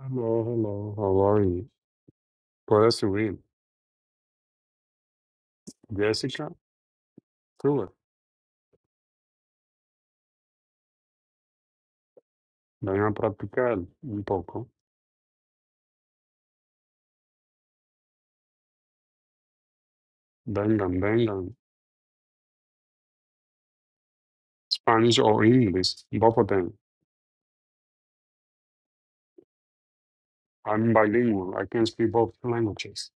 Hello, hello. How are you? ¿Puedes subir? Jessica, sube. Vengan a practicar un poco. Vengan, vengan. Spanish or English, both of them. I'm bilingual. I can speak both languages.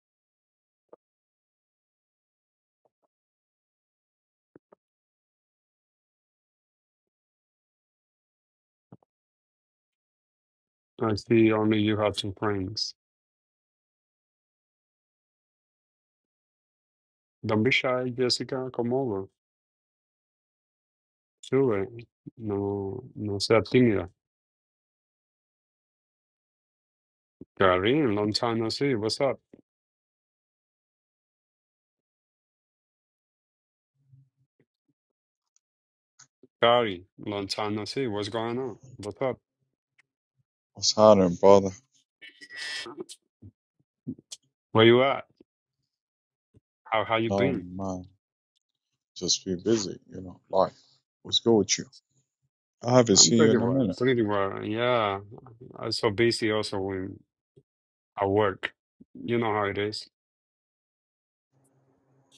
I see only you have two friends. Don't be shy, Jessica. Come over. Sube. No, no sea tímida. Karin, long time no see. What's up? Kari, long time no see. What's going on? What's up? What's happening, brother? Where you at? How how you No, been? man. Just be busy, you know, life. What's good with you? I haven't I'm seen you pretty in a well, minute. pretty well. Yeah, I saw busy also when I work. You know how it is.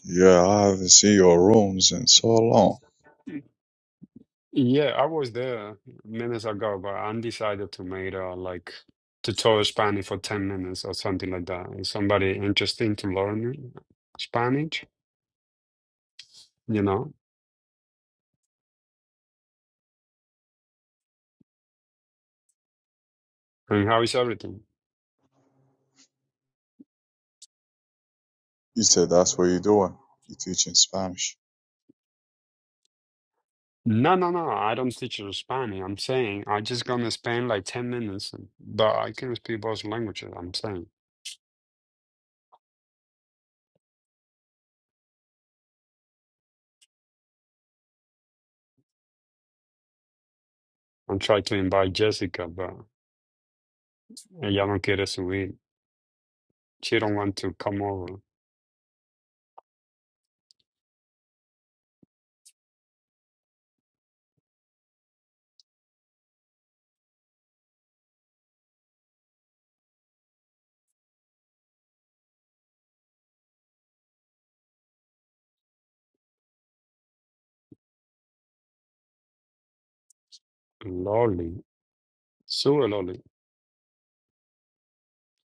Yeah, I haven't seen your rooms in so long. Yeah, I was there minutes ago, but I decided to make uh, like tutorial Spanish for 10 minutes or something like that. Is somebody interesting to learn Spanish? You know? And how is everything? You said that's what you're doing. You're teaching Spanish. No, no, no. I don't teach you Spanish. I'm saying i just gonna spend like 10 minutes, but I can speak both languages. I'm saying. I'm trying to invite Jessica, but ella no quiere subir. She don't want to come over. Lolly. Sure, Lolly.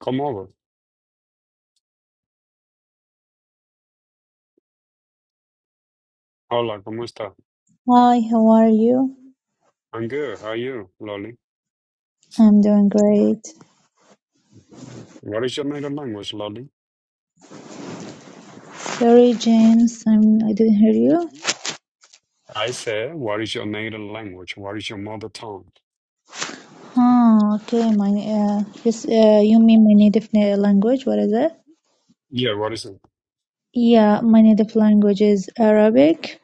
Come over. Hola, ¿cómo está? Hi, how are you? I'm good. How are you, Lolly? I'm doing great. What is your native language, Lolly? Sorry, James, I'm, I didn't hear you. I said, what is your native language? What is your mother tongue? Huh, okay, my, uh, this, uh, you mean my native na- language? What is it? Yeah, what is it? Yeah, my native language is Arabic.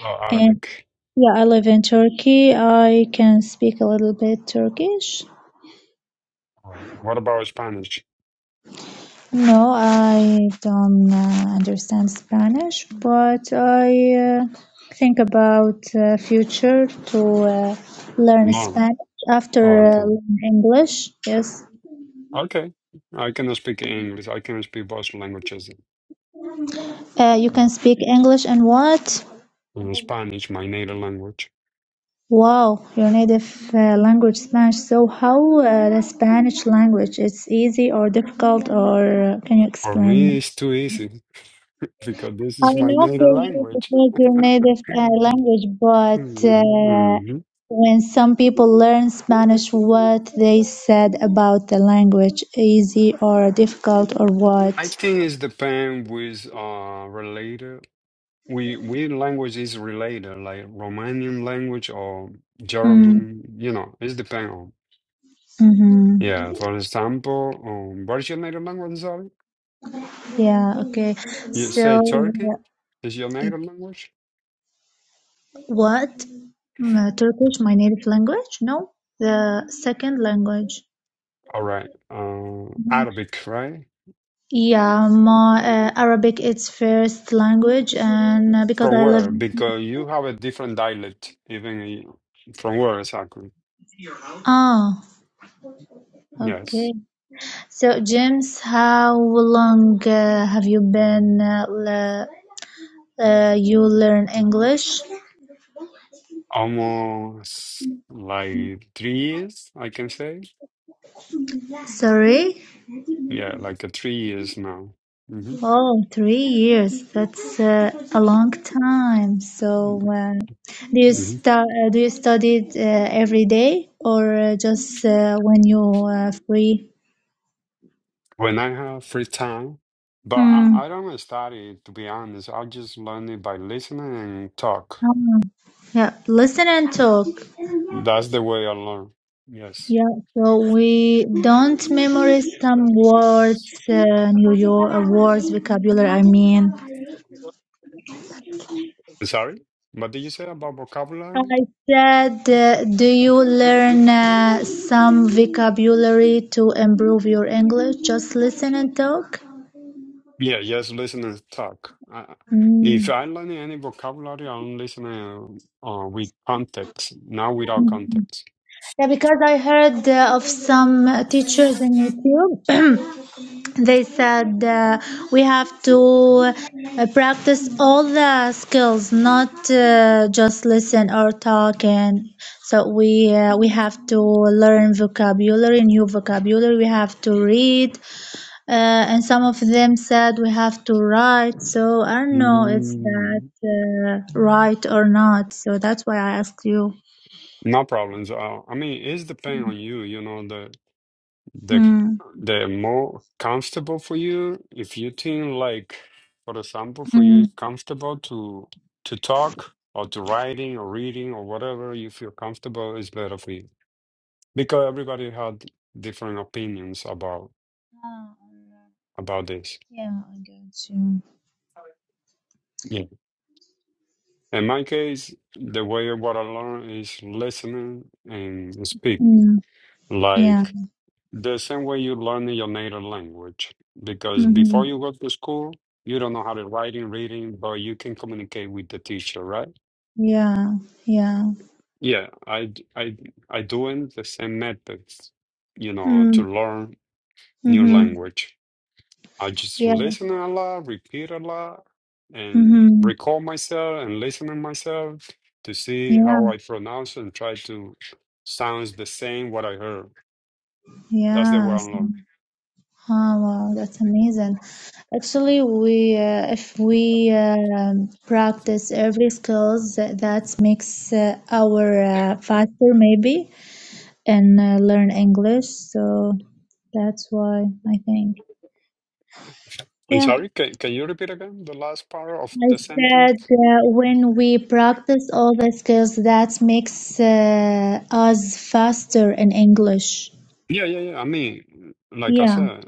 Oh, And Arabic. yeah, I live in Turkey. I can speak a little bit Turkish. Oh, what about Spanish? No, I don't uh, understand Spanish, but I uh, think about uh, future to uh, learn No. Spanish after Oh, uh, okay. learn English. Yes, Okay. I cannot speak English. I can speak both languages. uh, you Mm. can speak English and what? And Spanish, my native language. Wow, your native uh, language Spanish. So how uh, the Spanish language? It's easy or difficult, or uh, can you For explain? me, it's too easy because this I is my know for native you language. because your native uh, language, but uh, Mhm. when some people learn Spanish, what they said about the language, easy or difficult or I what? think it's depend with uh related. We we language is related, like Romanian language or Mm, German. You know, it's depend on. mm-hmm. Yeah, for example, um, what is your native language? Sorry, Yeah, okay. you say So, uh, Turkey is your it, native language. what? Mm, uh, Turkish, my native language? No, the second language. All right, uh, Mhm. Arabic, right? Yeah, my uh, Arabic, it's first language, and uh, because From I live. where? Because you have a different dialect, even i- from where exactly? Ah. Yes, Okay. So, James, how long uh, have you been uh, le- uh, you learn English? almost like three years, I can say. Sorry. Yeah, like uh, three years now. hmm Oh, three years. That's uh, a long time. So, uh, do you hmm stu- uh, do you study it, uh, every day or uh, just uh, when you are free? When I have free time, but Mm. I, I don't study it, to be honest. I just learn it by listening and talk. Ah. Yeah, listen and talk. That's the way I learn. Yes. Yeah, so we don't memorize some words, uh, New York uh, words, vocabulary. I mean, Sorry? What did you say about vocabulary? I said, uh, do you learn uh, some vocabulary to improve your English? Just listen and talk. Yeah, just listen and talk. Uh, if Mm. I learn any vocabulary, I'm listening uh, with context, not without context. Yeah, because I heard uh, of some teachers in YouTube. They said uh, we have to uh, practice all the skills, not uh, just listen or talk. And so we uh, we have to learn vocabulary, new vocabulary. We have to read, uh, and some of them said we have to write. So I don't know it's Mm. that uh, right or not. So that's why I asked you. No problems. Uh, I mean, it's depending on you. You know, the the Mm. the more comfortable for you. If you think like, for example, for you Mm. it's comfortable to to talk or to writing or reading or whatever you feel comfortable is better for you because everybody had different opinions about Ah, alright. about this. Yeah, I got you. Yeah. In my case, the way what I learn is listening and speak. Mm. Like. Yeah. The same way you learn your native language, because before you go to school, you don't know how to write and reading, but you can communicate with the teacher, right? Yeah, yeah. Yeah, I d- I d- I doing the same methods, you know, to Mm, learn new mm-hmm. language. I just Yeah. listen a lot, repeat a lot, and Mm-hmm. recall myself and listen to myself to see Yeah, how I pronounce and try to sounds the same what I heard. That's the way I yes. learn. Ah, wow, that's amazing. Actually, we uh, if we um practice every skills, that, that makes uh, our uh, faster maybe and uh, learn English. So that's why I think. I'm Yeah, sorry, can, can you repeat again the last part of I the sentence? said uh, when we practice all the skills, that makes uh, us faster in English. Yeah, yeah, yeah. I mean, like I Yeah. said,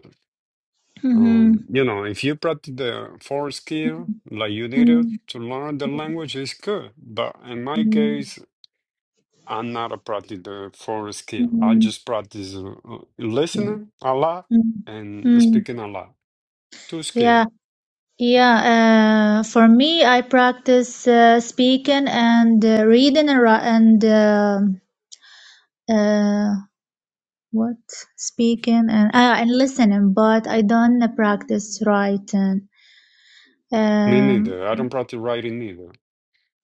Mm-hmm. um, you know, if you practice the four skill like you did it Mm, to learn the language is good. But in my mm, case, I'm not a practice the four skill. I mm, just practice uh, uh, listening a lot mm, and mm. speaking a lot. Two skill. Yeah, yeah. Uh, for me, I practice uh, speaking and uh, reading and ri- and uh, uh, what speaking and uh, and listening, but I don't practice writing. Me Um, neither. I don't practice writing either.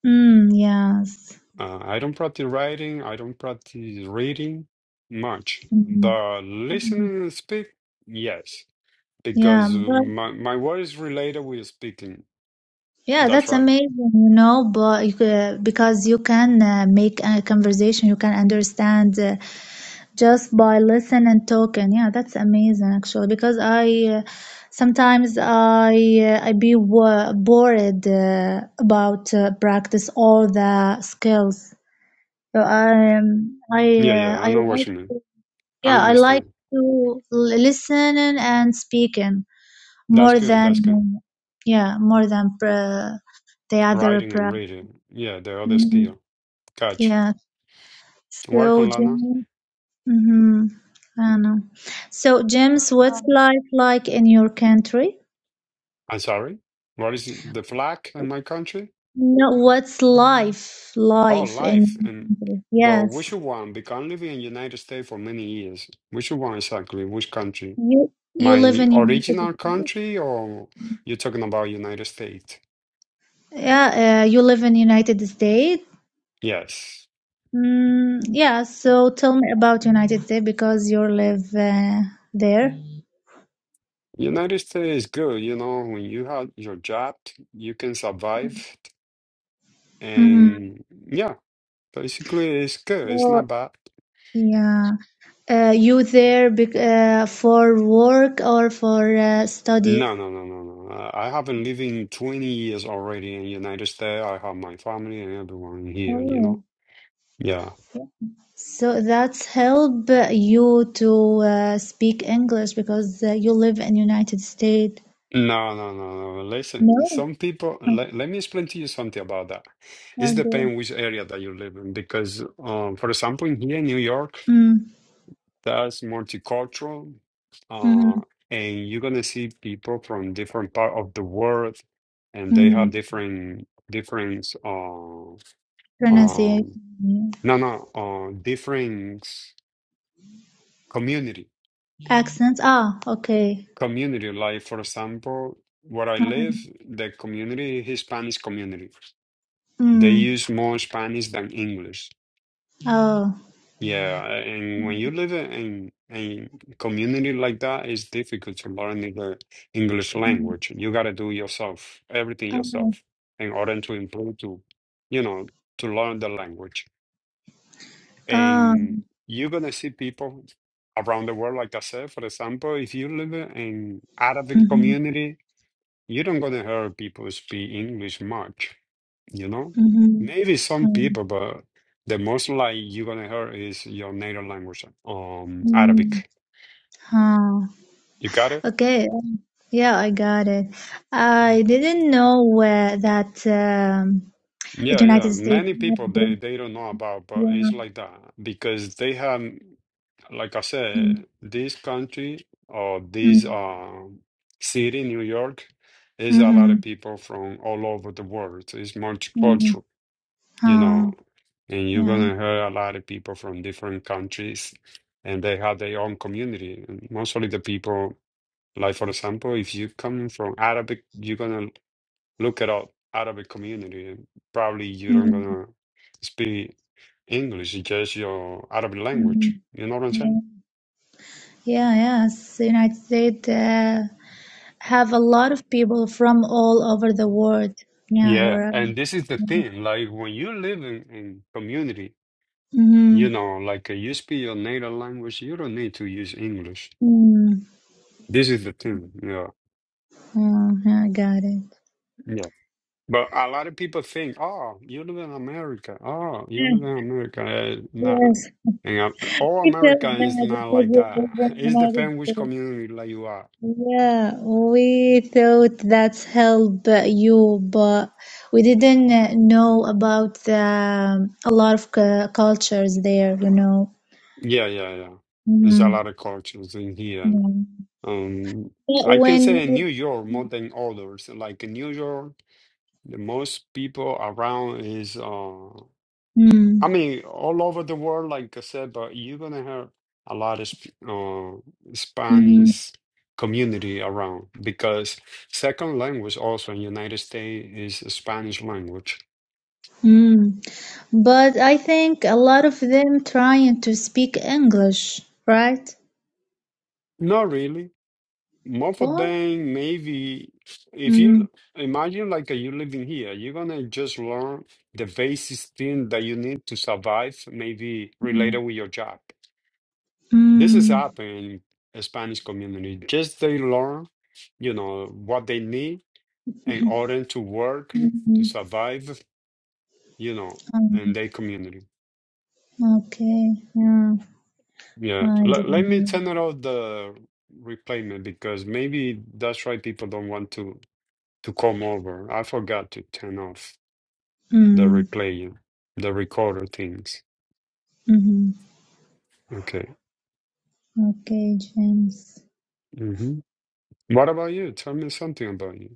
mm, yes. Uh, I don't practice writing, I don't practice reading much, Mhm. but Mhm. listening and speak, yes, because uh, Yeah, my my word is related with speaking. Yeah, That's that's right. amazing, you know, but you, uh, because you can uh, make a conversation, you can understand uh, just by listening and talking. Yeah, that's amazing actually, because I uh, sometimes I uh, I be wo- worried uh, about uh, practice all the skills. So I um, I Yeah, yeah, uh, I I know what like you mean. to, I yeah I like understand. to l- listen and speaking That's more good. than That's good. yeah more than. Uh, the Writing other and reading. Yeah, the other Mhm. skill. Catch. Yeah. Work So, on Lana. James, hmm I know. So, James, Well, what's life like in your country? I'm sorry. What is it? the flag in my country? No, what's life Oh, life in life. your And country? but which Yes. one? Because I'm living in United States for many years. Which one exactly? Which country? You you live My in United original States? country, or you're talking about United States? Yeah, uh, you live in United States? Yes. Mm, yeah, so tell me about United States because you live uh, there. United States is good, you know, when you have your job, you can survive. hmm And yeah, basically it's good. It's So, not bad. yeah. Uh, you there bec uh, for work or for uh, study? No, no, no, no, no. I I haven't lived in 20 years already in United States. I have my family and everyone here, you Oh, know. yeah. so that's help you to uh, speak English because uh, you live in United States. No, no, no, no. Listen, No. some people, let, let me explain to you something about that. It Okay. depends which area that you live in, because, um, for example, in here in New York, Mm, that's multicultural, uh, mm, and you're gonna see people from different part of the world, and they mm. have different, different, uh, Pronunciation. um, Yeah. no, no, uh, different community, Accents. Ah, okay. community. Like, for example, where I Uh-huh. live, the community, Hispanic community. They Mm. use more Spanish than English. Oh. Yeah, and when you live in a community like that, it's difficult to learn the English Mm. language. You got to do yourself, everything Oh. yourself, in order to improve to, you know, to learn the language. Ah. And you're gonna see people around the world, like I said, for example, if you live in Arabic Mm-hmm. community, you don't gonna hear people speak English much you know? Mm-hmm. Maybe some Um, people, but the most like you're gonna hear is your native language, um, mm. Arabic. Huh. You got it? Okay. Yeah, I got it. Mm. I didn't know uh, that. Um, The Yeah, yeah. United States. Many people they they don't know about, but Yeah. it's like that because they have, like I Mm, said, this country or this mm, uh, city, New York, is a lot of mhm, people from all over the world. It's multicultural. mm, you huh, know, and you're yeah. gonna hear a lot of people from different countries, and they have their own community. And mostly the people, like for example, if you come from Arabic, you're gonna look at all Arabic community, and probably you don't Mm, gonna speak English, it's just your Arabic language. mm, You know what I'm yeah. saying? Yeah. Yes. The United States uh, have a lot of people from all over the world. Yeah. You're Yeah, right. and this is the Mm-hmm. thing. Like when you live in, in community, you know, like uh, you speak your native language, you don't need to use English. Mm, This is the thing. Yeah. oh, yeah, I got it. yeah. But a lot of people think, oh, you live in America. Oh, you Yeah, live in America. Uh, nah. Yes. And uh, all He said America is that not because like you that. live in the It United depends which States. community like you are. Yeah, we thought that's help you, but we didn't uh, know about the, um, a lot of cu- cultures there, you know. Yeah, yeah, yeah. There's a Mm, lot of cultures in here. yeah. Um, But I can when say in you- New York more than others. Like in New York, the most people around is uh. mm, I mean, all over the world, like I said, but you're gonna have a lot of Sp- uh, mhm, Spanish community around because second language also in United States is Spanish language. mm. But I think a lot of them trying to speak English, right? Not really. Most of What? them, maybe if Mm, you imagine like uh, you living here, you're gonna just learn the basic thing that you need to survive, maybe mm, related with your job. This is mm, happening in Spanish community. Just they learn, you know, what they need in order to work, to mm, survive, you know, in mm. their community. Okay, yeah, Yeah. I Let, let didn't me know. turn it off the replayment because maybe that's why people don't want to to come over. I forgot to turn off the Mm, replay, the recorder things. mhm. Okay. Okay, James. hmm What about you? Tell me something about you.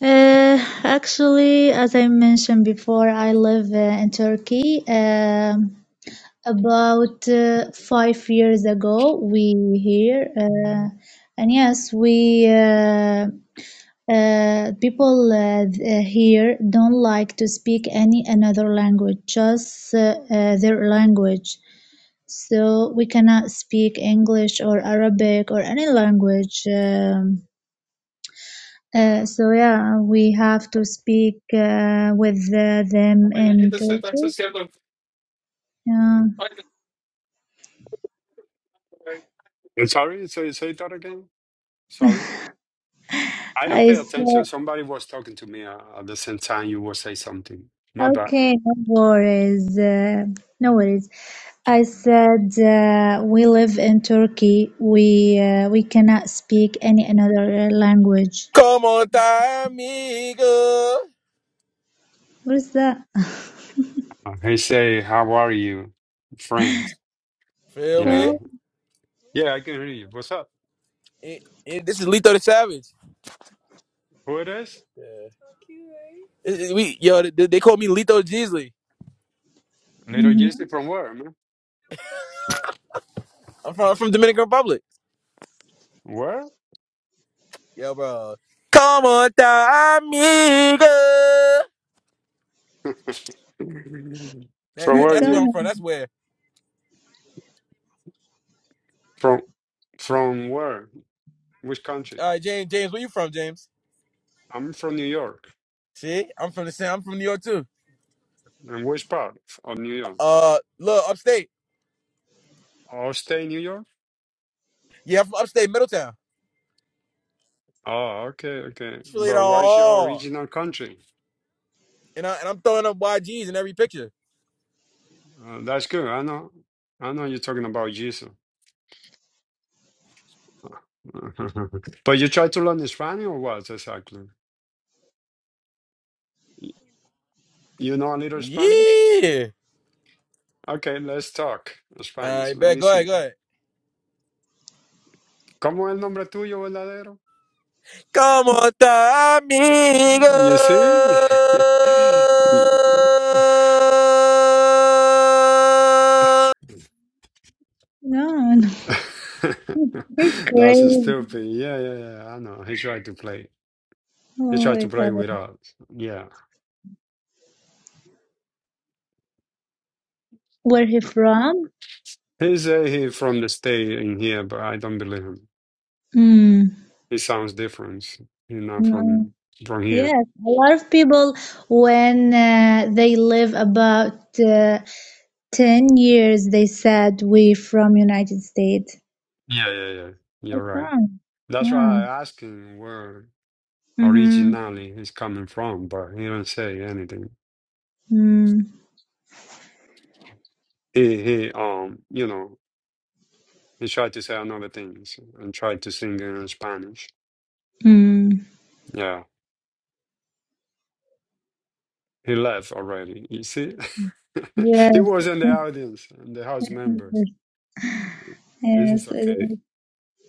Uh, actually, as I mentioned before, I live uh, in Turkey. Um, about uh, five years ago, we here, uh, and yes, we uh, uh, people uh, th- here don't like to speak any another language, just uh, uh, their language. So we cannot speak English or Arabic or any language. Um, Uh, so yeah, we have to speak uh, with uh, them in Turkish. Yeah. Uh, Sorry, say say that again. Sorry. I don't I pay attention. said, Somebody was talking to me uh, at the same time you were say something. My bad. okay, no worries, uh, no worries. I said, uh, we live in Turkey. We uh, we cannot speak any another uh, language. Come on, time, amigo. What is that? Uh, He say, "How are you, friends?" Feel me? Yeah, Oh, yeah, I can hear you. What's up? It- it- this is Lito the Savage. Who it is? Yeah. It- it- we, yo, they, they call me Lito Jeezy. Little hmm Jesse from where, man? I'm from, from Dominican Republic. Where? Yo, bro. Come on, time, amigo. That, From that, where what's are that's where going I'm you? from. That's where. From from where? Which country? All right, James, James, where you from, James? I'm from New York. See, I'm from the same. I'm from New York too. And which part of New York? Uh, look, upstate. Oh, stay in New York? Yeah, I'm from upstate Middletown. Oh, okay, okay. It's really the But what is your all. original country? And, I, and I'm throwing up YGs in every picture. Uh, that's good. I know. I know you're talking about Jesus. But you try to learn Spanish or what exactly? Y- You know a little Spanish? Yeah. Okay, let's talk All Spanish. right, Let bet. me Go ahead, see. go ahead. ¿Cómo es el nombre tuyo verdadero? ¿Cómo está, amigo? You see? Y- on? You're That's crazy. stupid. Yeah, yeah, yeah. I know. He tried to play. He Oh tried my to play God. with us. Yeah. Where he from? He say he from the state in here, but I don't believe him. Mm. He sounds different. He's not No. from from here. Yes, a lot of people when uh, they live about uh, 10 years, they said we from United States. Yeah, yeah, yeah. You're What's right. wrong? That's Yeah. why I asked him where Mm-hmm. originally he's coming from, but he didn't say anything. Mm. He he um you know he tried to say another things and tried to sing in Spanish. Mm. Yeah, he left already. You see, he Yes. was in the audience and the house member. This is Yes. it okay. is.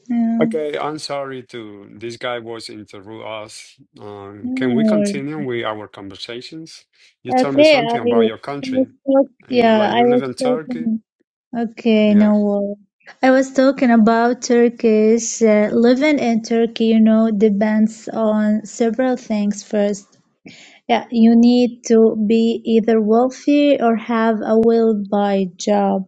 Yeah. Okay, I'm sorry to this guy was interrupt us. Um, can we Yeah. continue with our conversations? You tell me Okay, I, something about your I was country. talk, You- yeah, Like I you live was in talking. Turkey? Okay, Yeah. no worry. I was talking about Turkish uh, living in Turkey, you know, depends on several things first. Yeah, you need to be either wealthy or have a well-paid job.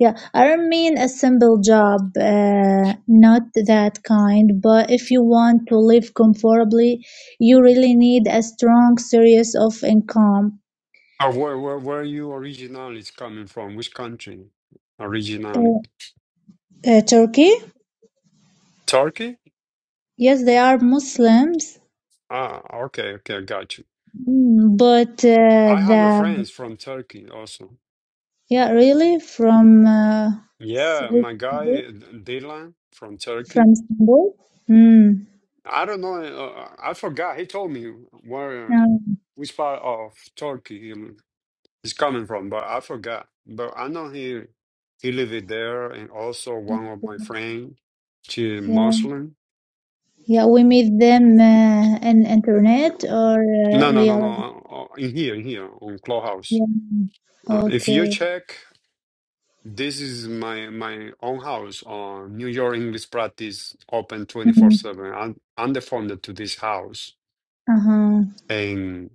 Yeah, I don't mean a simple job, uh, not that kind, but if you want to live comfortably, you really need a strong source of income. Uh, where, where, where you originally is coming from? Which country originally? Uh, uh, Turkey? Turkey? Yes, they are Muslims. Ah, okay, okay, got you. Mm, But uh, I have a the friends from Turkey also. yeah, really from uh, s- Yeah, which my guy city? Dylan from from Turkey. Istanbul. Mm. I don't know. Uh, I forgot. He told me where, Um, which part of Turkey he is coming from, but I forgot. But I know he he lived there, and also one of my friends, she yeah, Muslim. yeah, we meet them uh, in internet or uh, No, no, no, real. no. uh, In here, in here, on Clubhouse. Yeah. Uh, if you Okay. check, this is my my own house on New York English practice, open twenty four Mm. seven. I'm I'm the founder to this house, Uh huh. and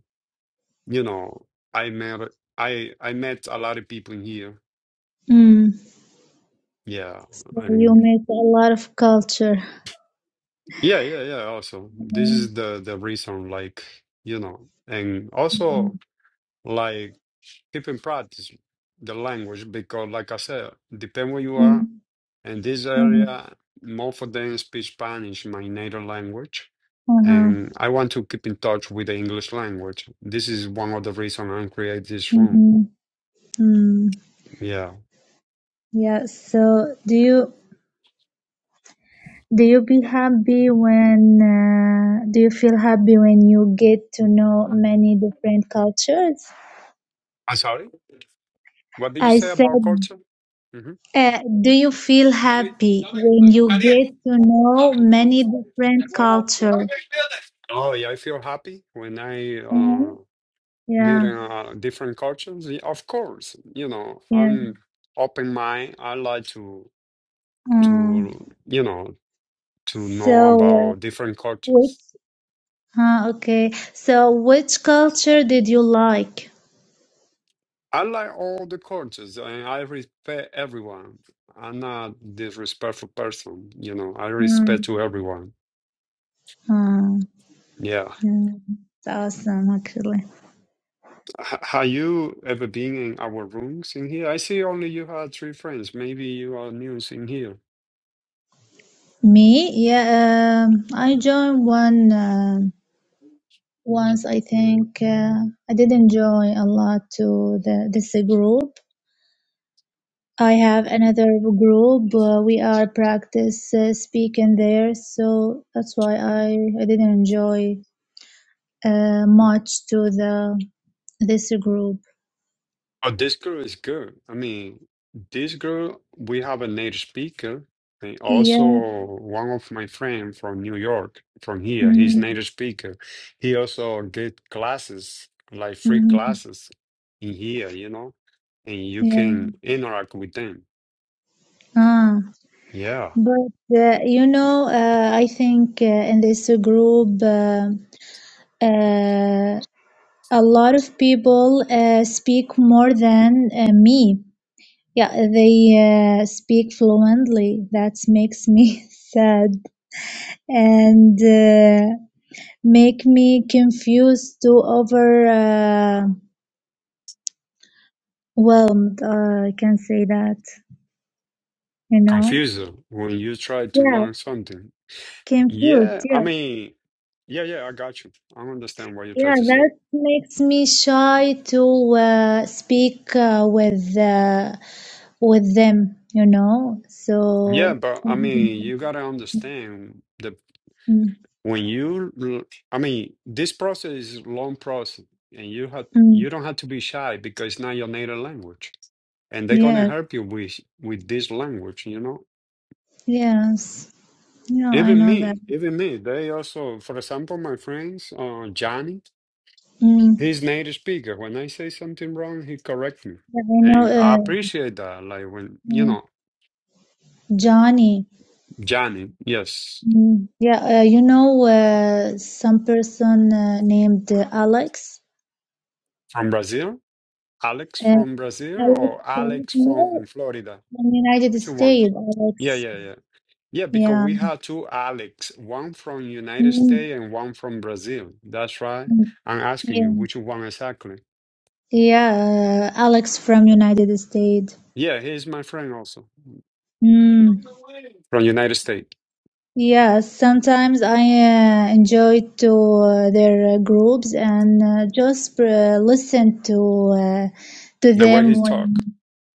you know, I met I I met a lot of people in here. Mm. Yeah, So you and meet a lot of culture. yeah, yeah, yeah. Also, this Mm. is the the reason, like you know, and also like keep in practice the language because, like I said, depend where you are Mm. And this Uh huh. area, more for them speak Spanish, my native language. Uh huh. And I want to keep in touch with the English language. This is one of the reasons I create this room. Mm-hmm. Mm. Yeah. Yeah. So do you? Do you be happy when uh, do you feel happy when you get to know many different cultures? I'm sorry. What did you I say said, about culture? hmm uh, do you feel happy when you get to know many different culture? Oh, yeah. I feel happy when I uh, Mhm. meet Yeah, uh, different cultures. Yeah, Of course, you know, yeah. I'm open mind. I like to Mm. to you know to know So uh, about different which? cultures. Huh, okay. So which culture did you like? I like all the coaches and I respect everyone. I'm not disrespectful person, you know. I respect Mm. to everyone. Mm. Yeah. Yeah. It's awesome, actually. H- have you ever been in our rooms in here? I see only you had three friends. Maybe you are new in here. Me? Yeah, um, I joined one uh, once. I think uh, I didn't join a lot to the this group. I have another group. Uh, we are practice uh, speaking there, so that's why I I didn't enjoy uh, much to the this group. Oh, this girl is good. I mean, this girl, we have a native speaker, and Yeah. also one of my friend from New York, from here, he's mm native speaker. He also get classes, like free mm, classes in here, you know, and you Yeah. can interact with them. Ah, Yeah, but uh, you know, uh, I think uh, in this group. Uh, uh, a lot of people uh, speak more than uh, me. Yeah, they uh, speak fluently. That makes me sad and uh, make me confused to overwhelmed. Uh, I can say that, you know? confusing when you try to Yeah, learn something. confused. Yeah, I Yeah, mean, yeah, yeah, I got you. I understand what you try yeah. to say. That makes me shy to uh, speak uh, with uh, with them. You know, Yeah, so. but I mean, you gotta understand the Mm, when you l- i mean this process is a long process and you have mm, you don't have to be shy because it's not your native language and they're going to yes, help you with with this language you know yes. Yeah, I even know that. me even me they also for example my friends uh johnny Mm, he's native speaker when i say something wrong he corrects me yeah, I know and i uh, appreciate that like when you mm, know Johnny. johnny yes Mm, yeah, uh, you know uh, some person uh, named uh, Alex. from brazil alex Uh, from brazil Alex, or uh, alex no, from florida in the United which one States, yeah Alex. yeah yeah Yeah, because Yeah. we have two Alex, one from United Mm, States and one from Brazil. That's right. mm, I'm asking you yeah, which one exactly. yeah. Uh, Alex from United States. Yeah, he's my friend also Mm. from United States. Yes, sometimes I uh, enjoy to uh, their uh, groups and uh, just uh, listen to uh, to The way them he when talk.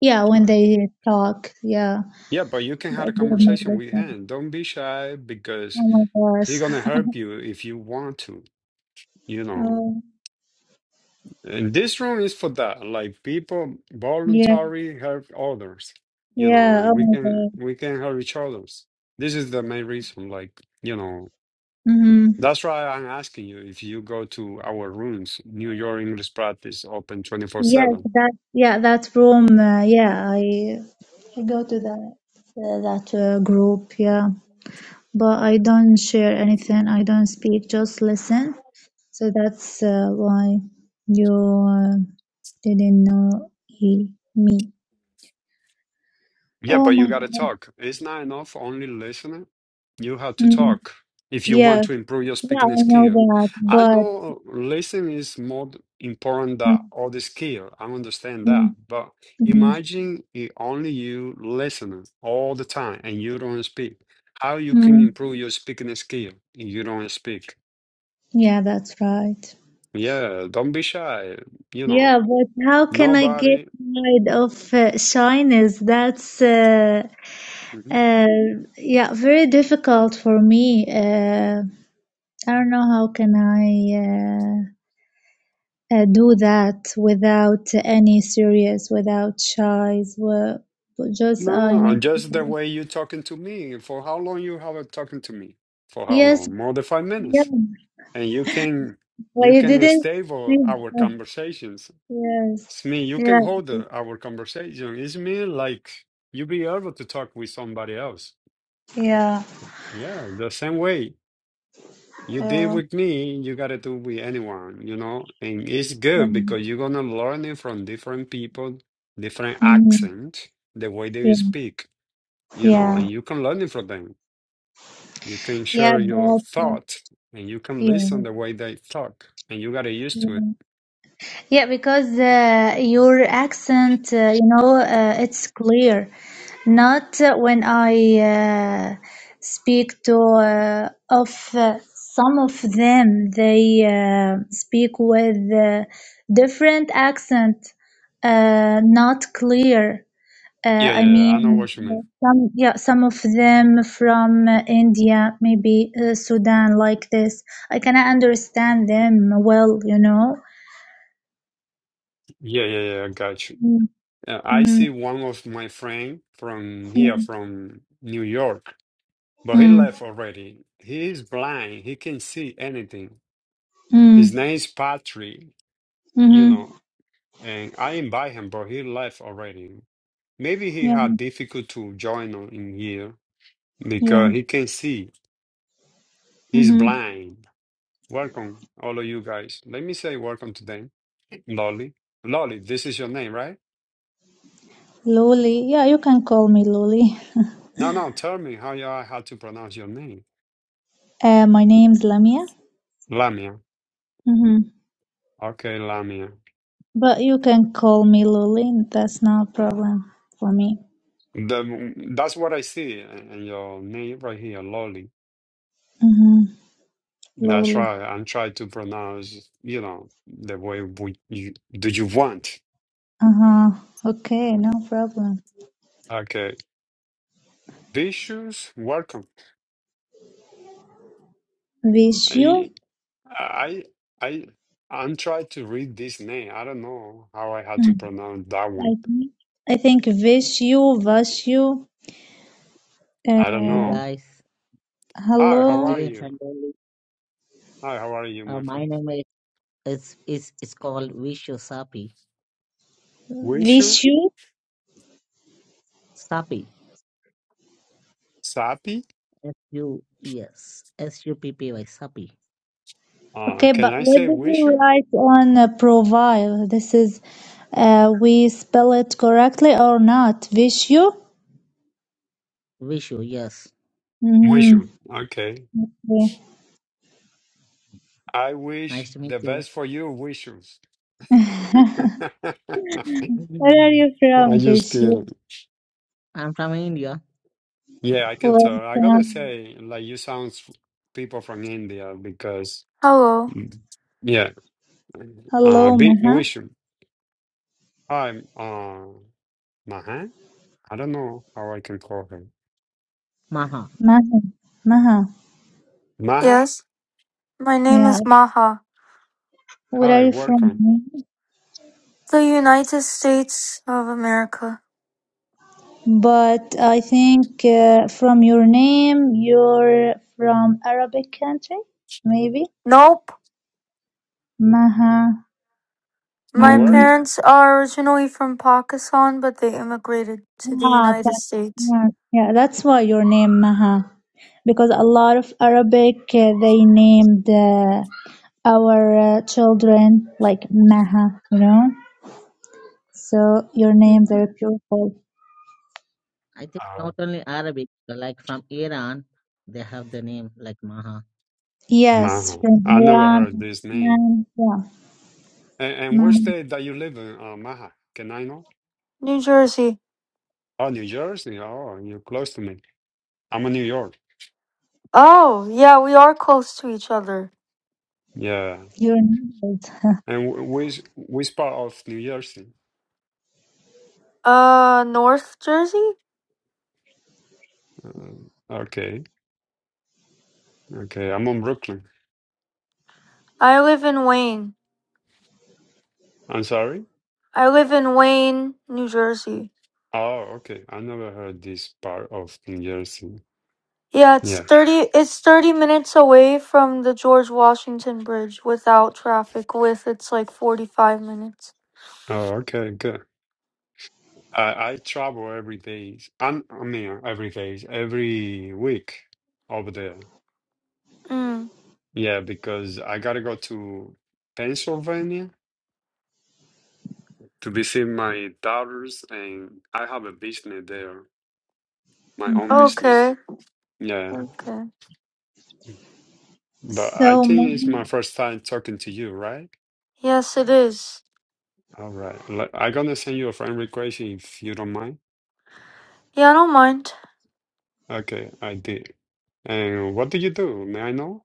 yeah when Uh, they talk yeah. Yeah, but you can Oh have a my conversation gosh! with him. Don't be shy because Oh my gosh. he gonna help you if you want to, you know. Oh, And this room is for that. Like people yeah, voluntary help others, you know, yeah. and Oh we my can god. we can help each others. This is the main reason, like, you know. Mm-hmm. That's why I'm asking you if you go to our rooms, New York English practice open Yes, 24/7. that yeah that room. Uh, yeah, I I go to that uh, that uh, group. Yeah, but I don't share anything. I don't speak. Just listen So that's uh, why you uh, didn't know he, me. Yeah, Oh but my you got to God. talk. It's not enough only listening. You have to Mm, talk if you yeah, want to improve your yeah, I speaking know skill. that, I but know listening is more important than mm, all the skill. I understand that. mm, But mm, imagine if only you listening all the time and you don't speak. How you can mm. improve your speaking skill if you don't speak? yeah, that's right. Yeah, don't be shy you Yeah, know but how can I get Nobody. rid of uh, shyness? That's uh, Mhm. uh, yeah, very difficult for me. Uh, I don't know how can I. uh, uh, do that without any serious, without shies, were just any. No, need. just the way you talking to me. For how long you have been talking to me? For how Yes, long? More than five yeah, minutes. And you can but you you can didn't. stable think our conversations. Yes, It's me. You yeah, can hold uh, our conversation. It's me like you be able to talk with somebody else. yeah, Yeah, the same way you did uh, with me, you gotta do with anyone, you know? And it's good mm, because you're gonna learn it from different people, different mhm, accent, the way they speak. you know, and yeah, you can learn it from them. You can yeah, yeah, share your but, thought and you can yeah, listen the way they talk and you got to used to it. yeah, yeah, because uh, your accent, uh, you know, uh, it's clear. Not when I uh, speak to uh, of uh, some of them, they uh, speak with uh, different accent, uh, not clear. Uh, Yeah, I yeah, yeah. I know mean, what you mean. some yeah, some of them from uh, India, maybe uh, Sudan, like this. I cannot understand them well, you know. Yeah, yeah, yeah. I got you. Mm, Uh, I mm, see one of my friend from here, mm, from New York, but he mm, left already. He is blind. He can see anything. mm, His name is Patrick, you mm-hmm. know, and I invite him, but he left already. Maybe he Yeah, had difficult to join on in here yeah. because he can see. He's Mm-hmm. blind. Welcome, all of you guys. Let me say welcome to them. Lolly. Lolly, this is your name, right? Luli. Yeah, you can call me Luli. No, no, tell me how you are, how to pronounce your name. Uh, my name's Lamia. Lamia. hmm Okay, Lamia. But you can call me Luli. That's not a problem for me. The, that's what I see in your name right here, Lolly. hmm That's Luli. right. I'm trying to pronounce, you know, the way we, you, do you want. Uh huh. Okay, no problem. Okay. Vicious, welcome. Wish you. I, I, I, I'm trying to read this name. I don't know how I had to pronounce that I one. think I think wish you, wish you. I don't Hey Uh, know. guys, Hi, uh, how hello, are James you? and Dolly. Hi, how are you, Uh, my my friend? name is is is, is called Vishu Sapi. Wishu, you wish you. Sapi. Sapi? S U yes. S U P P Y Sapi. Uh, Okay, can but I what say did you wishu? write on uh, profile? This is, uh, we spell it correctly or not? Wish you. Vishu, yes. Wishu. Mm-hmm. Okay. Okay. I Nice wish to meet the you. best for you, wish Where are you from, I just this year? kidding. I'm from India. Yeah, I can Well, tell. I'm gonna from say like you sounds people from India because Hello. mm, yeah. Uh hello, be Maha. wish Hi, uh Maha? I don't know how I can call her. Maha. Maha. Maha. Maha? Yes, my name Yeah. is Maha. Where are Hi, you from? welcome. Maha? The United States of America. But I think uh, from your name, you're from Arabic country, maybe. Nope. Maha. My From Mm. where? parents are originally from Pakistan, but they immigrated to the Ah, United but, States. yeah, Yeah, that's why your name Maha. Because a lot of Arabic, uh, they named uh, our uh, children like Maha, you know. So your name very beautiful. I think Uh, not only Arabic, but like from Iran, they have the name like Maha. Yes, Maha. from I never heard Iran, this name. and yeah, And, and which Mahan, state that you live in, uh, Maha? Can I know? New Jersey. Oh, New Jersey. Oh, you're close to me. I'm in New York. Oh, yeah, we are close to each other. Yeah. your name. is- And wh- which which part of New Jersey? Uh, North Jersey? Uh, okay, okay. I'm on Brooklyn. I live in Wayne. I'm sorry. I live in Wayne, New Jersey. Oh, okay. I never heard this part of New Jersey. Yeah, it's Yeah. 30 it's 30 minutes away from the George Washington Bridge without traffic. With it's like 45 minutes. Oh, okay, good. I, I travel every day. I'm, I mean, every day, every week over there. Mm. Yeah, because I gotta go to Pennsylvania to visit my daughters, and I have a business there, my own Mhm. business. Okay. Yeah, Okay. but I So think it's my Mahan, first time talking to you, right? Yes, it is. All right, L- I'm gonna send you a friend request if you don't mind. Yeah, I don't mind. Okay, I did. And what do you do? May I know?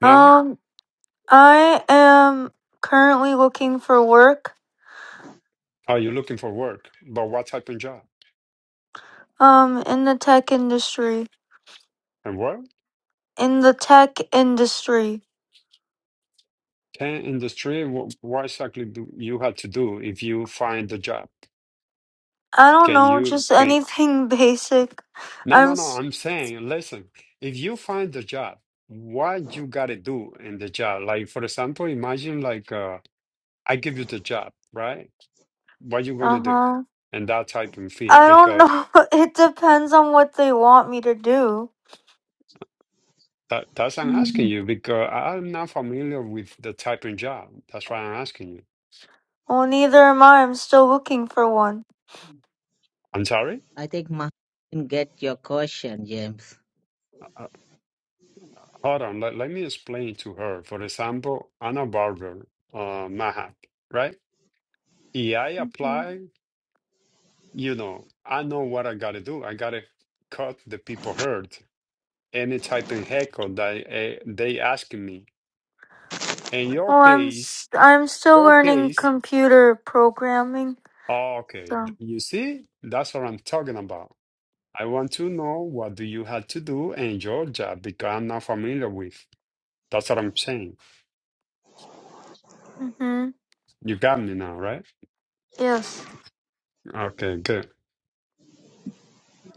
Nah, Um, I am currently looking for work. are you looking for work? But what type of job? Um, in the tech industry. And what? In the tech industry. Can industry? What, what exactly do you have to do if you find the job? I don't Can know, you? just anything basic. No, I'm. no, no. S- I'm saying, listen, if you find the job, what you gotta do in the job? Like, for example, imagine like uh, I give you the job, right? What you gonna uh do? huh. And that type of field, I don't because know. It depends on what they want me to do. that that's I'm yeah. asking you because I- I'm not familiar with the type of job. That's why I'm asking you. Well, neither am I. I'm still looking for one. I'm sorry? I think Maha can get your question, James. Uh, hold on, let, let me explain to her. For example, Anna Barber, uh, Mahak, right? Yeah, I hmm apply. you know, I know what I gotta do. I gotta cut the people hurt. Any type of heckle that eh, they asking me. In your Well, I'm case, s- I'm still your learning case, computer programming. oh, okay, th- So, you see, that's what I'm talking about. I want to know what do you have to do in Georgia because I'm not familiar with. That's what I'm saying. hmm You got me now, right? yes, Okay, good.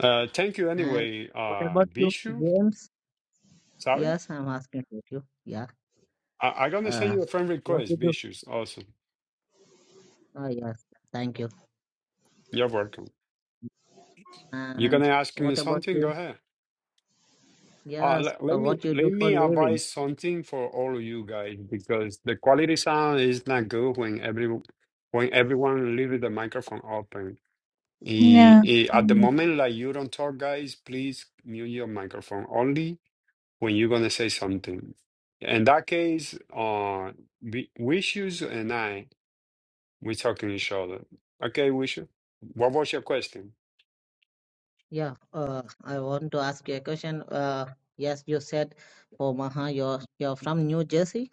Uh, thank you And anyway, what uh, about you, Bishu. James? Sorry, Yes, I'm asking about you. Yeah. I- I'm gonna send Uh, you a friend what request, did you? Bishu. Awesome. Oh, yes. Thank you. You're welcome. You're And gonna ask me what about something? Go you? ahead. Uh, Yes, let, uh, let me what you do let for me living? advise something for all of you guys because the quality sound is not good when every when everyone leaves the microphone open. I- yeah. I- at the Mm. moment, like you don't talk, guys, please mute your microphone only when you're gonna say something. In that case, uh, we- Wishes and I we talking to each other. Okay, Wishes, what was your question? Yeah, uh, I want to ask you a question. Uh, yes, you said for Maha, you're you're from New Jersey?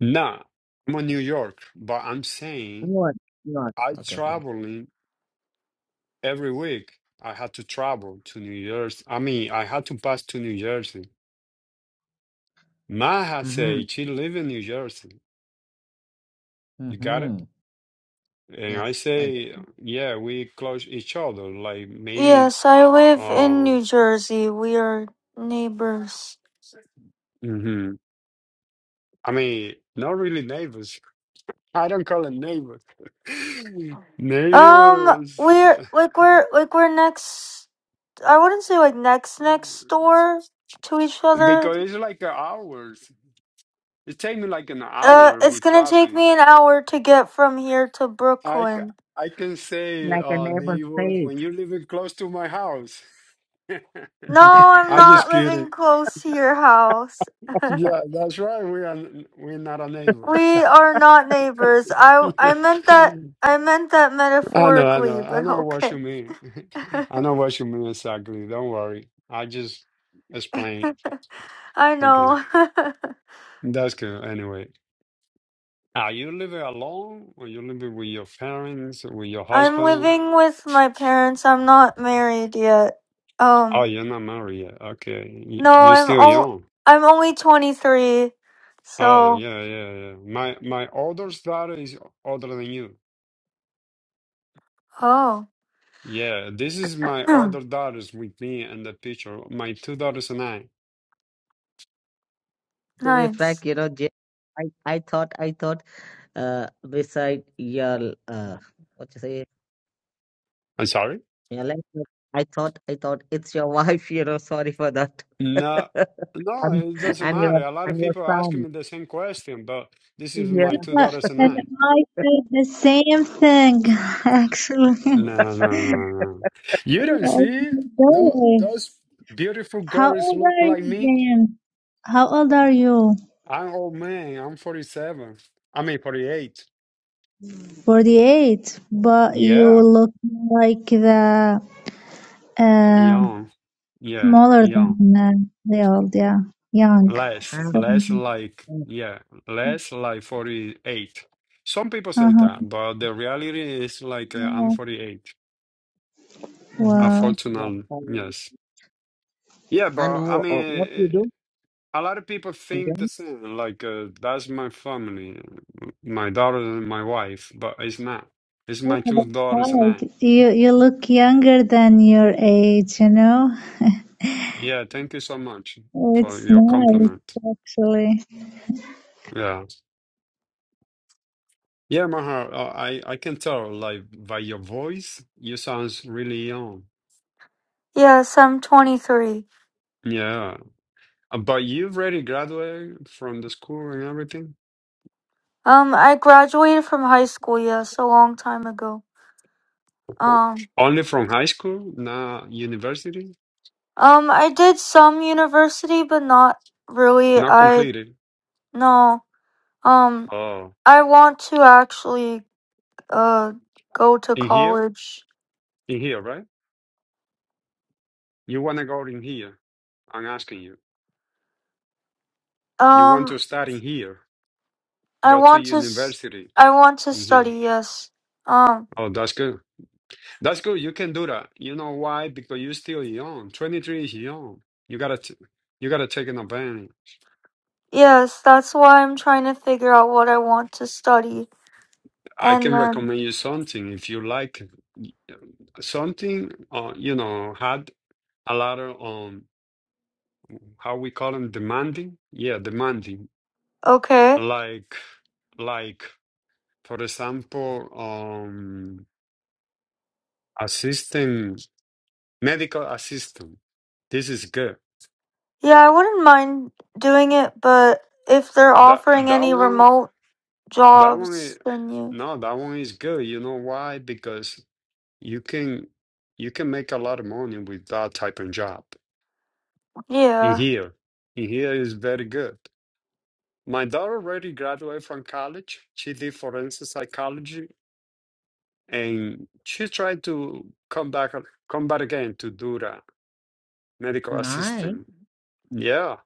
Nah, I'm on New York, but I'm saying. Newark, Not I Okay, okay. travel every week. I had to travel to New Jersey. I mean, I had to pass to New Jersey. Ma had Mm-hmm. said she live in New Jersey. You got it? Mm-hmm. And I Yes, I, say, yeah, we close each other. Like maybe, yes, I live in uh, New Jersey. We are neighbors. hmm I mean, not really neighbors. I don't call it neighbors. Um, Neighbors. we're like we're like we're next. I wouldn't say like next next door to each other. Because it's like a hours. It takes me like an Uh, hour it's with gonna take traffic. me an hour to get from here to I, c- Brooklyn. I can say, like a uh, neighbor neighbors, state. when you're living close to my house. No, I'm I not just kidding. living close to your house. Yeah, that's right. We are n- we're not our neighbors. We are not neighbors. I I meant that I meant that I know, I metaphorically, know, I but know what you mean. okay. I know what you mean exactly. Don't worry. I just explain. I Okay, know. that's good. Anyway, are you living alone, or you living with your parents, or with your I'm husband? living with my parents. I'm not married yet. Oh, Um, you're not married yet. Okay, Y- no, you're I'm still all young. I'm only 23. Oh, So, yeah, yeah, yeah. My my older daughter is older than you. oh. Yeah, this is my older daughters with me in the picture. My two daughters and I. to be nice. frank, you know, Je- I I thought I thought uh beside your uh what you say I'm sorry? your life, I thought I thought it's your wife. You know, sorry for that. No, no, and, it doesn't and matter. your A lot of and your people are asking son. me the same question, but this is Yeah. my two Yeah, daughters and And I. I said the same thing, actually. No, no, no, no. You don't Yeah, see it's Tho- very- those beautiful How girls old look are like you, me. James? How old are you? I'm old man. I'm 47. I mean 48. 48, but you Yeah, look like the um young. Yeah, Smaller young. than uh, the old, yeah. Young. Less, And, So, less like, and- yeah, less like 48. Some people say uh-huh. that, but the reality is like uh, I'm Wow. 48. hmm Wow. yeah. Unfortunately, And, yes. Yeah, but and I wh- mean, uh, what you eh, do a lot of people think the again? same. Like, uh, that's my family, my daughter and my wife, but it's not. It's Yeah, my two that's daughters and I. right. You you look younger than your age, you know? Yeah, thank you so much for It's your nice compliment. actually. Yeah. Yeah, Maher, uh, I, I can tell, like, by your voice, you sounds really young. Yes, I'm 23. Yeah. Uh, But you've already graduated from the school and everything? Um, I graduated from high school, yes, a long time ago. Or- Um, Only from high school, not university? um, I did some university, but not really. Not I, completed. no. Um, Oh, I want to actually, uh, go to in here? college. In here, right? You want to go in here? I'm asking you. You want Um, to start in here? I Go to want to s- university I want to in here. study, yes. Um, Oh, that's good. That's good. You can do that. You know why? Because you're still young. 23 is young. You gotta t you gotta take an advantage. yes, that's why I'm trying to figure out what I want to study. I And can then, recommend you something if you like something uh, you know had a lot of um how we call them demanding yeah demanding okay. like like for example um assistant medical assistant this is good Yeah, I wouldn't mind doing it, but if they're that offering that any one remote that one is, jobs, then you. no that one is good you know why because you can you can make a lot of money with that type of job in Yeah, here in here is very good my daughter already graduated from college she did forensic psychology and she tried to come back come back again to do the medical Nine. assistant yeah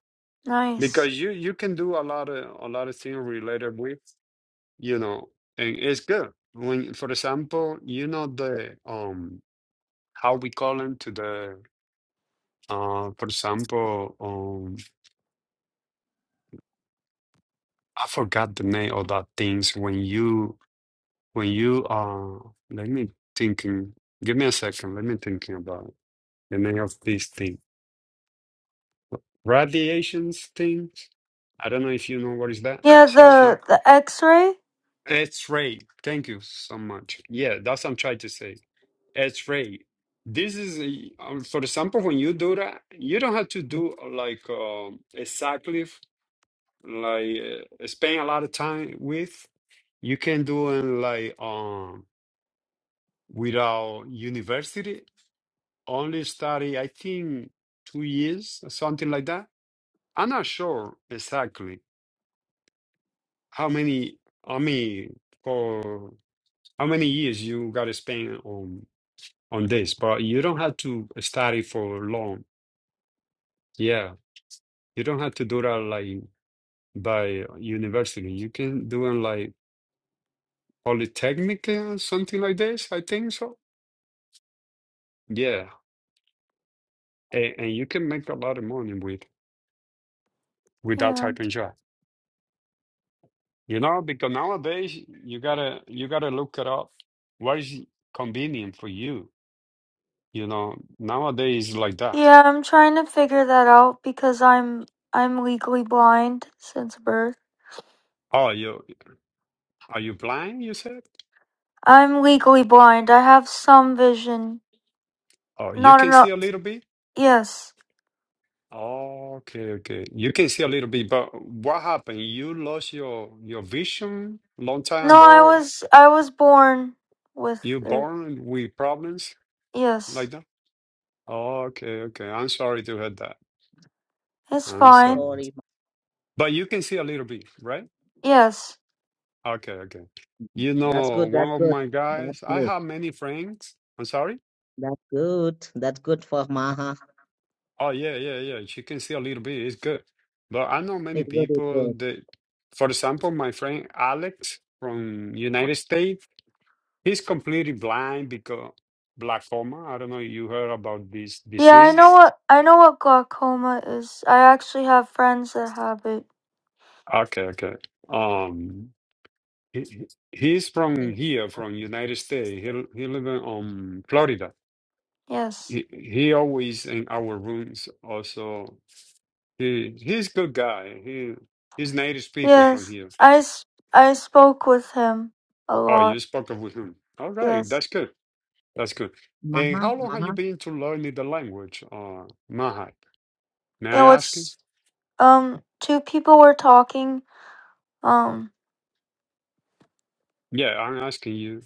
nice. because you you can do a lot of a lot of things related with you know and it's good when for example you know the um how we call them to the uh for example um i forgot the name of that things when you when you uh let me thinking give me a second let me thinking about the name of this thing Radiations things. I don't know if you know what is that, Yeah, Sakura. the the x-ray? X-ray. Thank you so much. Yeah, that's what I'm trying to say. X-ray. This is, a- um, for example, when you do that, you don't have to do uh, like um exactly f- like uh, spend a lot of time with. You can do it like um without university. Only study, I think, two years or something like that. I'm not sure exactly How many, I mean, for how many years you got to spend on on this? But you don't have to study for long. Yeah, you don't have to do that like by university. You can do it like polytechnic or something like this. I think so. Yeah, and, and you can make a lot of money with with that Yeah. type of job. You know, because nowadays you gotta you gotta look it up. What is convenient for you? You know, nowadays like that. Yeah, I'm trying to figure that out because I'm I'm legally blind since birth. Oh, you. Are you blind, you said? I'm legally blind. I have some vision Oh, you not can enough see a little bit? Yes. Oh, Okay, okay. You can see a little bit, but what happened? You lost your your vision long time No, I ago? was I was born with You it. born with problems Yes. like that? Oh, Okay, okay. I'm sorry to hear that. It's I'm I'm fine. sorry. sorry. ma- But you can see a little bit, right? Yes. Okay, okay. You That's know, good. one That's of good. my That's guys, I good. have many friends. I'm sorry? That's good. That's good for Maha. Oh yeah, yeah, yeah. She can see a little bit. It's good. But I know many It's very people good. that, for example, my friend Alex from United States, he's completely blind because glaucoma. I don't know if you heard about this Yeah, I know disease. what I know what glaucoma is. I actually have friends that have it. Okay, okay. Um, he, he- he's And in from the, here, uh, from United States. He l- he lives in um, Florida. Yes. He he always in our rooms. Also, he he's good guy. He he's native speaker from Yes. here. I s- I spoke with him a Oh, lot. you spoke of with him. All right, Yes. that's good. That's good. And Maha, how long have you Maha, been to learning the language, uh, Mahat? May You I know, ask you? it's um two people were talking. Um Yeah, I'm asking you.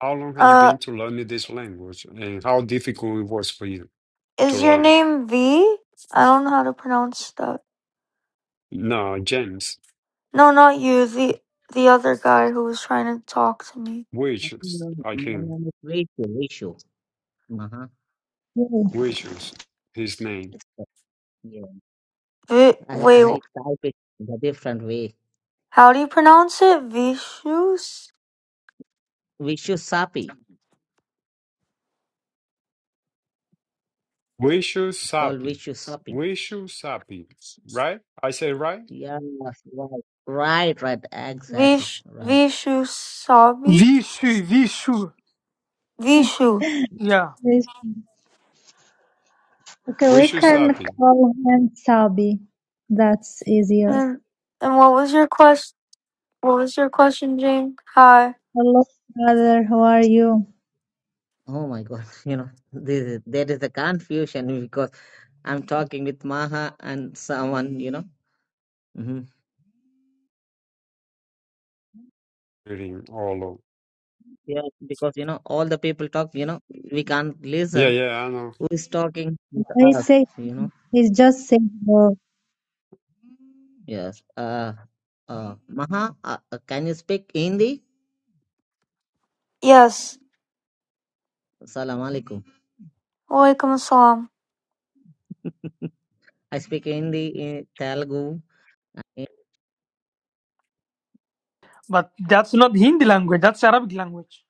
How long have you uh been to learning this language, and how difficult it was for you to is your learn? name V? I don't know how to pronounce that. No, James No, not you. The the other guy who was trying to talk to me. I think Wishes, your- I my think name is Rachel. Rachel. Maha. Yeah. Wishes, his name It's good. Yeah. Vi, I, wait, I type it the different way. how do you pronounce it? Vishus? Vishu Sapi. Wishes It's called Sapi, Vishu Wishes Sapi, right? I say right? Yes, right, right, right, exactly, Vish, right. Vishu Sabi? Vishu, Vishu. Vishu. Yeah, This- Okay, we Wishes can Sapi. call him Sabi. That's easier. And, and what was your question? What was your question, Jane? Hi. Hello, brother. How are you? Oh my God, you know, this, there is a confusion because I'm talking with Maha and someone, you know. hmm Reading all over. Yeah, because you know, all the people talk, you know, we can't Yeah, listen yeah, I know. who is talking with I us, say you know. it's just say hello. Yes, uh, uh, Maha, uh, uh, can you speak Hindi? Yes. Salam alaikum. Walaikum assalam. I speak Hindi, eh, Telugu, but that's not Hindi language. That's Arabic language.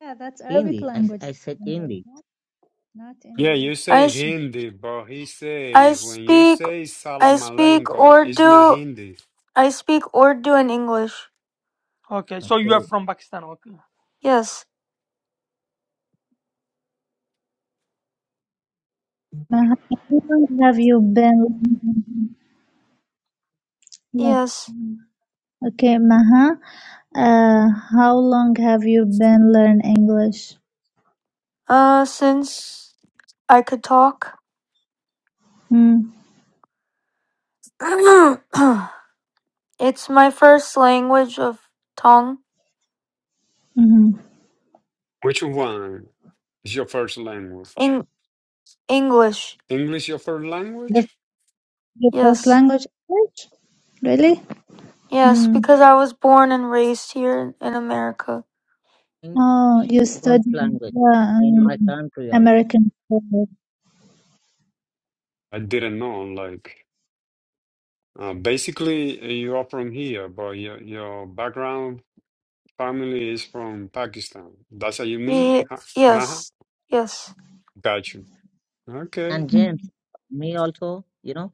Yeah, that's Arabic Hindi. I, language, I said Hindi. not Yeah, India. you I, say s- Hindi, but he I say when you speak, say I Salam speak Aleikum, it's not Urdu, Hindi. I speak Urdu and English. Okay, so you are Okay. from Pakistan. Okay. Yes. Uh, How long have you been? living Lo- Yes. Okay, Maha, uh, how long have you been learning English? Uh, since I could talk. Mm-hmm. it's my first language of tongue. Which one is your first language? In English. English your first language? The, your first Yes, language English? Really? yes, Mm. because I was born and raised here in America. Oh, you in study first language the in my um, country also. American school. I didn't know. Like, uh, basically, uh, you are from here, but your your background family is from Pakistan. That's what you mean? Ye- Huh? Maha? yes, yes. Got you. Okay. And James, Mm. me also, you know,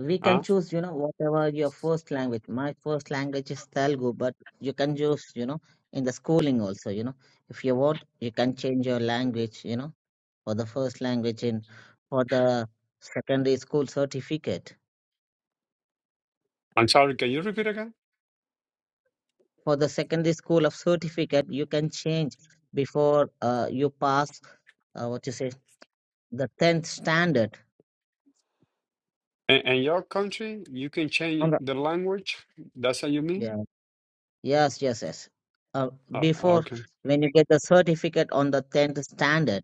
we can Uh, choose, you know, whatever your first language. My first language is Telugu, but you can choose, you know, in the schooling also, you know, if you want, you can change your language, you know, for the first language in for the secondary school certificate. I'm sorry. Can you repeat again? For the secondary school of certificate, you can change before uh, you pass uh, what you say the tenth standard. And, and your country, you can change On the the language. That's what you mean? yeah. Yes, yes, yes. Uh, Oh, before, okay. when you get the certificate on the 10th standard,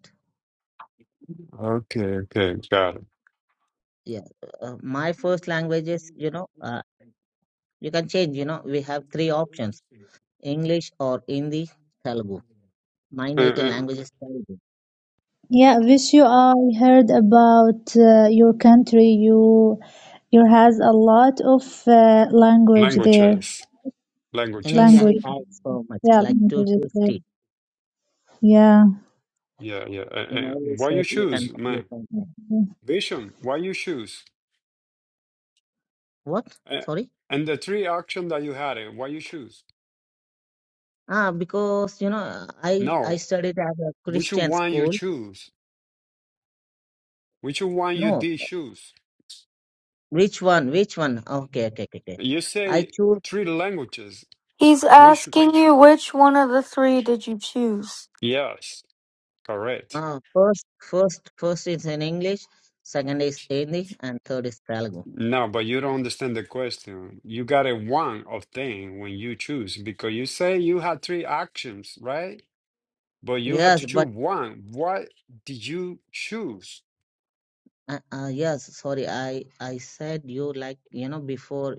Okay, okay, got it. yeah, uh, my first language is, you know, uh, you can change, you know, we have three options English or Hindi, Telugu. My native Uh, language is Telugu. Yeah, uh, wish you I heard about uh, your country. You you has a lot of uh, language there. languages, In languages. India, Language, we have so much, yeah, like languages there. 250. Yeah. Yeah, yeah. Uh, In uh, all why you state, you can, choose, you man? can. learn. Vision. Why you choose? What? Uh, Sorry? and the three action that you had. uh, Why you choose? Ah, because, you know, I, I No, studied at a which Christian one you school. choose? Which one you No, did choose? which one? Which one? Okay, okay, okay. okay. You I say choose. three languages. He's Which? asking you which one of the three did you choose? Yes, correct. Ah, first, first, first is in English, second is Hindi, and third is Telugu. No, but you don't understand the question. You got a one of thing when you choose because you say you had three actions, right? but you had Yes, to but choose one. What did you choose? uh, uh, yes, sorry, I I said you like you know before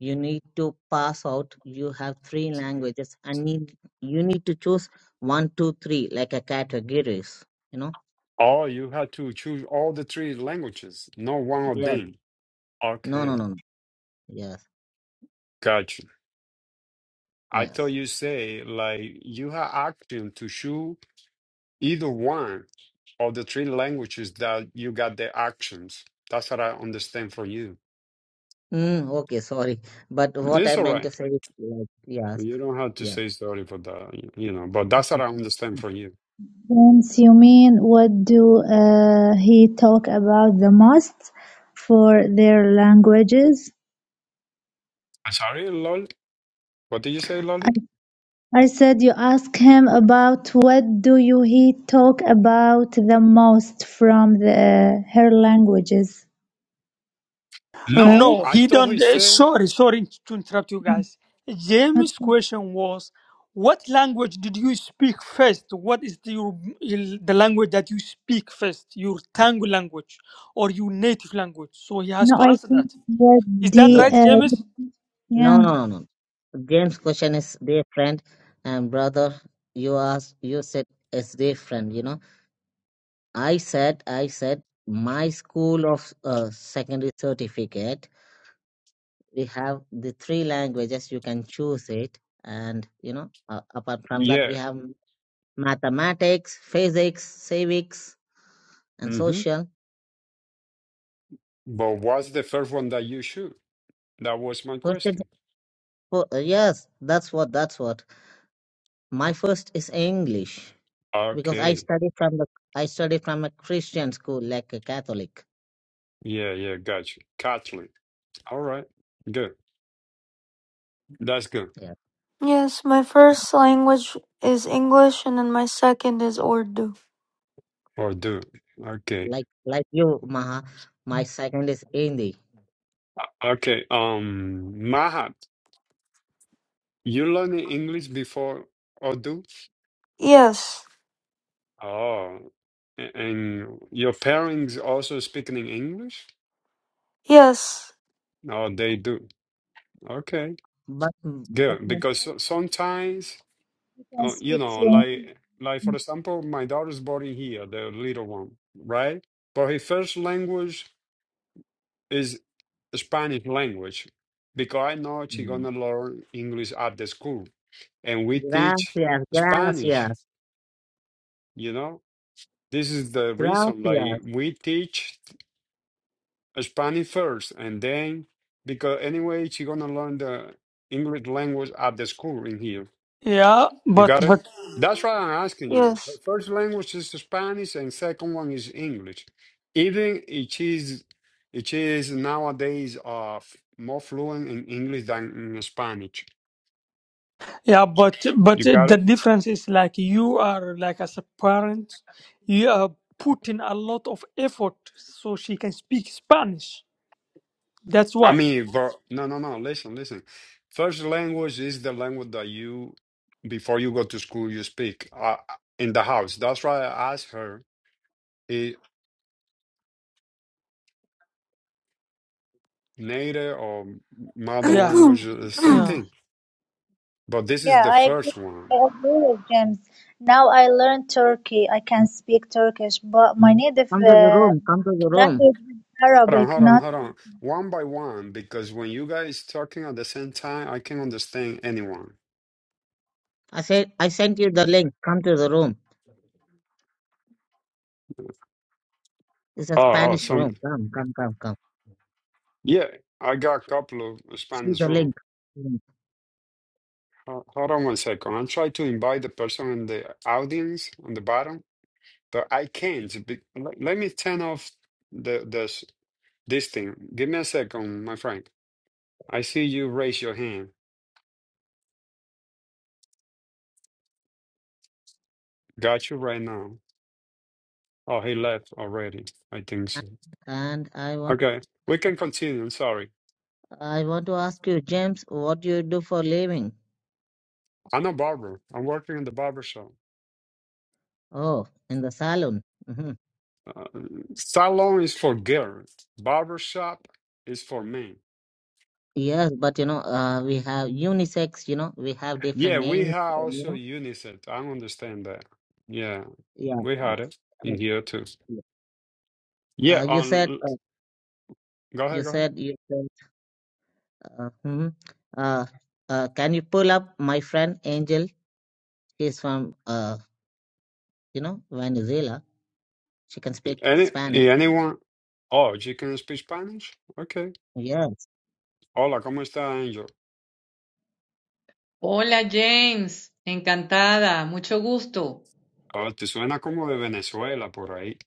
you need to pass out. You have three languages, and need you need to choose one, two, three like a categories. You know. Oh, you had to choose all the three languages, not one of Yes. them. No, no, Okay, no, no. Yes, got you. I thought yes. you say like you had option to choose either one of the three languages that you got the actions. That's what I understand from you. Mm, okay, sorry, but what I It's all meant to right. say is like yes, You don't have to yeah. say sorry for that, y- you know, but that's what I understand from you. Since you mean what do uh, he talk about the most for their languages? I'm sorry, Lolly? What did you say, I, Lolly? I said you ask him about what do you he talk about the most from the her languages, right? No, No, I he thought he don't. eh, said, Sorry, sorry to interrupt you guys. James' Okay. question was, what language did you speak first? What is the, your, il- the language that you speak first? Your tongue language or your native language? So he has No, to I answer think that. what Is that the No, right, sorry. uh, James? No, yeah. no, no, no. James' question is different, and brother, you asked, you said it's different. You know, I said, I said, my school of uh, secondary certificate, we have the three languages. You can choose it, and you know, uh, apart from that, yeah. we have mathematics, physics, civics, and mm-hmm. social. But what's the first one that you shoot? That was my First, is- question. for- uh, yes, that's what that's what. My first is English. because I Okay. study from the I study from a Christian school, like a Catholic. Yeah, yeah, got you. Catholic. All right. Good. That's good. Yeah, Yes, my first language is English and then my second is Urdu. Or do. Okay. like like you, Maha. My second is Hindi. Okay. Um, Mahat, you learned English before Urdu? Yes, Oh, a- and your parents also speaking in English? yes, Oh, they do. Okay. But, but Good. my- Because so- sometimes You can uh, you speak know, fluently. like like for example, my daughter's born in here, the little one, right? But her first language is Spanish language because I know she's Mm. gonna learn English at the school, and we teach gracias, Spanish. gracias, You know, this is the reason. gracias. Like we teach Spanish first, and then because anyway, she's gonna learn the English language at the school in here. Yeah, You but got it? but That's why I'm asking you. The yes. first language is Spanish and second one is English. Even it is it is nowadays uh f- more fluent in English than in Spanish. Yeah, but but You the got it? difference is like you are like as a parent, you are putting a lot of effort so she can speak Spanish. That's I why. mean, but no no no, listen, listen. First language is the language that you before you go to school you speak uh, in the house. That's why I asked her is native or mother Yeah, language the same yeah. thing. But this is Yeah, the I agree. first one. I agree with James. Now I learn Turkey. I can speak Turkish, but my native Come to the uh, room. Come to the room. language is Hold on, Arabic, hold on, not hold on. One by one, because when you guys talking at the same time, I can not understand anyone. I said I sent you the link. Come to the room. It's a Oh, oh, Spanish room. some Come, come, come, come. yeah. I got a couple of See Spanish the room. link. Mm. Ho- Hold on one second. I'm trying to invite the person in the audience on the bottom, but I can't. Be, let, let me turn off the this this thing. Give me a second, my friend. I see you raise your hand. Got you right now. Oh, he left already. I think so. And I want Okay, we can continue. Sorry. I want to ask you, James, what do you do for living? I'm a barber. I'm working in the barber shop. Oh, in the salon. Uh, salon is for girls. Barber shop is for men. Yes, but you know, uh, we have unisex, you know, we have different Yeah, we names, have uh, you also know. unisex. I understand that. Yeah, Yeah. we had it Uh, in here too. yeah. Yeah. uh, you said, On. uh, Go you ahead. Go ahead. said, you said, uh, hmm uh, uh, can you pull up my friend Angel? She's from, uh, you know, Venezuela. She can speak Any Spanish. anyone? Oh, you can speak Spanish. Okay. Yes. Hola, cómo está, Angel? Hola James, encantada, mucho gusto. Oh, te suena como de Venezuela por ahí.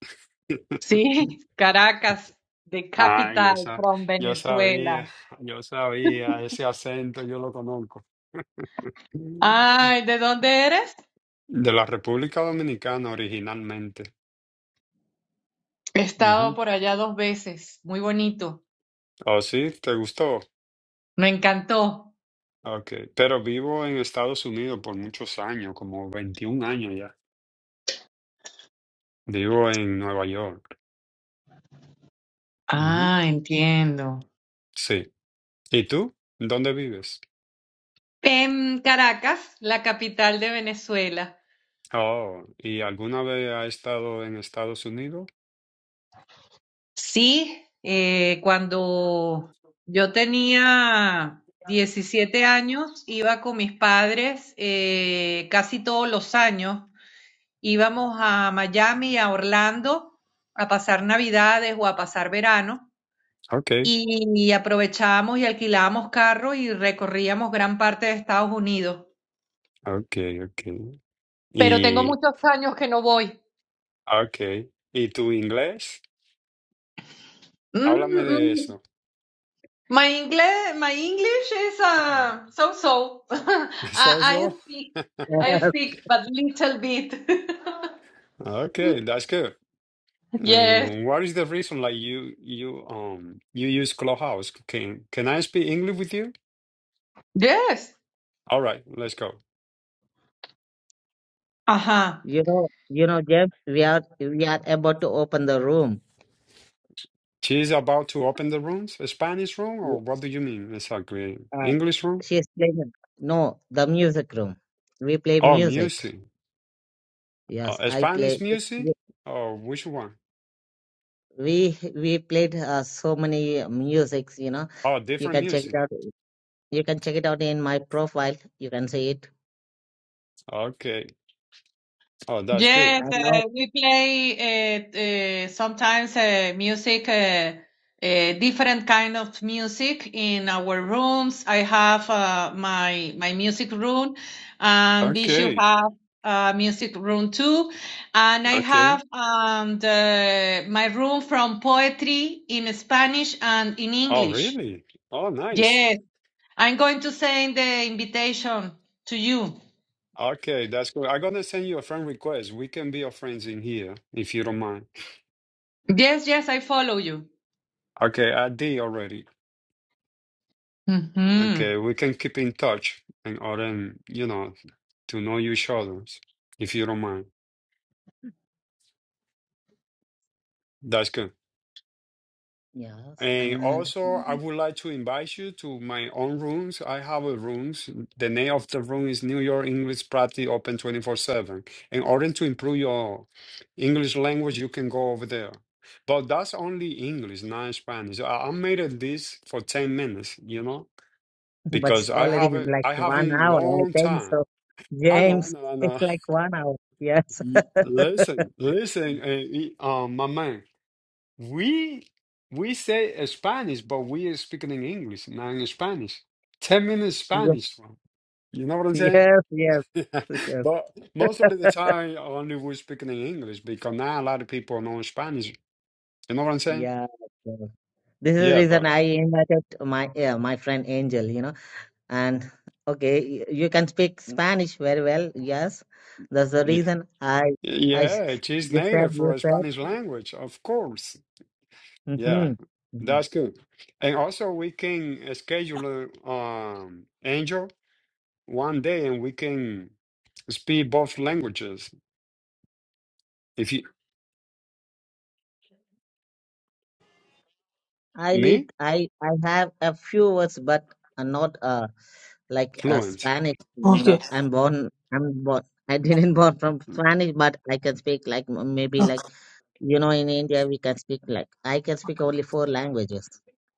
Sí, Caracas, the Ah, yo, capital sa from yo Venezuela. sabía, yo sabía, ese acento yo lo conozco. Ay, ¿de dónde eres? De la República Dominicana originalmente. He estado Ujú. por allá dos veces, muy bonito, Oh, sí, te gustó. me encantó. Ok, pero vivo en Estados Unidos por muchos años, como 21 años ya. Vivo en Nueva York. Ujú. ah, entiendo. Sí. ¿Y tú? ¿Dónde vives? En Caracas, la capital de Venezuela. Oh, ¿y alguna vez has estado en Estados Unidos? Sí, eh, cuando yo tenía 17 años, iba con mis padres eh, casi todos los años íbamos a Miami, a Orlando, a pasar Navidades o a pasar verano. Ok, Y y aprovechábamos y alquilábamos carro y recorríamos gran parte de Estados Unidos. ok, ok. Pero tengo Y, muchos años que no voy. ok. ¿Y tu inglés? Mm, Háblame de mm. eso. My English, my English is uh, so so. So, I, I so. speak, I speak, but little bit. Okay, that's good. yes, And what is the reason like you you um you use Clubhouse? Can can I speak English with you? yes. All right, let's go. Ajá. Yes. You know, you know, Jeff, we are, we are about to open the room. She's about to open the rooms, a Spanish room, Yeah. or what do you mean exactly? Uh, English room? she's playing, no, the music room. We play Oh, music. music. Yes, Uh, I Spanish play. music? Or which one? we we played uh, so many musics you know Oh, you different can check it music. out you can check it out in my profile you can see it Okay. Oh, that's good. Yes, and now uh, we play uh, uh, sometimes uh, music, uh, uh, different kind of music in our rooms. I have uh, my my music room, and Bishu Okay. have a music room too, and I Okay. have um, the my room from poetry in Spanish and in Oh, English. really? Oh, nice. Yes, I'm going to send the invitation to you. Okay, that's good. I'm gonna send you a friend request. We can be your friends in here if you don't mind. Yes, yes, I follow you. Okay, I did already. Hmm. Okay, we can keep in touch in order, um, you know, to know each other, if you don't mind. That's good. yes And and also, I would like to invite you to my own rooms. I have a rooms. The name of the room is New York English Practice Open 24/7. In order to improve your English language, you can go over there. But that's only English, not Spanish. I, I made it this for 10 minutes, you know, but because it's I already haven't like I one haven't hour i long think time. so I know, I james know, I it's know. like one hour yes Y- Listen, listen, uh, y- uh, my man. We we say uh, Spanish, but we are speaking in English, not in Spanish. Ten minutes yes Spanish, bro. You know what I'm saying? yes yes yes But most of the time, only we're speaking in English because now a lot of people know Spanish. You know what I'm saying? yeah yeah. this is the Yeah, reason but i invited my yeah, my friend angel you know And okay, y- you can speak Spanish very well. Yes, that's the yeah, reason I, I, yeah, she's you said, native you for a said. Spanish language, of course. Yeah, Mm-hmm. Mm-hmm. that's good. And also, we can schedule um, Angel. one day and we can speak both languages. If you I lead, me I, I have a few words, but uh, not uh like uh, fluent Spanish. I'm Okay. not. I'm born. I'm born. I didn't born from Spanish, but I can speak like m- maybe Okay. like you know in India we can speak like I can speak only four languages.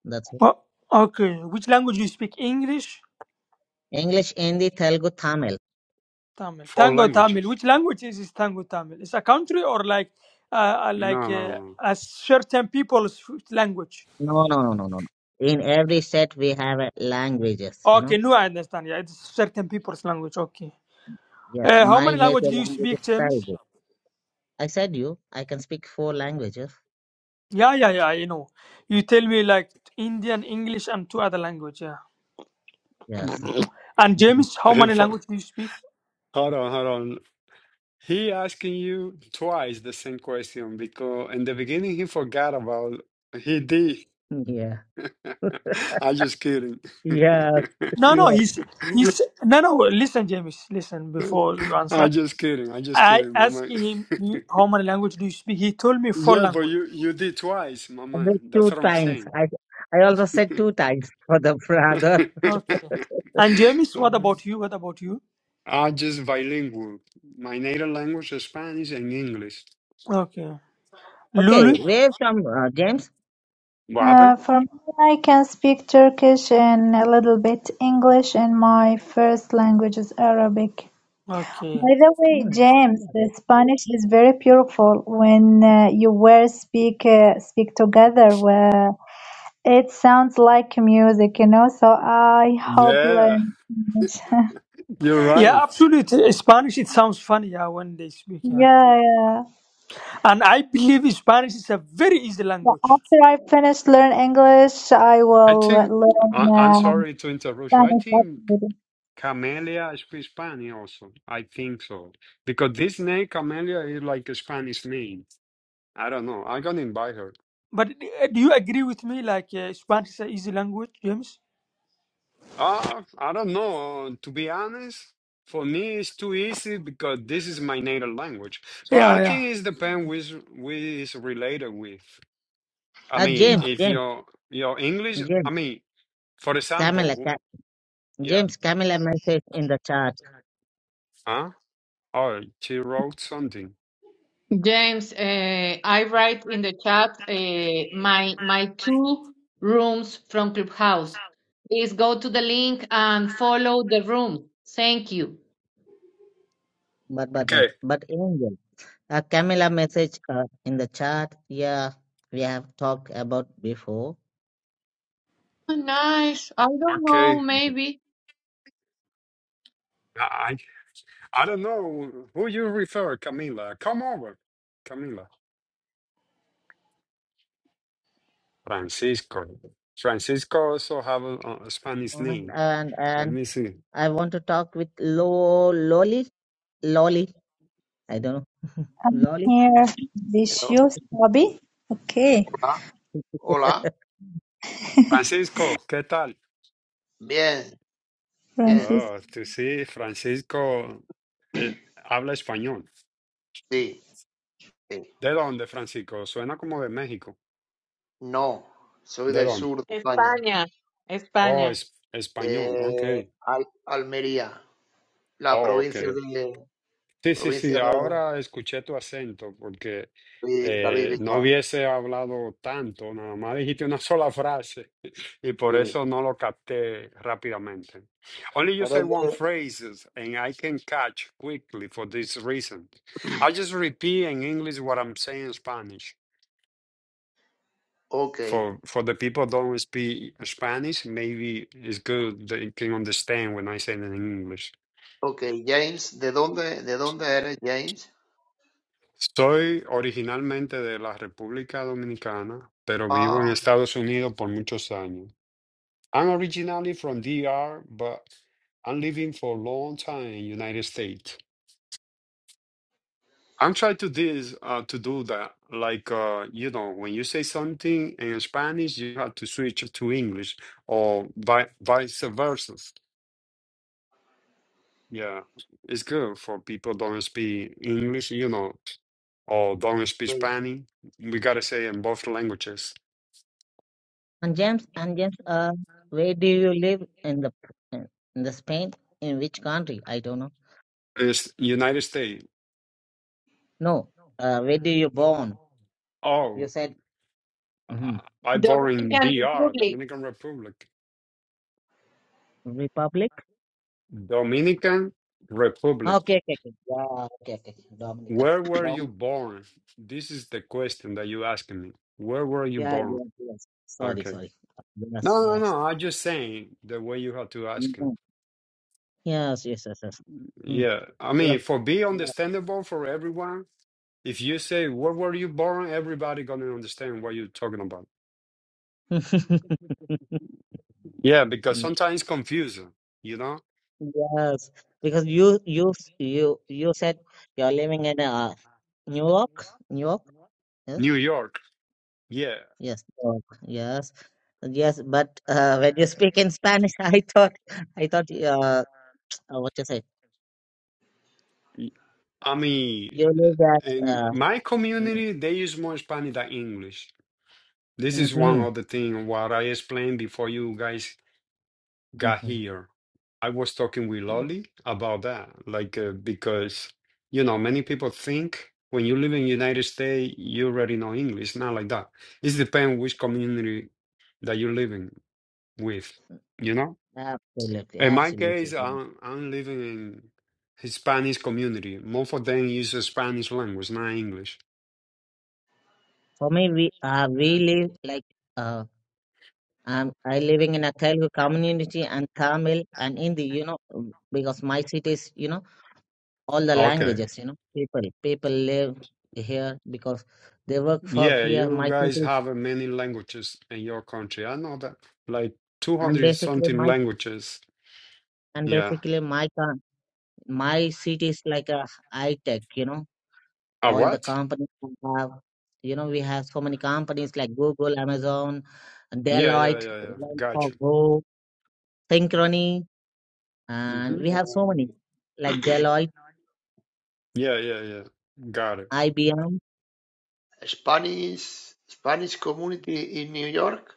That's it. O- okay. Which language you speak? English, English, Hindi, Telugu, Tamil. Tamil, four Tango languages. Tamil. Which language is this Tango Tamil? It's a country or like uh, uh, like No, uh, no, a certain people's language. No, no, no, no, no. no. In every set we have uh, languages, you Okay, know. now I understand. Yeah, it's certain people's language. Okay. Yes, Uh, how my many languages native do you language is speak, James? Telugu. I said you, I can speak four languages. Yeah, yeah, yeah, you know. You tell me like Indian, English, and two other language. Yeah. no. Yes. And Mhm. James, how Hey, many for, language do you speak? hold on, hold on. He asking you twice the same question because in the beginning he forgot about he did. Yeah. I just kidding. Yes. No, no, Yes. he's he's no, no. Listen, James, listen before you I answer. just kidding. I just I kidding, my asked man. him you- how many language do you speak. He told me four yeah, but language. you you did twice, my I man. said two That's what I'm times. saying. I I also said two times for the brother. Okay. And James, what about you? What about you? I'm just bilingual. My native language is Spanish and English. Okay. Okay, Lulu. where from uh, James? What happened? uh, for me. I can speak Turkish and a little bit English, and my first language is Arabic. Okay. By the No, way, no, James, no. the Spanish is very beautiful when uh, you were speak uh, speak together. Where it sounds like music, you know. So I hope Yeah, learn Spanish. you're right. Yeah, absolutely. Spanish. It sounds funny. Yeah, when they speak. Yeah. Yeah, yeah. And I believe Spanish is a very easy But language. after I finish learn English, I I will think I, learn I'm um, sorry to interrupt you. I Spanish. think Actually. Camellia speaks Spanish also. I think so because this name Camellia is like a Spanish name. I don't know. I'm gonna invite her. But d- do you agree with me? Like uh, Spanish is an easy language, James? Uh, I don't know. To be honest, for me, it's too easy because this is my native language. But I Yeah, think it's depend which which is related with. I Uh, mean, yeah. James, if James, your your English, I James, mean, for example, Camilla, who, Ca- yeah, James, Camilla message in the chat. huh? Oh, she wrote something. James, uh, I write in the chat uh, my my two rooms from Clubhouse. Please go to the link and follow the room. Thank you. But but what? Okay, But angel. Uh, Camilla message uh, in the chat. Yeah, we have talked about before. Nice. I don't know, okay. maybe I I I don't know who you refer, Camila. Come over, Camila. Francisco. Francisco also have a, a Spanish And name. and, Let and me see. I want to talk with Lo Lolly Lolly. I don't know I'm Lolly. here this Hello, year's hobby. Okay, Hola, hola. Francisco, ¿qué tal? Bien, bien. Francis. Oh, tú sí, Francisco eh, habla español. Sí, sí. ¿De dónde, Francisco? Suena como de México. No, soy ¿De del dónde? sur de España, España, Oh, España, es español, ok. de Al- Almería, la Oh, ok. provincia de Sí, sí, sí, provincia de ahora escuché tu acento porque David David eh, no Bisbal. hubiese hablado tanto, nada más dijiste una sola frase y por Sí. eso no lo capté rápidamente. Only you Pero es say one de- phrase and I can catch quickly for this reason. I'll just repeat in English what I'm saying in Spanish. Ok, for for the people that don't speak Spanish, maybe it's good they can understand when I say it in English. ok. James, ¿de dónde, de dónde eres, James? Soy originalmente de la República Dominicana, pero Ah, vivo en Estados Unidos por muchos años. I'm originally from DR, but I'm living for a long time in United States. I'm trying to this uh, to do that. Like uh, you know, when you say something in Spanish, you have to switch to English or vi vice versa. Yeah, it's good for people don't speak English, you know, or don't speak sí. Spanish. We gotta say in both languages. and James and James. Uh, where do you live in the in the Spain? In which country? I don't know. It's United States. No. Uh, where do you born? You Oh, said mhm. I born in Dominican DR, Republic. Dominican Republic. Republic. Dominican Republic. Okay, okay, okay. Yeah, okay, okay. Where were you Dominica. born? This is the question that you asking me. Where were you Yeah, born? yes, yes. Sorry, Okay. sorry. No, Yes, no, yes. no. I'm just saying the way you have to ask it. Mhm. Yes, yes, yes, yes. Mhm. Yeah. I Yeah. mean, for be yeah. understandable for everyone, If you say where were you born, everybody gonna understand what you're talking about. Yeah, because sometimes confusing, you know? Yes, because you you you you said you're living in uh, New York, New York. Yes, New York, yeah. yes, New York. Yes, yes. But uh, when you speak in Spanish, I thought I thought uh, uh, what you say. I mean, You live at in uh, my mm-hmm, community, they use more Spanish than English. This is one mm-hmm. of the thing what I explained before you guys got Mm-hmm. here, I was talking with Lolly about that, like uh, because you know many people think when you live in United States you already know English. It's not like that. It depends which community that you're living with, you know. Absolutely, In my case, absolutely. I'm, I'm living in Hispanic community. Most of them use the Spanish language, not English. For me, we uh, we live like uh, I'm I living in a Telugu community and Tamil and Hindi. You know, um, because my city is you know all the Okay. languages. You know, people people live here because they work for Yeah, here. you My guys city is- have uh, many languages in your country. I know that, like and 200 basically something my languages. and Yeah. basically my com- my city is like a high tech. You know, Uh, all the what? companies we have. You know, we have so many companies like Google, Amazon, Yeah, yeah, Deloitte, yeah, yeah. Got you. Go, Synchrony. and hmm we have so many em, like Deloitte, Yeah, yeah, yeah. Got it. IBM, Spanish, Spanish community in New York.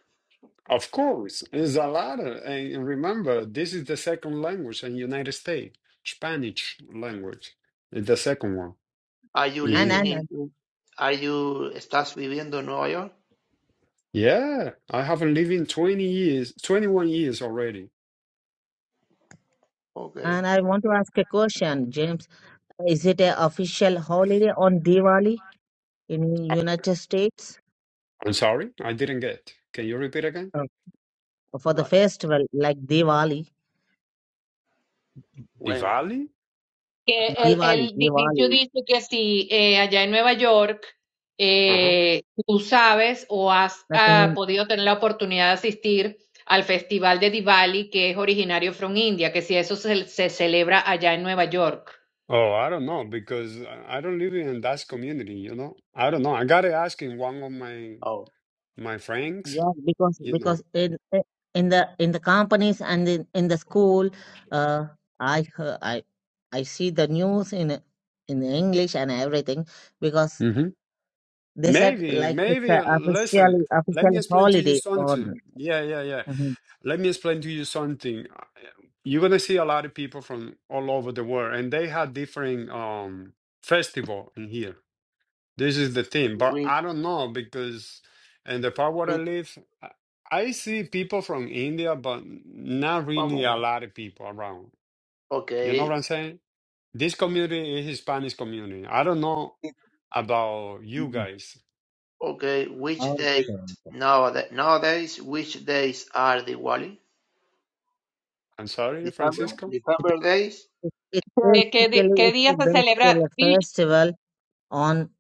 Of course, it's a lot. Of, and remember, this is the second language in United States, Spanish language. It's the second one Are you in and here. living and and in? Are you estás viviendo en Nueva York? Yeah, I haven't lived in 20 years, 21 years already. Ok, and I want to ask a question, James. Is it a official holiday on Diwali in United States I'm sorry, I didn't get. Can you repeat again? Uh, for the igual. festival like Diwali? Bueno. Diwali? que el, Diwali, el di- dicho Diwali. dice que si eh, allá en Nueva York eh, tú sabes o has Like, I ah, mean, podido tener la oportunidad de asistir al Festival de Diwali, que es originario from India, que si eso se, se celebra allá en Nueva York. Oh, I don't know because I I don't live in that community, you know. I don't know. I gotta ask in one of my Oh, my friends, yeah, because you know. because in in the in the companies and in, in the school, uh, I hear- I I see the news in in English and everything because Mm-hmm. They said Maybe, like it's maybe. a uh, Listen, officially let me official explain to you holiday on. something. Yeah, yeah, yeah. Mhm. Let me explain to you something. Uh, You're gonna see a lot of people from all over the world, and they have different um festival in here. This is the thing, but which, I don't know because in the part where I which, live, I I see people from India, but not one really a moment. lot of people around. You know what Okay, I'm saying? This community is Hispanic community. I don't know about you Mm. guys. okay. Which days Okay. okay. nowadays? Nowadays, which days are Diwali? I'm sorry, December, Francisco. It's December days. it's ¿Qué, qué di- basically qué it's a día se basically a celebra? Vishu? festival on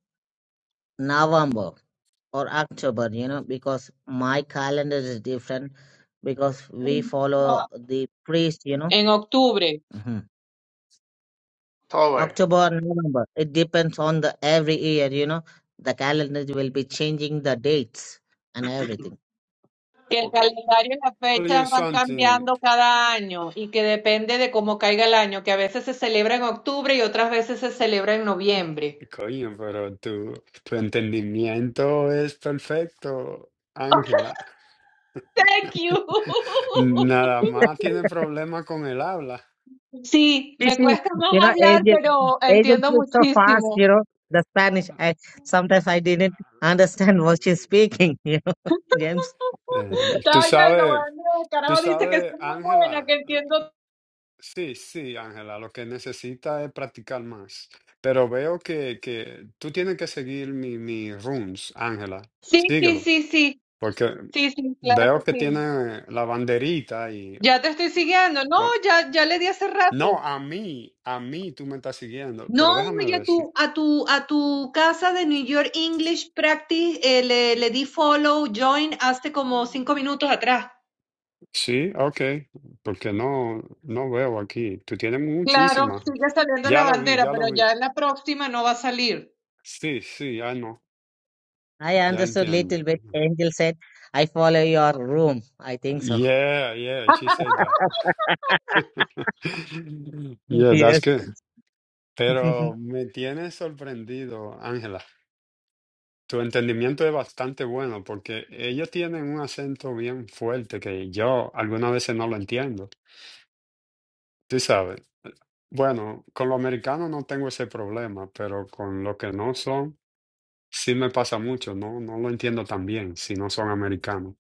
November or October, you know, because my calendar is different because we follow the priest, you know. En octubre. hmm October. October, November. It depends on the every year, you know. The calendar will be changing the dates and everything. Que el Okay. calendario y las tell you fechas van something, cambiando cada año y que depende de cómo caiga el año, que a veces se celebra en octubre y otras veces se celebra en noviembre. coño, pero tu, tu entendimiento es perfecto, Ángela. Thank you. Nada más tiene problemas con el habla. Sí, This me is, cuesta you más know, hablar, angel, pero angel entiendo speaks so fast, muchísimo. you know, the Spanish. I sometimes I didn't understand what she's speaking, you know, James. Eh, Estaba tú oyendo, sabes, bueno, el tú carajo dice que sabes, soy muy buena, que Ángela, entiendo. sí, sí, Ángela, lo que necesita es practicar más. Pero veo que, que tú tienes que seguir mi, mi runes, Ángela. Sí, sí, Síguelo, sí, sí. porque Sí, sí, claro que veo que sí. tiene la banderita y... Ya te estoy siguiendo. No, ya, ya le di hace No, rato. a mí, a mí tú me estás siguiendo, No, pero déjame y a tu, decir. a tu, a tu casa de New York English Practice eh, le, le di follow, join hace como cinco minutos atrás. Sí, ok, porque no, no veo aquí. Tú tienes Claro, muchísimas. sigue saliendo la Ya lo vi, bandera, ya pero lo vi. ya en la próxima no va a salir. Sí, sí, I know. I ya understood entiendo. little bit. Angel said, I follow your room. I think so. Yeah, yeah, she said that. Yeah, that's yes. good. Pero me tiene sorprendido, Ángela. Tu entendimiento es bastante bueno porque ellos tienen un acento bien fuerte que yo algunas veces no lo entiendo. Sí sabes, bueno, con los americanos no tengo ese problema, pero con los que no son, sí me pasa mucho, no, no lo entiendo tan bien si no son americanos,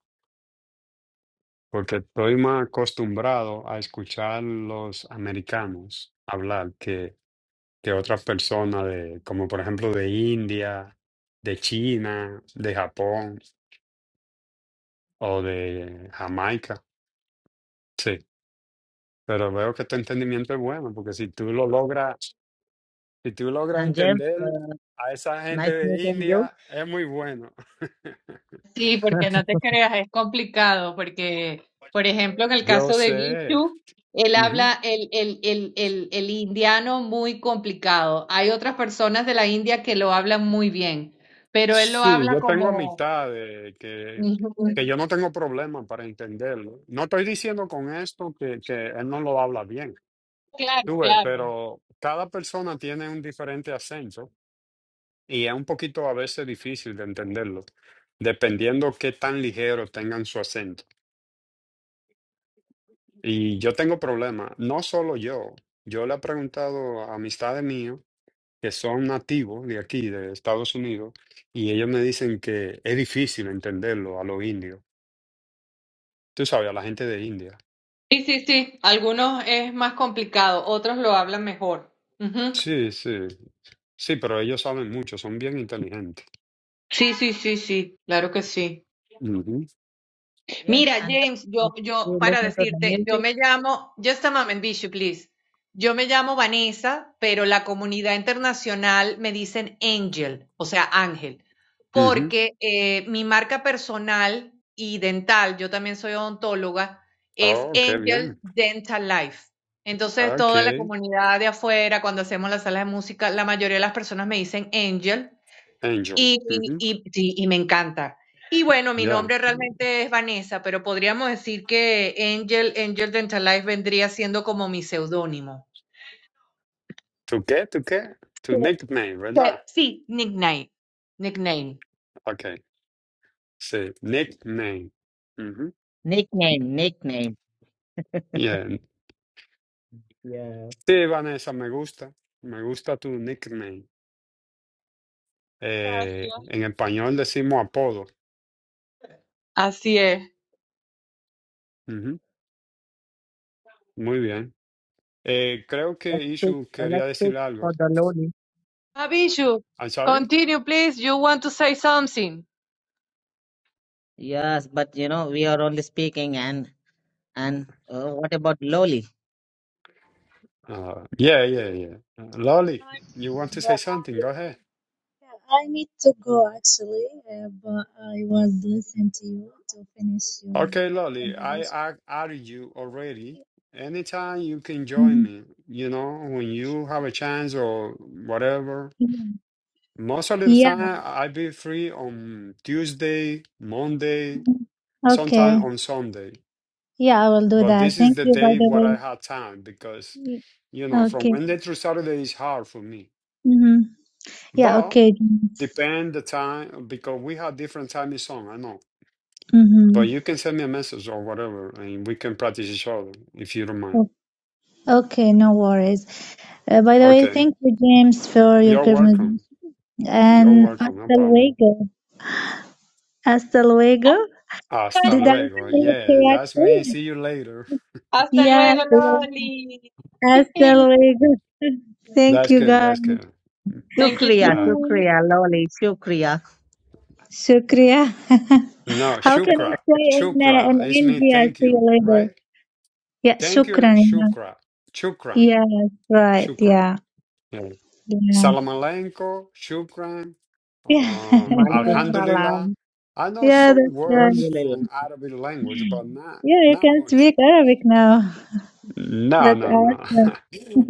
porque estoy más acostumbrado a escuchar los americanos hablar que, que otras personas de, como por ejemplo de India, de China, de Japón o de Jamaica. Sí, pero veo que tu entendimiento es bueno, porque si tú lo logras Si tú logras and James, entender uh, a esa gente nice de meeting you. India, es muy bueno. Sí, porque no te creas, es complicado, porque, por ejemplo, en el Yo caso de sé. Vishu, él Ujú. habla el, el, el, el, el indiano muy complicado. Hay otras personas de la India que lo hablan muy bien, pero él lo Sí, habla yo tengo como... amistades que, Ujú. que yo no tengo problema para entenderlo. No estoy diciendo con esto que, que él no lo habla bien, Claro, tú ves, claro. pero cada persona tiene un diferente acento y es un poquito a veces difícil de entenderlo, dependiendo qué tan ligero tengan su acento. Y yo tengo problemas, no solo yo, yo le he preguntado a amistades mías que son nativos de aquí, de Estados Unidos, y ellos me dicen que es difícil entenderlo a los indios, tú sabes, a la gente de India. Sí, sí, sí. Algunos es más complicado, otros lo hablan mejor. Ujú. Sí, sí, sí, pero ellos saben mucho, son bien inteligentes. Sí, sí, sí, sí, claro que sí. Ujú, James Mira, and James, yo, James, yo, you para listen to the decirte, yo music. me llamo, just a moment, Bishop, please. Yo me llamo Vanessa, pero la comunidad internacional me dicen Angel, o sea, Ángel, ujú. porque eh, mi marca personal y dental, yo también soy odontóloga, es Oh, qué bien. Angel Dental Life. Entonces, Ok, toda la comunidad de afuera, cuando hacemos las salas de música, la mayoría de las personas me dicen Angel Angel. y y Ujú, y sí, y me encanta. Y bueno, mi Ya. nombre realmente es Vanessa, pero podríamos decir que Angel Angel Dentalife vendría siendo como mi seudónimo. ¿Tú qué? ¿Tú qué? Tu Que nickname, ¿verdad? que Sí, nickname, nickname. Ok, sí, nickname. Ujú. Nickname, nickname. Yeah, Yeah. Sí, Vanessa, me gusta. Me gusta tu nickname. Eh, Gracias. en español decimos apodo. Así es. Ujú, Muy bien. Eh, creo que Let's pick, Ishu uh, quería let's pick decir algo. for the Lord. Abiju, I'm sorry? continue, please. You want to say something. Yes, but you know, we are only speaking and and uh, what about Loli? Uh, yeah, yeah, yeah. Uh, Lolly, you want to say But something? I, Go I, ahead. yeah, I need to go actually. Uh, but I was listening to you to finish your Okay, Lolly, I, conversation. I added you already. Anytime you can join Mhm. me, you know, when you have a chance or whatever. Most of the Yeah. time, I be free on Tuesday, Monday, Mm-hmm. sometime Okay. on Sunday. Yeah, I will do But that. this is Thank the you, by day what I the had time because, way. you know, from Okay. Wednesday through Saturday is hard for me. Mm-hmm. Yeah, But okay. depend the time because we have different time zone. I know. But Mm-hmm. you can send me a message or whatever, and we can practice each other if you don't mind. Okay, no worries. Uh, by the way, Okay, thank you, James, for your you're conversation. welcome. You're And welcome. No hasta problem. luego. Hasta luego. Hasta Hasta Did I luego. say Loli. it Yeah, that's me. correctly? See you later. Hasta Yes. luego, Loli. Hasta luego. Yeah. Thank That's you, good. guys. That's good. Thank you Shukriya, Uh, too. Shukriya, Loli, Shukriya. Shukriya. no, How can I shukra. say in, uh, in Shukra. It's me. India, Thank see you. you later? Right. Yeah, Thank you, shukran. Shukra. Shukran. Yeah, Yeah, right. Shukran. Yeah. Yeah. Yeah. Salam alenko, Shukran. Uh, Malikus Alhamdulillah. salam. I know Yeah. yeah, some that's right. words Alhamdulillah. from Arabic language, but not Yeah, you not can much. speak Arabic now. No, That's no, no. awesome.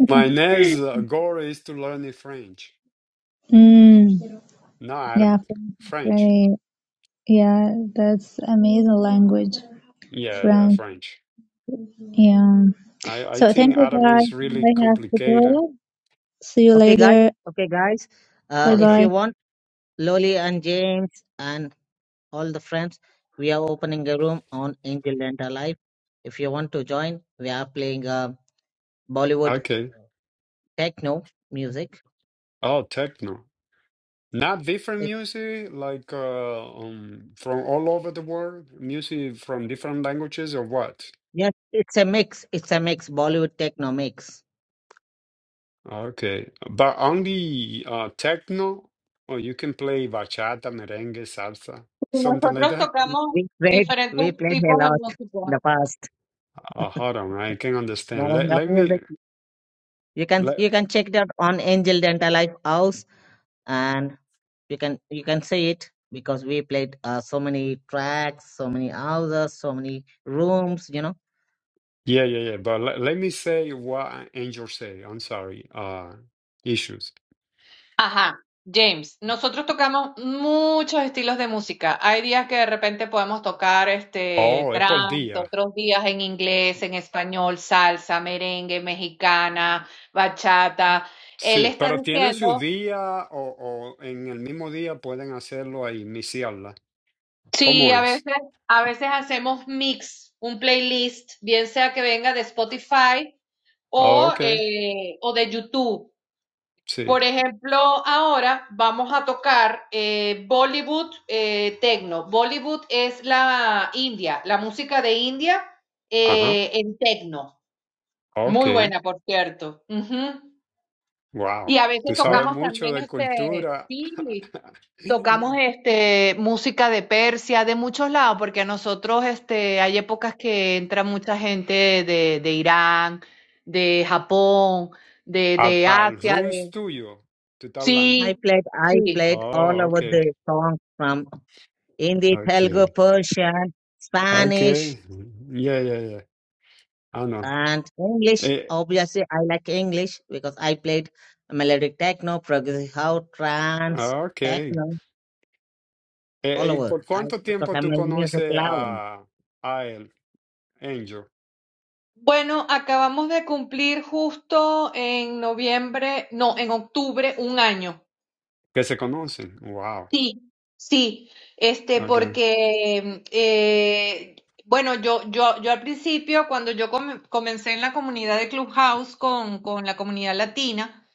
My next uh, goal is to learn the French, Mm, not yeah, Arabic. French is French. very, yeah, that's amazing language, Yeah, yeah, French. French. Yeah. I, I So thank think you Arabic guys. is really I have to complicated. go. See you Okay, guys. later. Okay, guys. Uh, Bye if bye. Okay, you want Loli and James and all the friends, we are opening a room on Angel Dental Live. If you want to join, we are playing uh, Bollywood okay. uh, techno music. Oh, techno. Not different It, music, like uh, um, from all over the world, music from different languages or what? yes, it's a mix. It's a mix. Bollywood techno mix. Okay, but only uh, techno, or you can play bachata, merengue, salsa, something like Nosotros that. tocamos We played diferentes we played a tipos de lot música. in the past. Uh, hold on, I can understand. Let Naranga let me music. You can let you can check that on Angel Dental Life House and you can you can see it because we played uh, so many tracks, so many houses, so many rooms, you know. yeah yeah yeah. But let, let me say what Angel say. I'm sorry. Uh, issues. Ajá, James, nosotros tocamos muchos estilos de música. Hay días que de repente podemos tocar este Oh, es por trance, día. otros días en inglés, en español, salsa, merengue, mexicana, bachata. Él Sí, está pero tiene su diciendo, día o, o en el mismo día pueden hacerlo ahí, sí, a Comunes. veces, a veces hacemos mix, un playlist, bien sea que venga de Spotify Oh, o, ok, eh, o de YouTube. sí. Por ejemplo, ahora vamos a tocar eh, Bollywood eh, Tecno. Bollywood es la India, la música de India Ajá. eh, en Tecno. Ok, Muy buena, por cierto. Ujú. wow. Y a veces Tú But sabes tocamos mucho también de este, cultura. sí, tocamos este, música de Persia, de muchos lados, porque a nosotros este, hay épocas que entra mucha gente de, de Irán, de Japón, de, Al de al Asia, rooms de... tuyo, tú estás hablando. I Sí, played I sí. played all Oh, ok, over the songs from Hindi, Telugu, ok, Persian, ok. Spanish Yeah, yeah, yeah. Ah, no. and English. Eh, Obviously I like English because I played melodic techno, progressive house, trance, ok. Eh, techno eh, all ¿Y over. por I cuánto because tiempo I'm tú a music conoces lover. a, a él, Angel? Bueno, acabamos de cumplir justo en noviembre, no, en octubre, un año. Que se conocen. Wow. Sí, sí, este, Okay. porque, eh, bueno, yo, yo, yo al principio, cuando yo come- comencé en la comunidad de Clubhouse con, con la comunidad latina,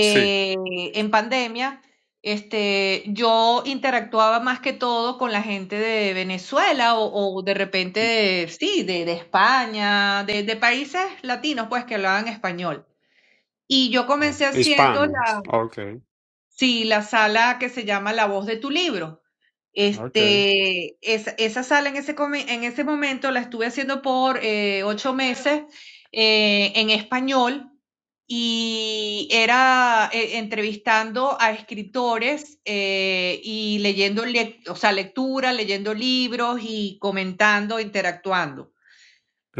Sí. en pandemia, este, yo interactuaba más que todo con la gente de Venezuela o, o de repente, de- sí, de, de España, de, de países latinos, pues, que hablaban español. Y yo Oh, comencé haciendo Hispanos. Ok, Sí, la sala que se llama La Voz de tu Libro. ok. Este, esa, esa sala en ese, come- en ese momento la estuve haciendo por eh, ocho meses eh, en español y era eh, entrevistando a escritores eh, y leyendo, lec- o sea, lectura, leyendo libros y comentando, interactuando.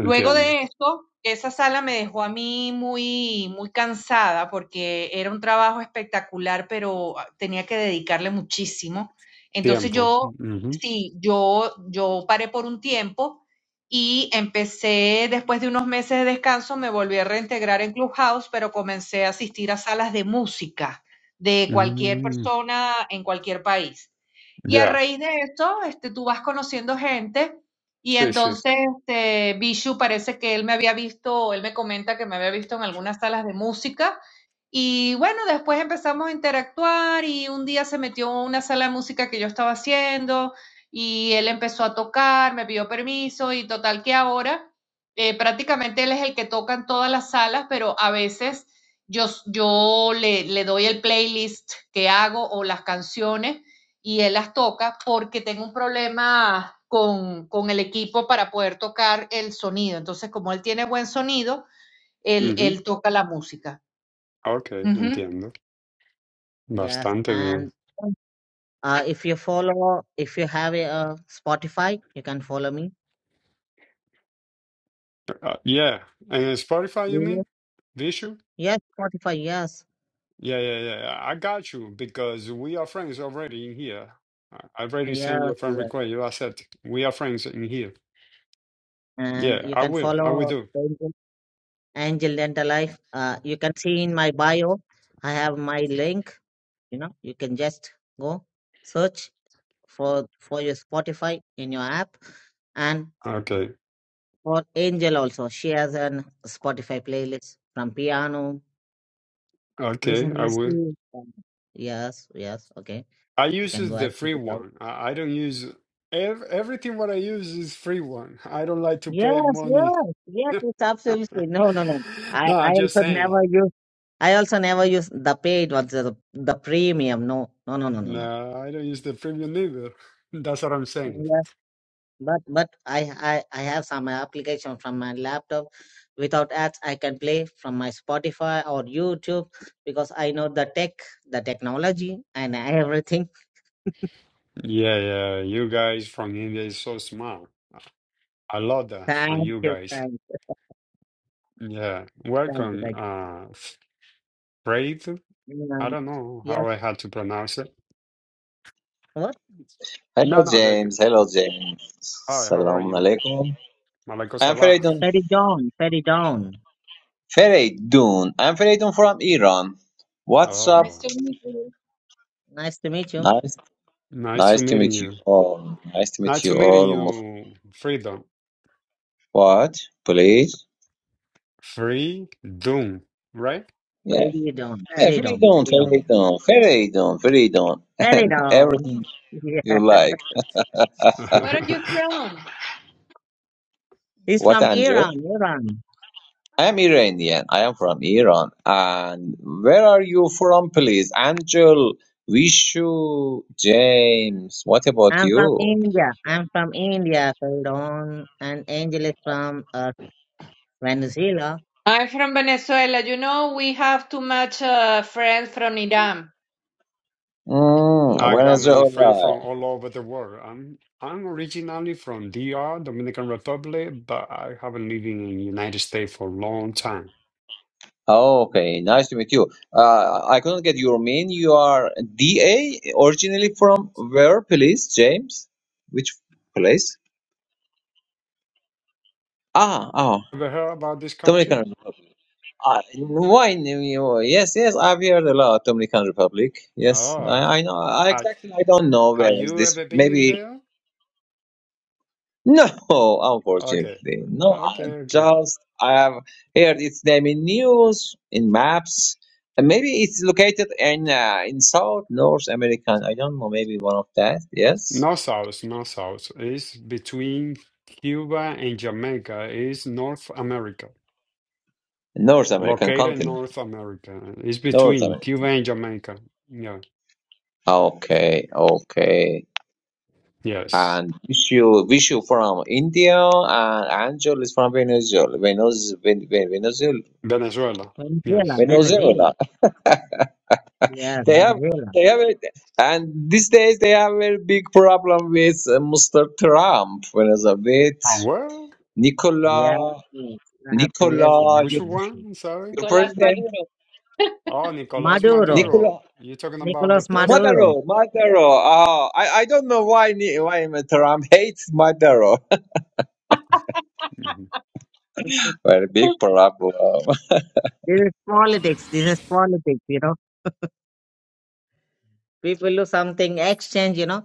Luego de esto, esa sala me dejó a mí muy, muy cansada porque era un trabajo espectacular, pero ah, tenía que dedicarle muchísimo. Entonces Tiempo. yo, Ujú. sí, yo, yo paré por un tiempo y empecé, después de unos meses de descanso, me volví a reintegrar en Clubhouse, pero comencé a asistir a salas de música de cualquier Mm, persona en cualquier país. Y a ya, raíz de esto, este, tú vas conociendo gente y sí, sí. entonces, este, Bishu parece que él me había visto, él me comenta que me había visto en algunas salas de música. Y bueno, después empezamos a interactuar y un día se metió a una sala de música que yo estaba haciendo y él empezó a tocar, me pidió permiso y total que ahora eh, prácticamente él es el que toca en todas las salas, pero a veces yo, yo le, le doy el playlist que hago o las canciones y él las toca porque tengo un problema con, con el equipo para poder tocar el sonido. Entonces, como él tiene buen sonido, él, Ujú. él toca la música. Ok, mhm entiendo. Yes, Bastante and bien. uh, if you follow, if you have a, uh Spotify, you can follow me. Uh, yeah, and Spotify, Do you you? mean? Vishu? Yes, Spotify. Yes, Yeah, yeah, yeah. I got you because we are friends already in here. I I already sent yes, you a friend yes. request. You accept. We are friends in here. And Yeah, you I can will. I will follow do. Angel, Angel Dental Life. Uh, you can see in my bio, I have my link. You know, you can just go search for for your Spotify in your app, and Okay, for Angel also. She has an Spotify playlist from piano okay, I Recently, will. see. Yes, yes. Okay, I you use can go is the and check free it out. one. I, I don't use ev everything what I use is free one. I don't like to pay Yes, money. yes, yes. It's absolutely no, no, no. I, No, I I'm just also saying. never use. I also never use the paid ones, the, the premium. No, no, no, no, no, no. No, I don't use the premium either. That's what I'm saying. Yes, but but I, I I have some application from my laptop. Without ads, I can play from my Spotify or YouTube because I know the tech, the technology, and everything. Yeah, yeah. You guys from India is so smart. I love that from Thank you you, guys. thank you, Yeah. thank you, Welcome, thank uh Freight. you. I Mm, don't know how Yes. I had to pronounce it. No, Hello, no, the g- James. Hello, James. hi, how are Assalamu you, man? alaikum. Malaiko I'm Salah. Feridun. Ferry Dawn, Ferry Dawn. Feridun. I'm Feridun from Iran. What's up? Oh. Nice to meet you. Nice to meet you. Nice, Nice nice to to meeting meet you you. all. Nice to meet Nice you to all. meeting Mus- you, Freedom. What? Please? Free Doom, right? Yeah. Ferry Dawn, yeah Ferry Dawn, Feridun, Ferry Dawn. Feridun, Feridun, Feridun, Ferry and Dawn. everything Yeah. you like. Where are you I from? He's What, from Anjo? Iran, Iran. I'm Iranian. I am from Iran. And where are you from, please? Angel, Vishu, James. What about I'm from you? India. I'm from India, Ferry Dawn. And Angel is from uh, Venezuela. I'm from Venezuela. You know, we have too much uh, friends from Iran. Mm, Yeah. got many friends Venezuela. from all over the world. I'm I'm originally from DR, Dominican Republic, but I have been living in United States for a long time. Okay, nice to meet you. Uh, I couldn't get your name. You are DA, originally from where, please, James? Which place? Ah, oh, Ever heard about this country? Dominican Republic. Uh, why? you- Yes, yes, I've heard a lot Dominican Republic. Yes, Oh, I, I know. I I, exactly, I don't know where have is you this. ever been in Maybe. there? No, Okay, unfortunately, no. I okay, okay. Just I have heard its name in news, in maps, and maybe it's located in uh, in South North American. I don't know. Maybe one of that. Yes, No south, no south. It's between Cuba and Jamaica. It's North America. North American Located in continent. North America. It's North between America. Cuba and Jamaica. Yeah. Okay, okay. Yes. And Vishu, Vishu from India, and Angel is from Venezuela. Venez, Ven, Ven, Venezuela. Venezuela. Venezuela, Yes. Venezuela. Venezuela. Yeah, They have, Venezuela. they have, a- and these days they have a very big problem with uh, Mr. Trump, whereas uh, with From where? Yeah, Nicola, yes, absolutely, Nicola, Which your, absolutely. one? Sorry. your Nicolás president, Maduro. Oh, Nicolas Maduro, Maduro. Nicola. You're talking about the Nicolas president. Maduro. Maduro, Maduro. Oh, I, I don't know why Ni- why Trump hates Maduro. hmm this Very big problem. is politics. This is politics, you know. People do something, exchange, you know.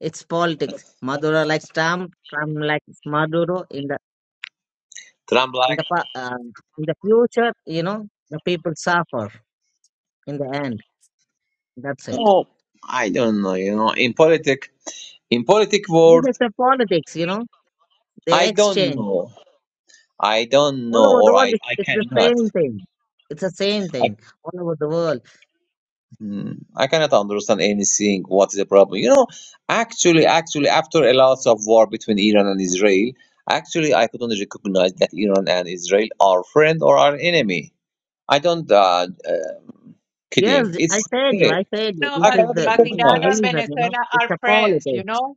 It's politics. Maduro likes Trump. Trump likes Maduro. In the Trump in like, the pa- uh, in the future, you know, the people suffer in the end. That's it. oh, I don't know. You know, in politic in politic This is world, the politics. You know, they I don't exchange know. I don't all know, over the or world. I It's, I it's the cannot. same thing. It's the same thing all over the world. Hmm, I cannot understand anything. What is the problem? You know, actually, actually, after a lot of war between Iran and Israel, actually, I couldn't recognize that Iran and Israel are friend or are enemy. I don't uh, uh, kidding. Yes, It's I said you. really I said you. No, This I but, is cannot the but this is Iran the recognize. and reason. You know, Venezuela it's are a friends, you politics. know?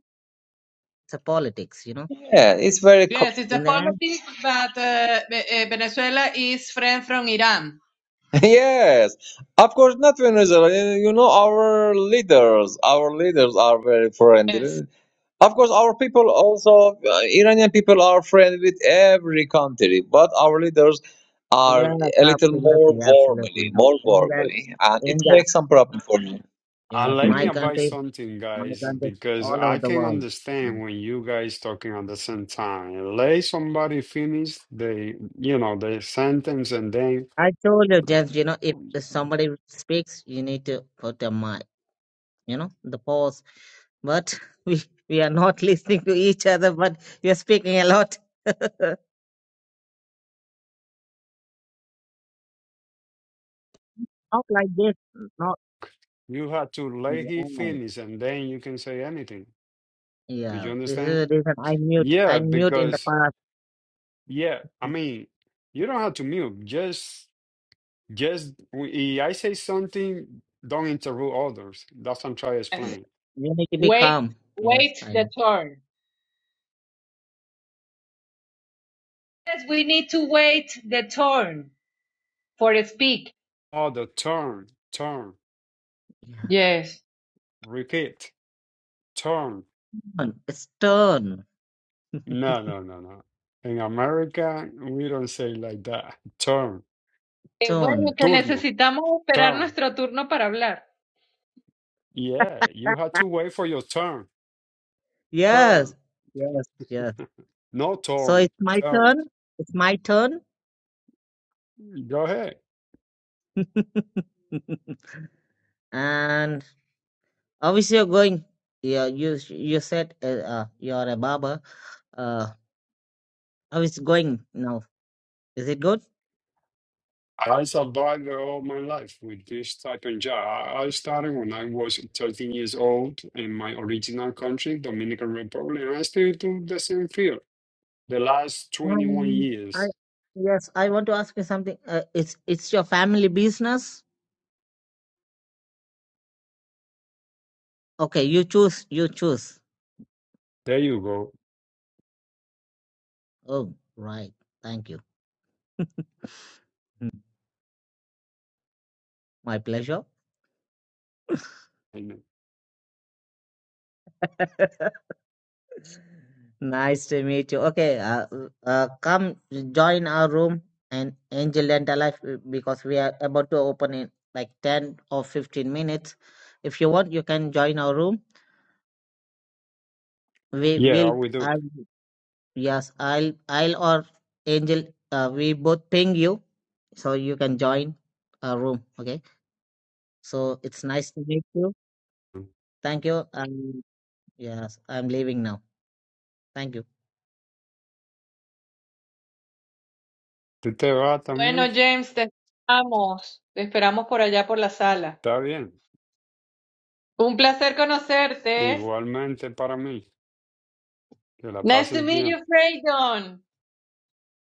It's a politics. You know, Yeah, it's very co- Yes, it's a in the end, politics, but uh, Ve- eh, Venezuela is friend from Iran. yes. Of course, not Venezuela. You know, our leaders, our leaders are very friendly. Yes. Of course, our people also, uh, Iranian people are friendly with every country, but our leaders are yes, a little more absolutely, absolutely. warmly, You know, more in the warmly, and it in the makes some problem for me. And Yes, let me my advise country something, I guys, can because all over I the can world. Mm. understand when you guys talking at the same time. Let somebody finish the, you know, the sentence, and then I told you just, you know, if somebody speaks, you need to put a mic, you know, the pause. But we we are not listening to each other, but we are speaking a lot. not like this. Not You have to let yeah. he I know. finish and then you can say anything. Did yeah. you This is understand? the reason I mute. I Yeah, mute in the because past. yeah, I Mm. mean, you don't have to mute. Just just if I say something, don't interrupt others. That's what I'm trying to yes. Yeah. explain. You need to be Wait, calm. Yes, wait I the know. turn. Yes, we need to wait the turn for speak. Other turn, turn, Yeah. Yes. repeat. Turn. Turn. It's turn. No, no, no, no. In America, we don't say like that. Turn. Eh, bueno, Turn. que Turno. necesitamos esperar Turn. nuestro turno para hablar. Yeah, you had to wait for your turn. Turn. Yes. Yes. Yes. No So turn. it's my Turn. turn. It's my turn. Go ahead. And obviously, you're going? Yeah, you you said uh, uh, you are a barber. Uh, how is it going now? Is it good? I survived all my life with this type of job. I I started when I was 13 years old in my original country, Dominican Republic, and I still do the same field the last 21 Um, I years. yes, I want to ask you something. Uh, it's it's your family business. Okay, you choose. You choose. There you go. Oh, right. Thank you. My pleasure. And, Nice to meet you. Okay, uh, uh, come join our room and Angel and Alive uh, because we are about to open in like 10 or 15 minutes. If you want, you can join our room. We Yeah, I will, will do. I'll, yes, I'll, I'll or Angel, uh, we both ping you so you can join our room. Okay, so it's nice to meet you. Thank you. Um, yes, I'm leaving now. Thank you. Tú te vas Bueno, también. James, te esperamos. Te esperamos por allá por la sala. Está bien. Un placer conocerte. Igualmente para mí. Que la Nice to pases meet bien. you, Freydon.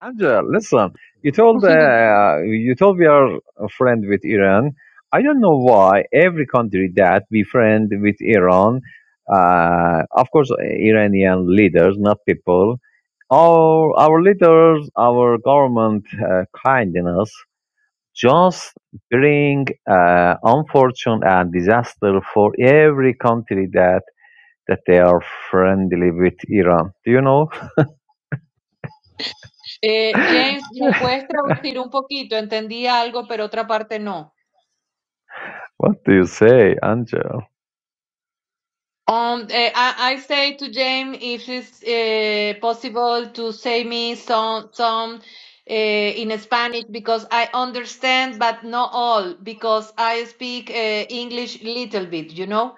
Angela, listen, you Mm. told uh, you told we are a friend with Iran. I don't know why every country that we friend with Iran, uh, of course, Iranian leaders, not people. Our our leaders, our government uh, kindness. just bring uh, unfortune and disaster for every country that that they are friendly with Iran. Do you know? Eh, James, ¿me puedes traducir un poquito? Entendí algo, pero otra parte no. What do you say, Angel? Um, eh, I, I say to James if it's uh, possible to say me some some uh, in Spanish because I understand, but not all because I speak uh, English little bit. You know.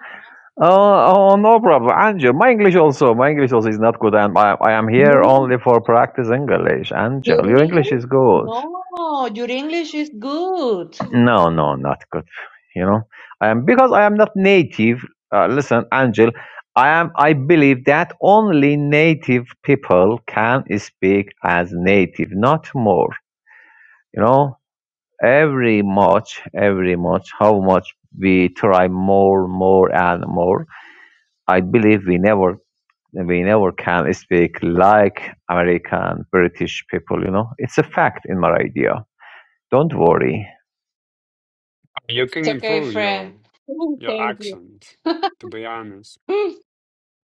Oh, oh no problem, Angel. My English also, my English also is not good, and I, I am here No, only for practice English. your Angel, your English English? is good. No, your English is good. No, no, not good. You know, I am because I am not native. Uh, listen, Angel, I am. I believe that only native people can speak as native, not more. You know, every much, every much, how much we try more, more, and more. I believe we never, we never can speak like American, British. people, You know, it's a fact in my idea. Don't You can It's okay, improve friend. your your Thank you. accent, to be honest.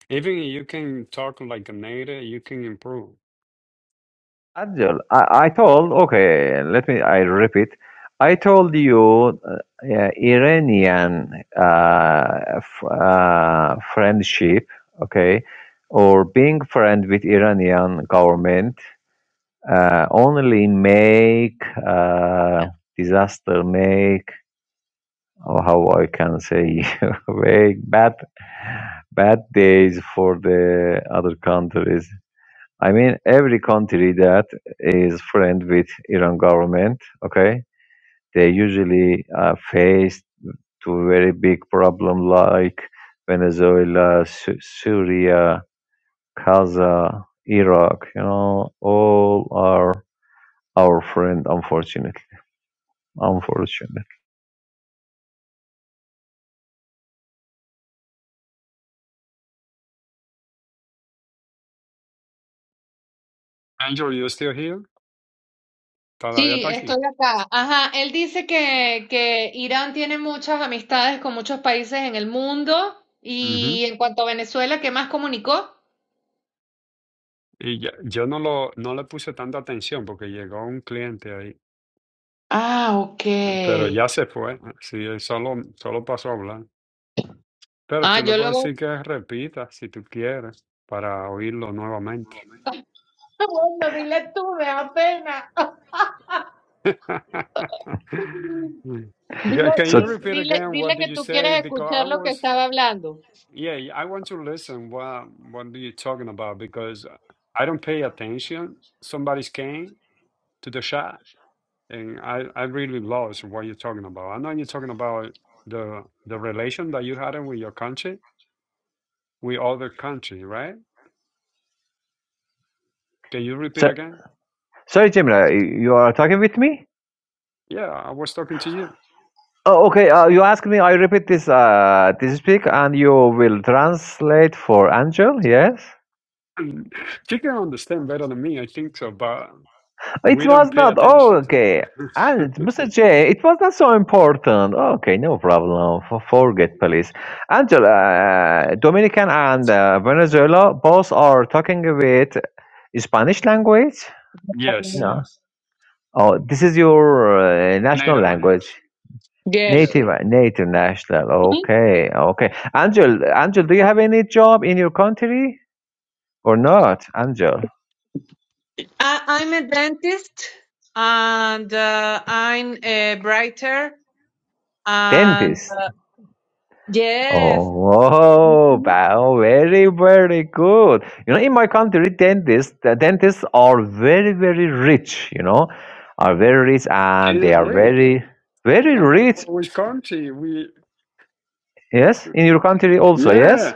Even if you can talk like a native, you can improve. Angel, I, I told okay, I repeat. I told you uh, yeah, Iranian uh, f- uh, friendship, okay, or being friend with Iranian government uh, only make uh, disaster, make or how I can say, make bad bad days for the other countries. I mean, every country that is friend with Iran government, okay, they usually uh, face to a very big problem like Venezuela, Sy- Syria, Gaza, Iraq. You know, all are our friend. Unfortunately, unfortunately. Angel, you still here? Todavía Sí, está estoy aquí. acá. Ajá, él dice que, que Irán tiene muchas amistades con muchos países en el mundo Ujú. y en cuanto a Venezuela, ¿qué más comunicó? Y ya- yo no lo no le puse tanta atención porque llegó un cliente ahí, Ah, ok. pero ya se fue. Sí, él solo solo pasó a hablar. Pero Ah, tú le yo puedes luego... decir que repita si tú quieres para oírlo nuevamente. Bueno, dile tú, me da pena. Yeah, Dile, Can So, you di- repeat dile, again? What dile did que you tú quieres say? Because I escuchar lo que was, estaba hablando. yeah, I want to listen. What what are you talking about? Because I don't pay attention. Somebody's came to the shot, and I I really lost what you're talking about. I know you're talking about the the relation that you had with your country, with other country, right? Can you repeat so again? sorry, Jamila, you are talking with me. Yeah, I was talking to you. Oh, okay. Uh, you asked me. I repeat this. Uh, this speak, and you will translate for Angel. Yes. She can understand better than me, I think so, but. It We don't was pay not. Oh, attention. okay. And Mr. J, it was not so important. Okay, no problem. For, forget, please. Angela, uh, Dominican and uh, Venezuela both are talking with Spanish language. Yes, Mm. No. Yes. Oh, this is your uh, national native language. language. Yes. Yeah. Native, native national. Hmm? Okay, okay. Angel, Angel, do you have any job in your country or not? Angel, I- I'm a dentist and uh, I'm a writer and dentist. uh, yes, Oh, wow, Mhm. very, very good. You know, in my country, dentists, the dentists are very, very rich, you know, are very rich and It they is are rich. very, very No matter rich. what which country we Yes, in your country also, yeah, yes?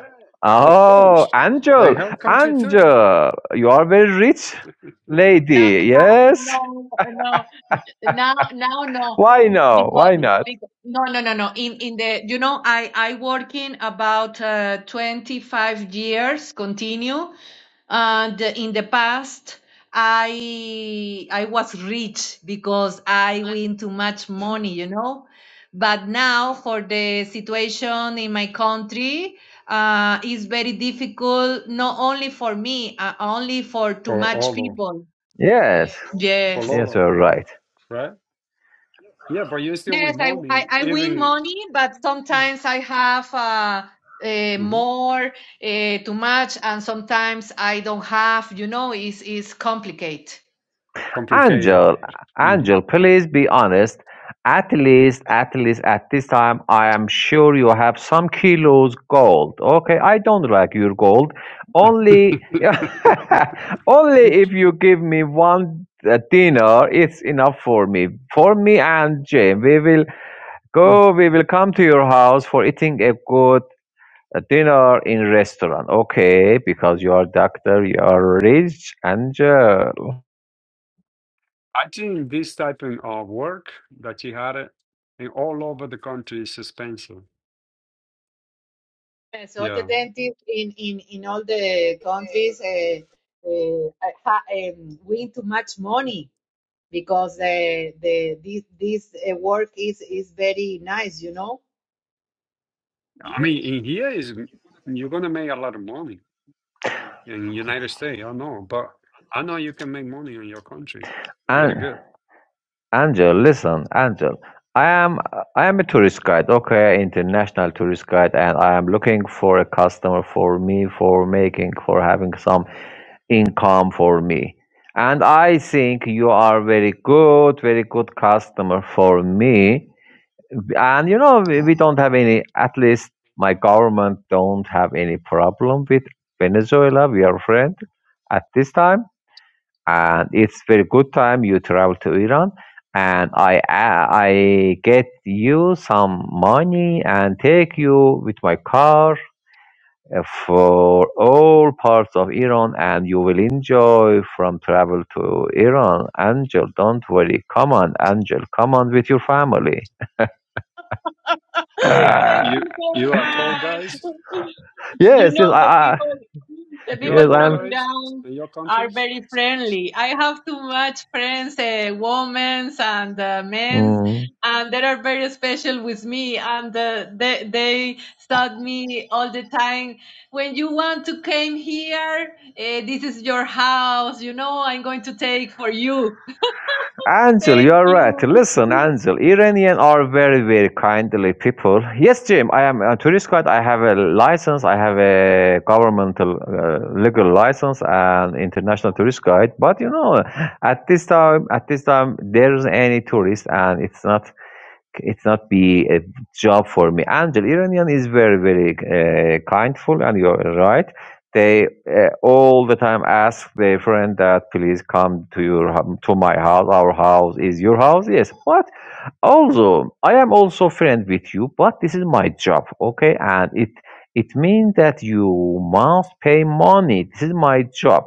of Oh, course. Angel, And her country too. Angel, you are very rich No, lady, yes? no, no, no. Now, now, no, Why no? because, Why not? because no, no, no, no. In in the you know, I I working about uh, 25 years continue, and in the past I I was rich because I win too much money, you know. But now for the situation in my country, uh, is very difficult. Not only for me, uh, only for too Or much Olo. people. Yes, Yes. yes, Pololo, you're right. right? Yeah, but you're still Yes, with I, I, money, I win even money, but sometimes I have uh, uh, Mhm. more uh, too much, and sometimes I don't have. You know, it's it's complicated. complicated. Angel, hmm Angel, please be honest. At least, at least at this time, I am sure you have some kilos gold. Okay, I don't like your gold. Only, only if you give me one uh, dinner, it's enough for me. For me and Jane, we will Mm. go. We will come to your house for eating a good uh, dinner in restaurant. Okay, because you are doctor, you are rich, Angel. I think this type of uh, work that she had it in all over the country is expensive. Yes, all the Yeah. dentists in, in, in all the countries uh, uh, ha, um, win too much money because the the this this uh, work is is very nice, you know. I mean, in here is you're gonna make a lot of money in United States. I know, but I know you can make money in your country. Very and. good. Angel, listen, Angel. I am I am a tourist guide, okay, international tourist guide, and I am looking for a customer for me for making for having some income for me. And I think you are very good, very good customer for me. And you know we, we don't have any. At least my government don't have any problem with Venezuela. We are friend at this time and it's very good time you travel to Iran and I I get you some money and take you with my car uh, for all parts of Iran and you will enjoy from travel to Iran Angel don't worry come on Angel come on with your family Thank You you you so are tall guys. much. You yes yes I, know, right? the I people, the You are yes people tall from I'm guys Iran in your are country. very friendly. I have too much friends, uh, women's and uh, men's, Mm. and they are very special with me. And uh, they they taught me all the time. When you want to came here, uh, this is your house. You know, I'm going to take for you. Angel, Thank you're right. you. Listen, Angel, Iranian are very, very kindly people. Yes, Jim, I am a tourist guide. I have a license. I have a governmental uh, legal license and international tourist guide. But you know, at this time, at this time, there's any tourist, and it's not it's not be a job for me. Angel Iranian is very very uh, kindful, and you're right. They uh, all the time ask their friend that please come to your hou- to my house. Our house is your house. Yes, but also I am also friend with you. But this is my job, okay? And it it means that you must pay money. This is my job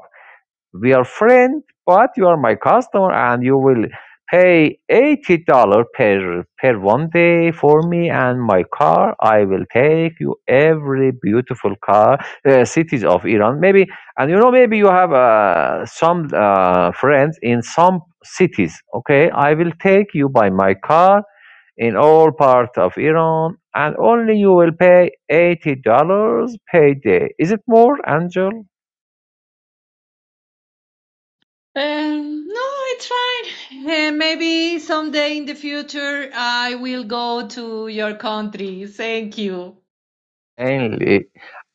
we are friends, but you are my customer and you will pay eighty dollar per per one day for me and my car. I will take you every beautiful car uh, cities of Iran. Maybe and you know maybe you have uh, some uh, friends in some cities. Okay, I will take you by my car in all parts of Iran and only you will pay eighty dollars per day. Is it more, Angel? Um, no, it's fine. Eh, maybe someday in the future I will go to your country. Thank you. Mainly,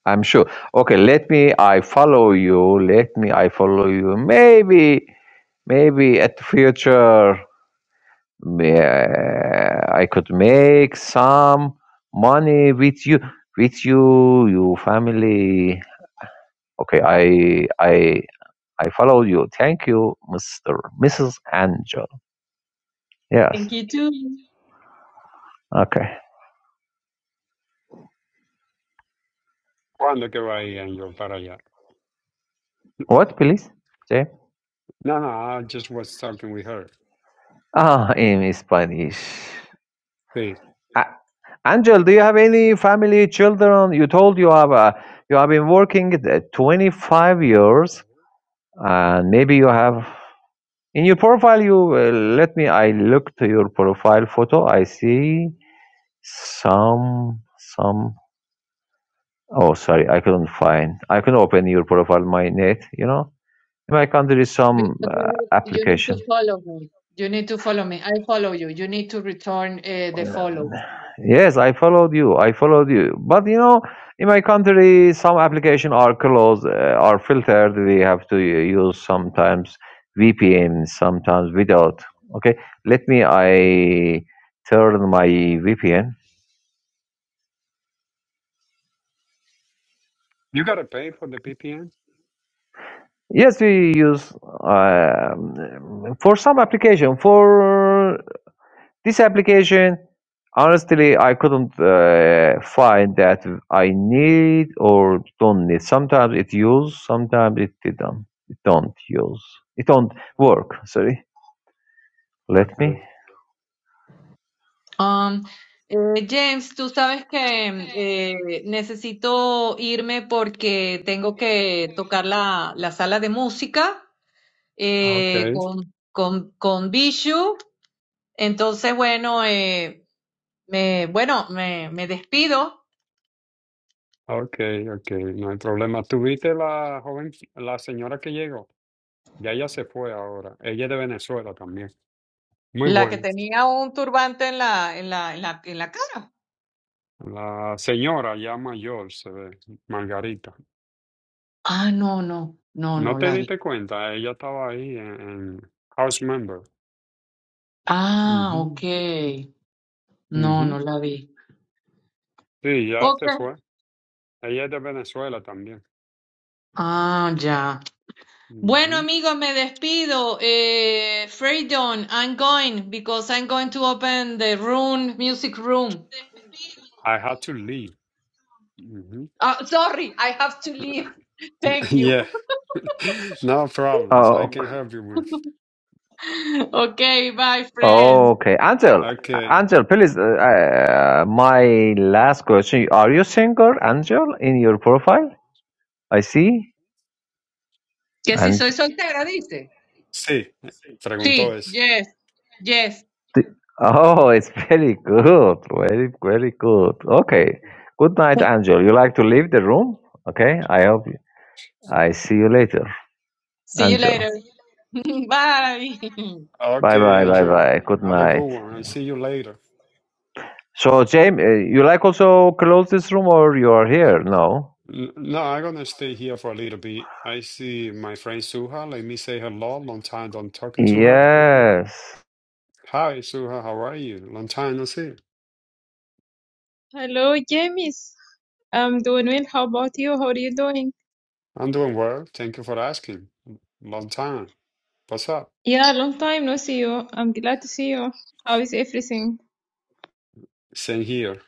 I'm sure. Okay, let me. I follow you. Let me. I follow you. Maybe, maybe at the future, may- I could make some money with you, with you, your family. Okay, I, I, I follow you. Thank you, Mister, Mrs. Angel. Yes. Thank you too. Okay. Cuando que va ahí en your para allá? What, please? Say. No, no. I just was talking with her. Ah, in Spanish. See, Ah, Angel, do you have any family, children? You told you have uh, you have been working uh, 25 years, and maybe you have in your profile. You uh, let me. I look to your profile photo. I see some some. Oh, sorry, I couldn't find. I couldn't open your profile. My net, you know, in my country is some Because you uh, need, you need application. to follow me. You need to follow me. I follow you. You need to return eh, the follow. Yes, I followed you. I followed you. But you know, in my country, some application are closed, uh, are filtered. We have to use sometimes VPN, sometimes without. Okay, let me. I turn my VPN. you gotta pay for the PPN. Yes, we use um, for some application for This application, honestly, I couldn't uh, find that I need or don't need. Sometimes it use, sometimes it didn't. It don't use. It don't work. Sorry. Let me. Okay, Um, eh, James, tú sabes que eh, necesito irme porque tengo que tocar la, la sala de música eh, okay, con, con, con Bijou. Entonces, bueno, eh, me, bueno, me, me despido. okay, okay, no hay problema. ¿Tú viste la joven, la señora que llegó? Ya ella se fue ahora. Ella es de Venezuela también. Muy La que buena. tenía un turbante en la, en la, en la, en la cara. La señora ya mayor, se ve, Margarita. Ah, no, no, no, ¿No no te la vi. diste cuenta? Ella estaba ahí en, en House Member. Ah, ok. Ujú, No, ujú. no la vi. Sí, ya Ok. se fue. Ella es de Venezuela también. Ah, ya. Bueno, Ujú. amigos, me despido. Eh, Freedom, I'm going because I'm going to open the room, music room. I had to leave. Ujú. Ah, sorry, I have to leave. Thank you. Yeah, no problems. I Oh, can help you with. Okay, bye, friends. okay. Angel, Ah, Okay. Angel, please. Uh, uh, my last question. Are you single, Angel, in your profile? I see. Que si soy soltera, dice. Sí, eh, preguntó See, es. yes, yes. Th- Oh, it's very good. Very, very good. Okay. Good night, Angel. You like to leave the room? Okay. I hope you- I see you later, See you Angel. later. Bye. Bye, Okay, bye, bye, Angel, bye. Good have a good night. one and see you later. So, James, uh, you like also close this room or you are here? No. N- No, I'm gonna stay here for a little bit. I see my friend Suha. Let me say hello. Long time don't talking to her. Yes. Hi, Suha, how are you? Long time no see. Hello, James. I'm doing well. How about you? How are you doing? I'm doing well. Thank you for asking. Long time. What's up? Yeah, long time no see you. I'm glad to see you. How is everything? Same here.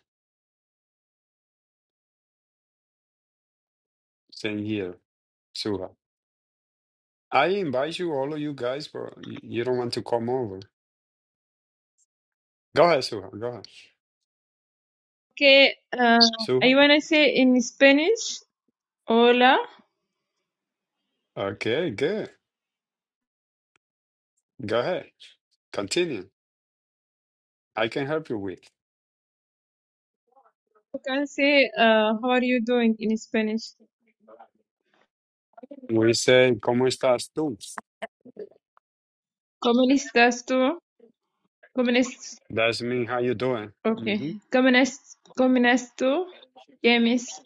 Same here, Suha. I invite you, all of you guys, but y- you don't want to come over. Go ahead, Suha. Go ahead. Okay, uh, I Suha? wanna say in Spanish, hola. Okay, good. Go ahead. Continue. I can help you with. You can say, uh, how are you doing in Spanish? We say, ¿Cómo estás tú? ¿Cómo estás tú? ¿Cómo es- That's mean how you doing. Okay. hmm ¿Cómo es- cómo estás tú, James?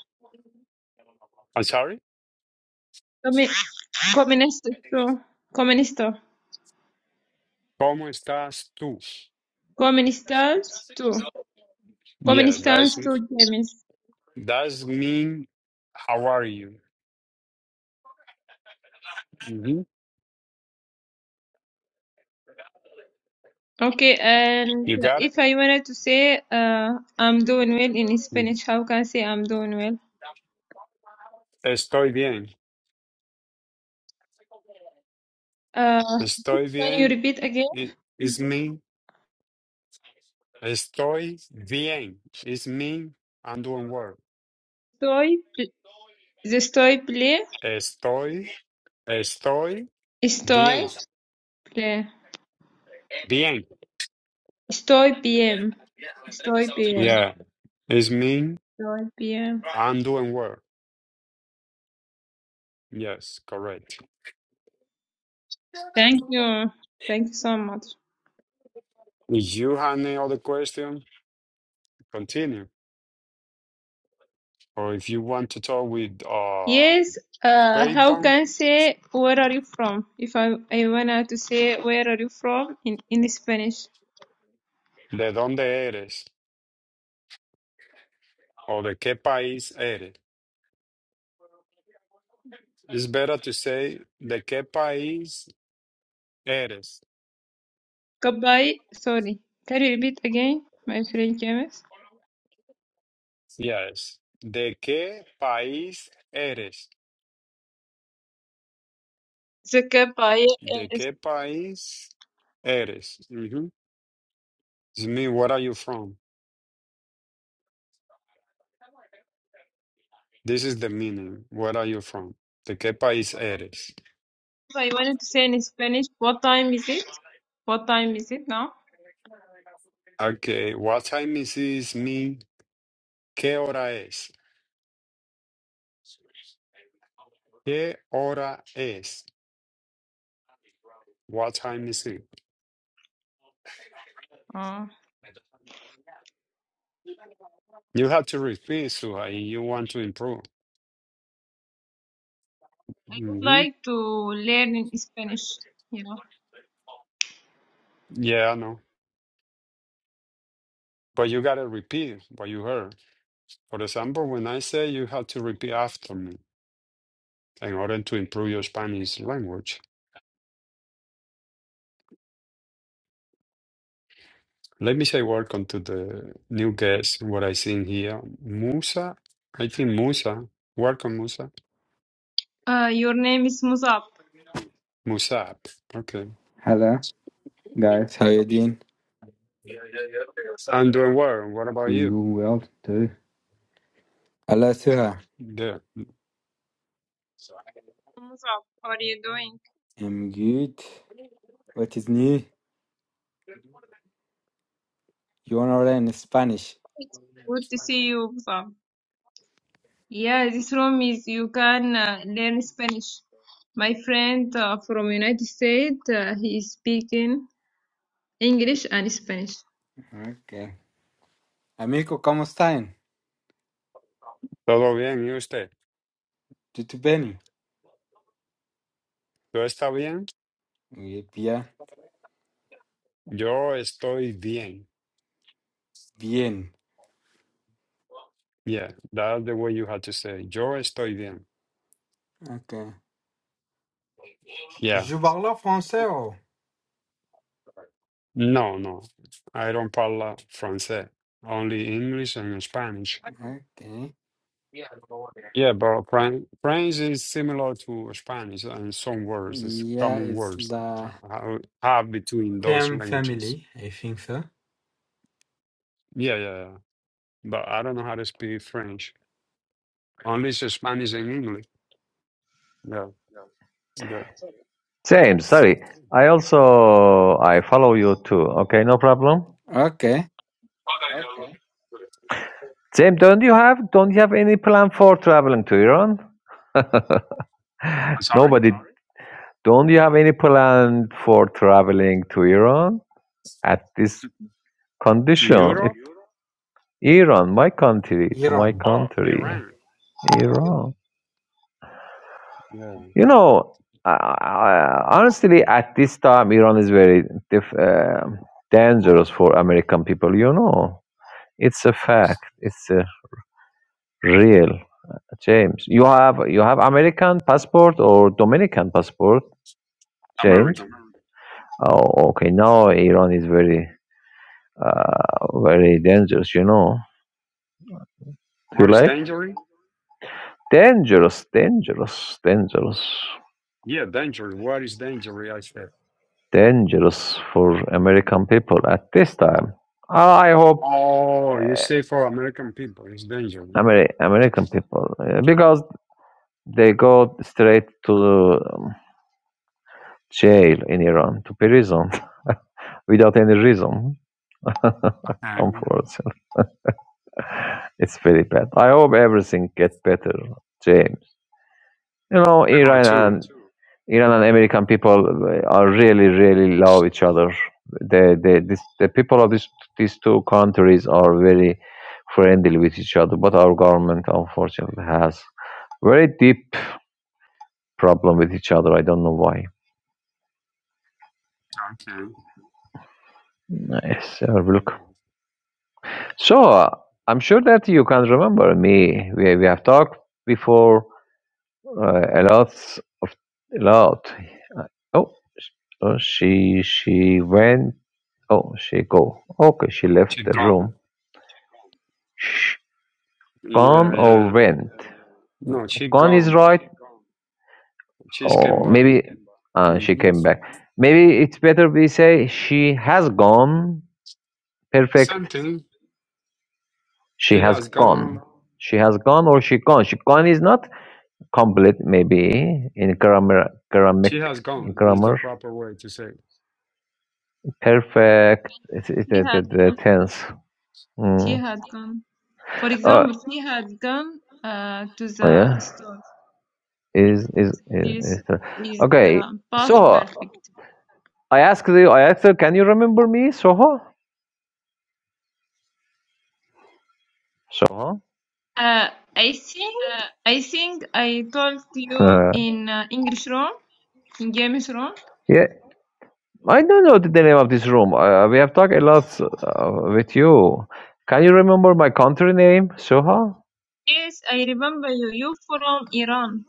I'm sorry? ¿Cómo cómo estás tú? ¿Cómo estás? ¿Cómo estás tú? ¿Cómo estás tú? ¿Cómo Yeah, that's estás tú, James? that's mean how are you? hmm Okay, and You got it? if I wanted to say uh, I'm doing well in Mhm. Spanish, how can I say I'm doing well? Estoy bien. Uh, Estoy can you bien. repeat again? It, it's mean. Estoy bien. It's mean I'm doing well. Estoy, pl- the estoy play, Estoy, estoy bien. estoy play, Bien. estoy PM, estoy PM, Yeah, it's mean estoy PM. I'm doing well. Yes, correct. Thank you, thank you so much. If you have any other question, continue. Or if you want to talk with uh Yes, uh, how Freydon, can I say where are you from? If I, I wanted to say where are you from in, in Spanish? de donde eres? Or de qué país eres? It's better to say de qué país eres. Goodbye, sorry. Can you repeat again, my friend James? Yes. De qué país eres? It's okay, Pai. Uh, De it's- qué país eres? hmm It's mean, where are you from? This is the meaning. Where are you from? ¿De qué país eres? I wanted to say in Spanish, what time is it? What time is it now? Okay. What time is this mean? ¿Qué hora es? ¿Qué hora es? What time is it? Uh, You have to repeat, Suhai. You want to improve. would hmm like to learn in Spanish. Yeah. Yeah, I know. But you got to repeat what you heard. For example, when I say you have to repeat after me in order to improve your Spanish language. Let me say welcome to the new guest, what I see here. Musa, I think Musa. Welcome, Musa. Uh, your name is Musab. Musab. Okay. Hello, guys. How you doing? I'm doing well. What about I'm you? doing well too. Hello, Suha. Yeah. Musab, how are you doing? I'm good. What is new? You wanna learn Spanish? It's good to see you, Musab. Yeah, this room is you can uh, learn Spanish. My friend uh, from United States, uh, he is speaking English and Spanish. Okay. Amigo, ¿cómo están? Todo bien, ¿y usted? ¿Todo bien? ¿Todo está bien? Oui, bien. Yo estoy bien. Bien. Yeah, that's the way you had to say. Yo estoy bien. Okay. Yeah. Je parle français. Oh. No, no. I don't parla francés. Only English and Spanish. Okay. Yeah, but Fran French is similar to Spanish, and some words is Yeah, common it's words uh, the... how- have between those Same languages. family, I think so. Yeah, yeah, yeah. But I don't know how to speak French. Only s- Spanish and English. Yeah, yeah. James, sorry. I also I follow you too. Okay, no problem. Okay. James, don't you have don't you have any plan for traveling to Iran? I'm sorry? Nobody Don't you have any plan for traveling to Iran at this To, to condition? It, Europe? Iran, my country, to my Iran. Oh, country, Iran. Okay. Iran. Yeah. You know, uh, honestly, at this time, Iran is very dif- uh, dangerous for American people. You know, it's a fact. It's a real. James, you have you have American passport or Dominican passport, James? American. Oh, okay. Now Iran is very Uh, very dangerous, you know. Do What you is like? dangerous? Dangerous, dangerous, dangerous, Yeah, dangerous. What is dangerous? I said. dangerous for American people at this time. I hope Oh, you say for American people, it's dangerous. Ameri- American people, uh, because they go straight to um, jail in Iran, to prison, without any reason. Okay. Unfortunately, it's very bad. I hope everything get better, James. You know, I hope Iran too. and Iran and American people uh, are really, really love each other. The the this, the people of these these two countries are very friendly with each other. But our government, unfortunately, has very deep problem with each other. I don't know why. Okay. Nice. Have a look. So uh, I'm sure that you can remember me. We we have talked before uh, a lot, a lot. Oh, oh, uh, she she went. Oh, she go. Okay, she She left the room. gone. gone Yeah, or yeah. went. No, she Gone is gone. right, She's came or back. maybe uh, hmm she came back. Maybe it's better we say she has gone. Perfect. Something. She She has has gone. gone. She has gone or she gone. She gone is not complete. Maybe in grammar, grammar, She has gone is the grammar. proper way to say. Perfect. It's, it's She the, had the, the tense. she Mm. had gone. For Uh, example, she had gone uh, to the yeah. store Is is is, this is the, is okay. the past Soho, perfect. I asked you. I asked her, can you remember me, Soho? Soho. Uh, I think I think I told you Uh, in uh, English room, in James room. yeah, I don't know the name of this room. Uh, we have talked a lot uh, with you. Can you remember my country name, Soha? Yes, I remember you. You from Iran,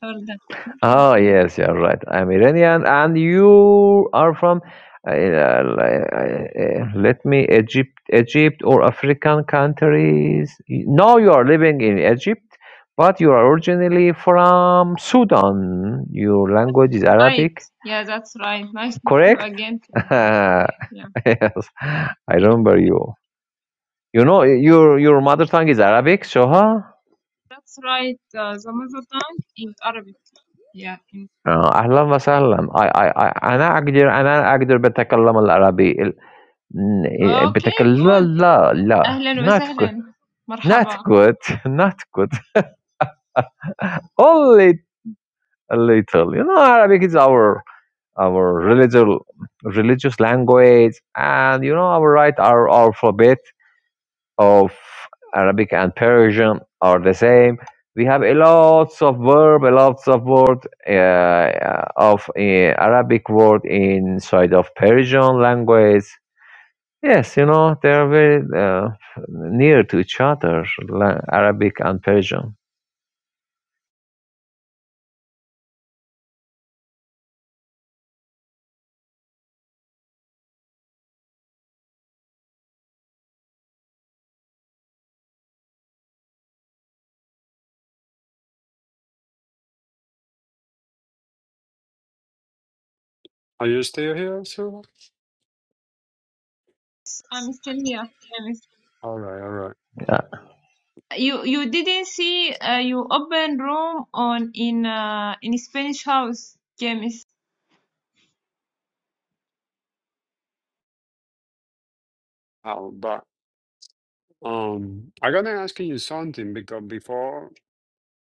Jordan. Ah, yes, you're right. I'm Iranian, and you are from. Uh, uh, li- uh, let me Egypt, Egypt or African countries. Now you are living in Egypt, but you are originally from Sudan. Your language is Right. Arabic, Yeah, that's right. Nice to meet you correct? again. Jordan. yes, Yeah. I I remember remember. you. You know, your your mother tongue is Arabic سهى That's right. Uh, the mother tongue is Arabic. Yeah. in- آه، أهلا وسهلا I, I, I, أنا أقدر أنا أقدر بتكلم العربي ال- ن- Okay, بتكلم لا good. لا لا أهلا not good وسهلا. not مرحبا. good not good only a little you know Arabic is our our religious religious language and you know our right our alphabet of Arabic and Persian are the same. We have a lots of verb, a lots of word uh, of uh, Arabic word inside of Persian language. Yes, you know they are very uh, near to each other, la- Arabic and Persian. Are you still here, Silva? I'm Stenia. All right, all right. You you didn't see uh, you open room on in uh, in Spanish house, James. Oh, but um, I gotta ask you something because before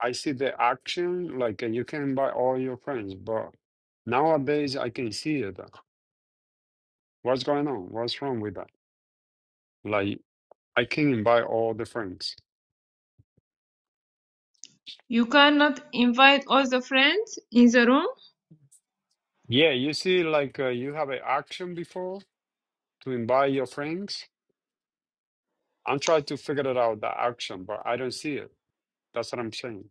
I see the action, like and you can invite all your friends, but nowadays I can see it. What's going on? What's wrong with that? Like I can invite all the friends. You cannot invite all the friends in the room. Yeah, you see, like uh, you have an action before. to invite your friends? I'm trying to figure it out, the action, but I don't see it. That's what I'm saying.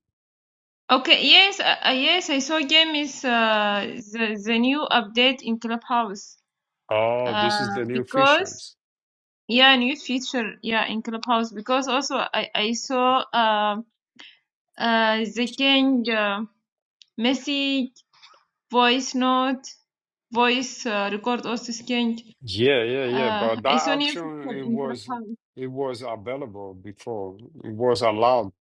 Okay, yes, uh, uh, yes, I saw James uh, the the new update in Clubhouse. Oh, this is Uh, the new because features. yeah, new feature yeah in Clubhouse because also I I saw uh, uh they change uh, message voice note voice uh, record also change. Yeah, yeah, yeah. Uh, But it's that only if it's action, an it was interface. it was available before. It was allowed.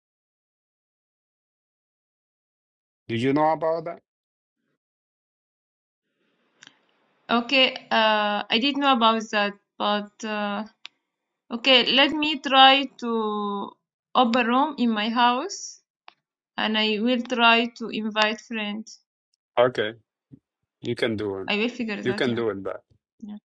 Do you know about that? Okay, uh, I didn't know about that, but uh, okay, let me try to open room in my house, and I will try to invite friends. Okay, you can do it. I will figure You that can out. do it. That. Yeah.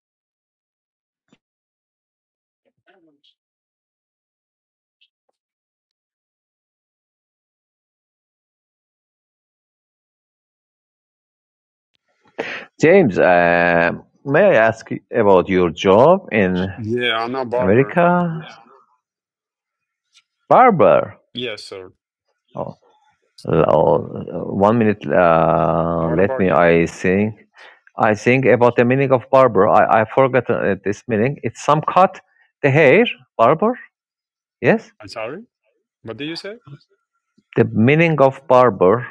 James, uh, may I ask about your job in Yeah, I'm a barber. America? Barber. Yes, sir. Oh, oh, one minute. Uh, What let about me. you? I think. I think about the meaning of barber. I I forgot uh, this meaning. It's some cut the hair. Barber. Yes. I'm sorry. What did you say? The meaning of barber.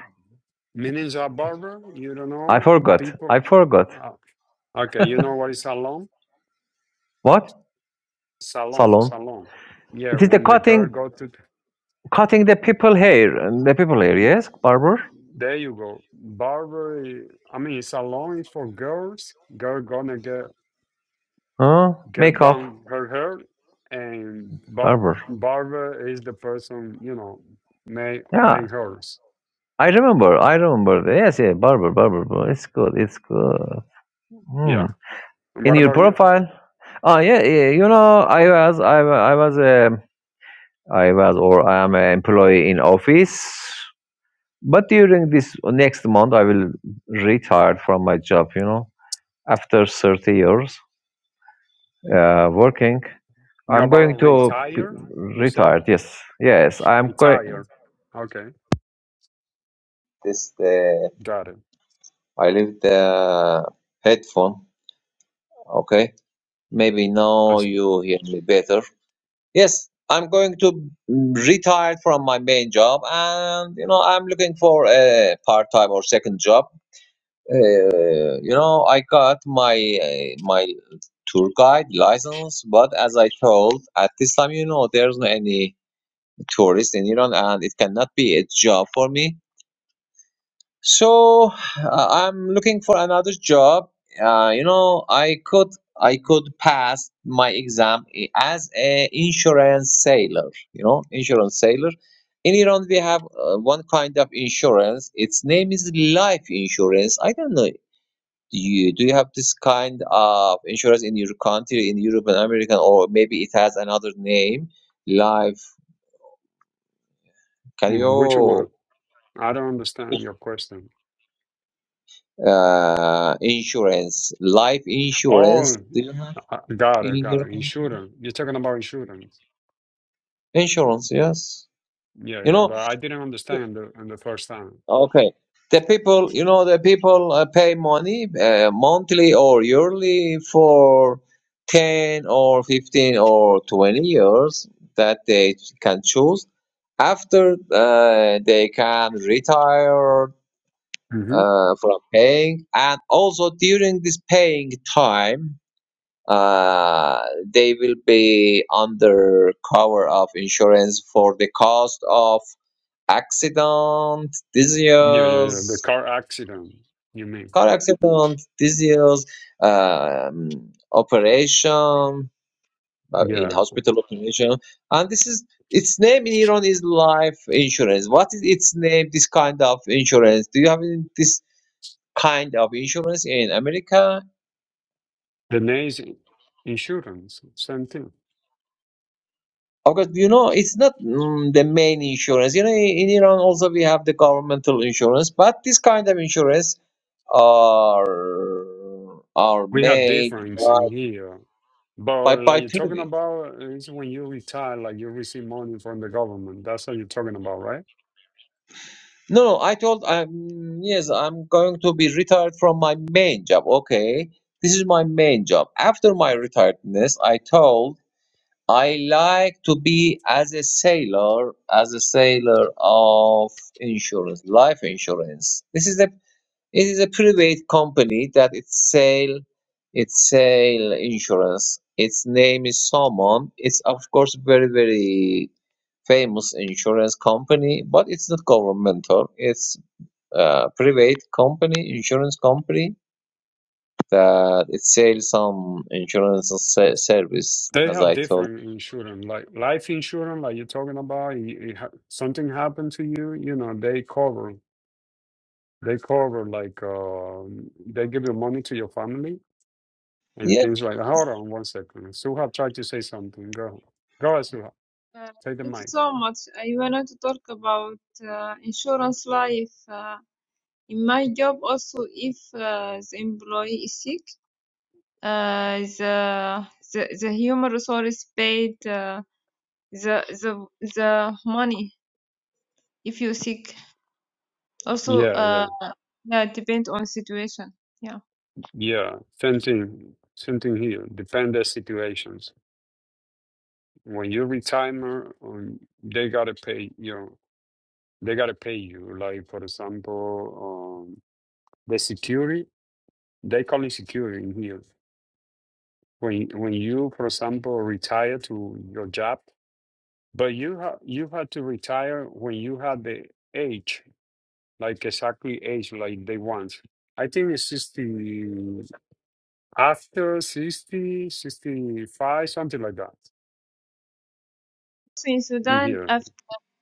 Meaning a barber? You don't I know forgot. people? I forgot. Uh, okay, you know what is salon? What salon, salon? salon. Yeah, It is the when the girl cutting go to, cutting the people hair. The people hair. Yes. Barber. there you go. Barber, i- I mean, salon is for girls. Girl gonna get Huh? get Makeup. done her hair, and bar Barber. barber is the person you know, make Yeah, make hers. I remember. I remember. Yes, yeah, Barber, Barber, bro. It's good. It's good. Hmm. Yeah. And In what your about you? profile. ah, yeah, yeah. You know, I was, I, wa- I was, um I was, or I am an employee in office. But during this next month, I will retire from my job. You know, after thirty years uh, working, You I'm going about to be retire? You said retired. Yes, yes. I'm going. retire. Okay, This the got it. I leave the headphone. Okay. Maybe I now s- you hear me better. Yes, I'm going to retire from my main job, and you know I'm looking for a part-time or second job. Uh, you know I got my uh, my tour guide license, but as I told at this time, you know there's no any tourist in Iran, and it cannot be a job for me. So uh, I'm looking for another job. Uh, you know, I could I could pass my exam i- as a insurance sailor. You know, insurance sailor. In Iran, we have uh, one kind of insurance. Its name is life insurance. I don't know. Do you do you have this kind of insurance in your country, in Europe and American, or maybe it has another name? Life. Can which you one? I don't understand your question. uh, insurance? Life insurance. Oh, Do you have? uh, got it, got it. Insurance. You're talking about insurance. Insurance, yes. Yeah, You yeah. know, But I didn't understand the on the first time. okay. The people, you know, the people uh, pay money uh, monthly or yearly for 10 or 15 or 20 years that they can choose. After uh, they can retire Mm-hmm. uh, from paying, and also during this paying time, uh, they will be under cover of insurance for the cost of accident, Yeah, yeah, yeah. The disease, car accident, you mean? car accident, disease, um, operation, uh, in Yeah. hospital operation. And this is its name in Iran is life insurance. What is its name, this kind of insurance? Do you have in- this kind of insurance in America? The names insurance, same thing. Of course, you know, it's not mm, the main insurance. You know, in in Iran also we have the governmental insurance, but this kind of insurance are are We have made difference in here. by But like by you're talking Tuesday. about is when you retire, like you receive money from the government. That's what you're talking about, right? No, no, I told I'm yes, I'm going to be retired from my main job. Okay. This is my main job. After my retiredness, I told I like to be as a sailor, as a sailor of insurance, life insurance. This is a it is a private company that it sail it sail insurance. Its name is Salmon. It's of course very very famous insurance company, but it's not governmental. It's a private company, insurance company that it sells some insurance se- service, They as have I told. different insurance, like life insurance, like you're talking about. You, you ha- something happened to you, you know, they cover. They cover like um they give you money to your family and Yeah, things like Hold on one second. Suha tried to say something. Go. Go ahead, Suha. Uh, Take the thank you mic. so much. I wanted to talk about uh, insurance life. Uh, in my job, also, if uh, the employee is sick, uh, the, the the human resource paid. Uh, the the the money if you seek also Yeah, uh yeah. yeah it depends on situation yeah Yeah. Same thing. Same thing here. Depend the situations. When you retire, um, they gotta pay you they gotta pay you. Like for example, um the security, they call it security in here. When when you, for example, retire to your job But you ha you had to retire when you had the age, like exactly age like they want. I think it's 60, after 60, 65 something like that so in in Sudan here. after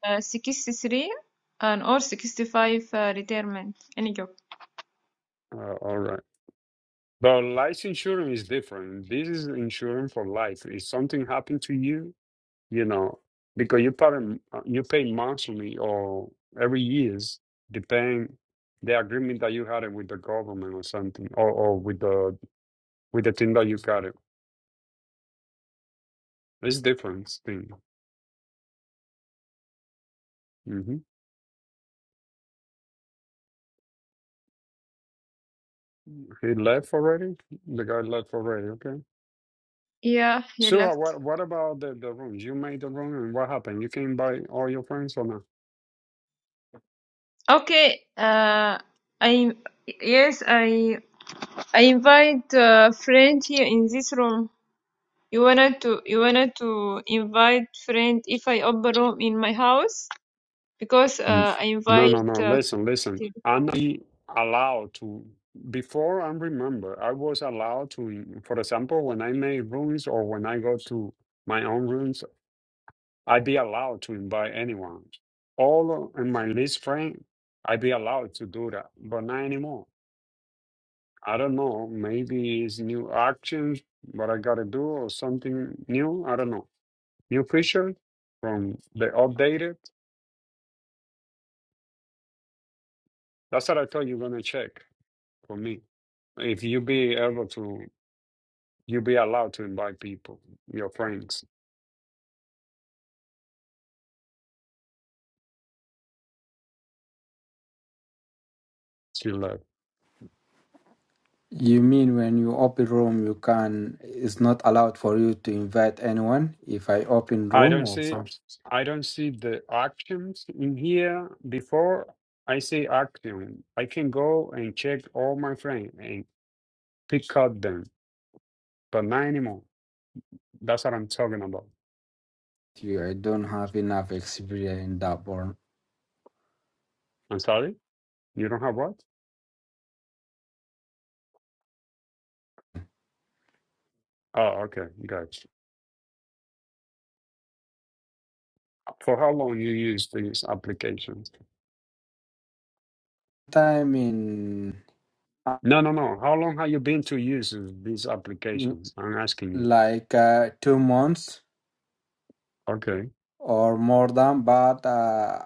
uh, 63 and or 65 uh, retirement any job Uh, all right. But life insurance is different. This is insurance for life. If something happened to you, you know, because you pay, uh, you pay monthly or every years, depending the agreement that you had with the government or something, or, or with the with the team that you got it. It's different thing. hmm He left already. The guy left already. Okay. yeah he So uh, left what what about the the rooms? You made the room, and what happened? You can invite all your friends or not? okay uh I yes I I invite uh, friend here in this room you wanted to you wanted to invite friend if I open room in my house because Mm. uh, I No, no, invite. no. Uh, Listen, listen. to- I'm not be allowed to. Before I remember, I was allowed to. in- For example, when I made rooms or when I go to my own rooms, I be allowed to invite anyone. All of and my least friend, I be allowed to do that, but not anymore. I don't know. Maybe it's new actions, what I gotta do, or something new. I don't know. New feature from the updated. That's what I thought you're gonna check for me. If you be able to, you be allowed to invite people, your friends, to love. You mean when you open room, you can... It's not allowed for you to invite anyone if I open I room don't or see, something? I don't see the actions in here. Before I see action, I can go and check all my friends and pick out them, but not anymore. That's what I'm talking about. you. I don't have enough experience in that one. I'm sorry. You don't have what? Oh, okay, got you. For how long you use these applications? Time in uh, No, no, no. How long have you been to use this application? I'm asking you. like uh, two months Okay, or more than, but uh,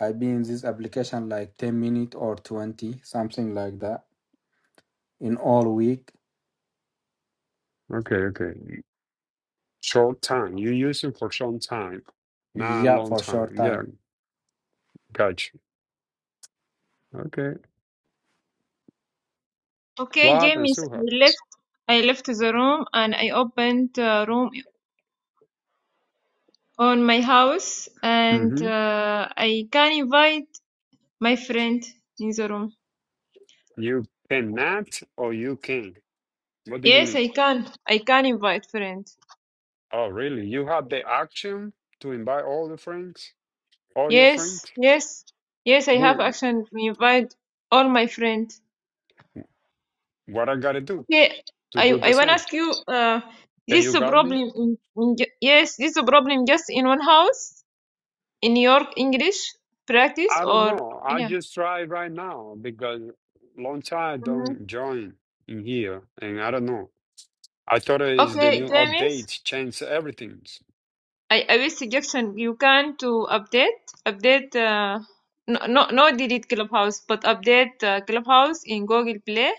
I've been in this application like 10 minutes or 20, something like that, in all week. okay, okay. Short time. You use it for some time, not a Yeah, long for time. short time. Yeah, got you. Okay. okay, Rob and James, Suha. I left. I left the room and I opened uh, room on my house, and Mm-hmm. uh, I can invite my friend in the room. You cannot or you can. What do you Yes, mean? I can. I can invite friend. Oh, really? You have the action to invite all the friends, all your friends? Yes, yes, yes. I We, have action to invite all my friends. what I gotta do Okay, to I do the I wanna same? ask you. Uh, Can this is you a guard me? problem in, in ju- yes, this is a problem just in one house. in your English practice I don't or know. I yeah. just try right now because long time Mhm. don't join in here, and I don't know. I thought it is the Okay, new James, updates change everything. I, I will suggestion you can to update update uh, no, no no delete Clubhouse but update uh, Clubhouse in Google Play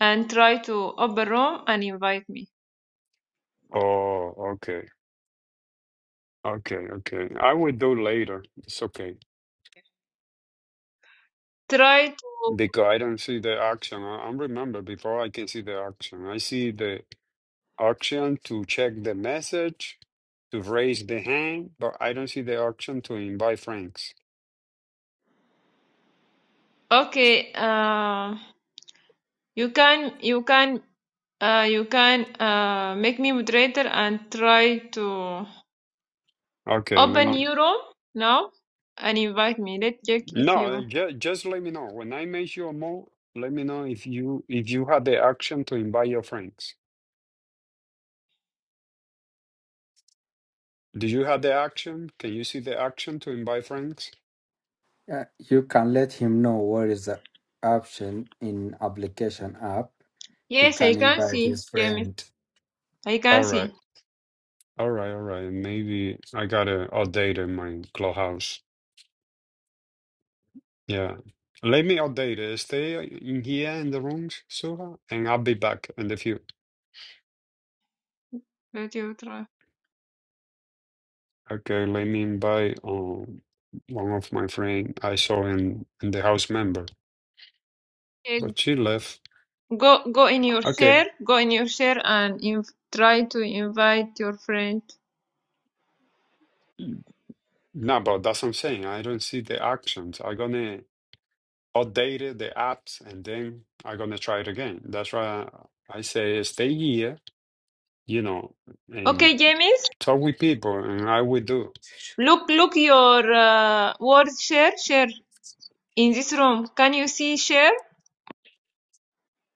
and try to open room and invite me. Oh, okay, okay, okay. I will do later. It's okay Try to because I don't see the action. I, I remember before I can see the action. I see the action to check the message, to raise the hand, but I don't see the action to invite friends. okay. Uh, you can you can uh, you can uh, make me moderator and try to Okay, let open me. your room now and invite me. Let's check if No, uh, you. ju- just let me know. When I make you a move. let me know if you if you had the action to invite your friends. Do you have the action? Can you see the action to invite friends? Yeah, you can let him know what is the option in application app. He Yes, I can can invite see, his James. friend. I can All right. see. All right, all right. Maybe I gotta update in my clubhouse. Yeah. Let me update it. Stay in here in the rooms, Suha, and I'll be back in the few. Let you try. Okay, let me invite um one of my friend I saw in in the house member, Yes. but she left. Go, go in your Okay. share. Go in your share and inv- try to invite your friend. No, but that's what I'm saying. I don't see the actions. I'm gonna update it, the apps and then I'm gonna try it again. That's why I say stay here, you know, and Okay, James. talk with people and I will do. Look, look your uh, word share. Share in this room. Can you see share?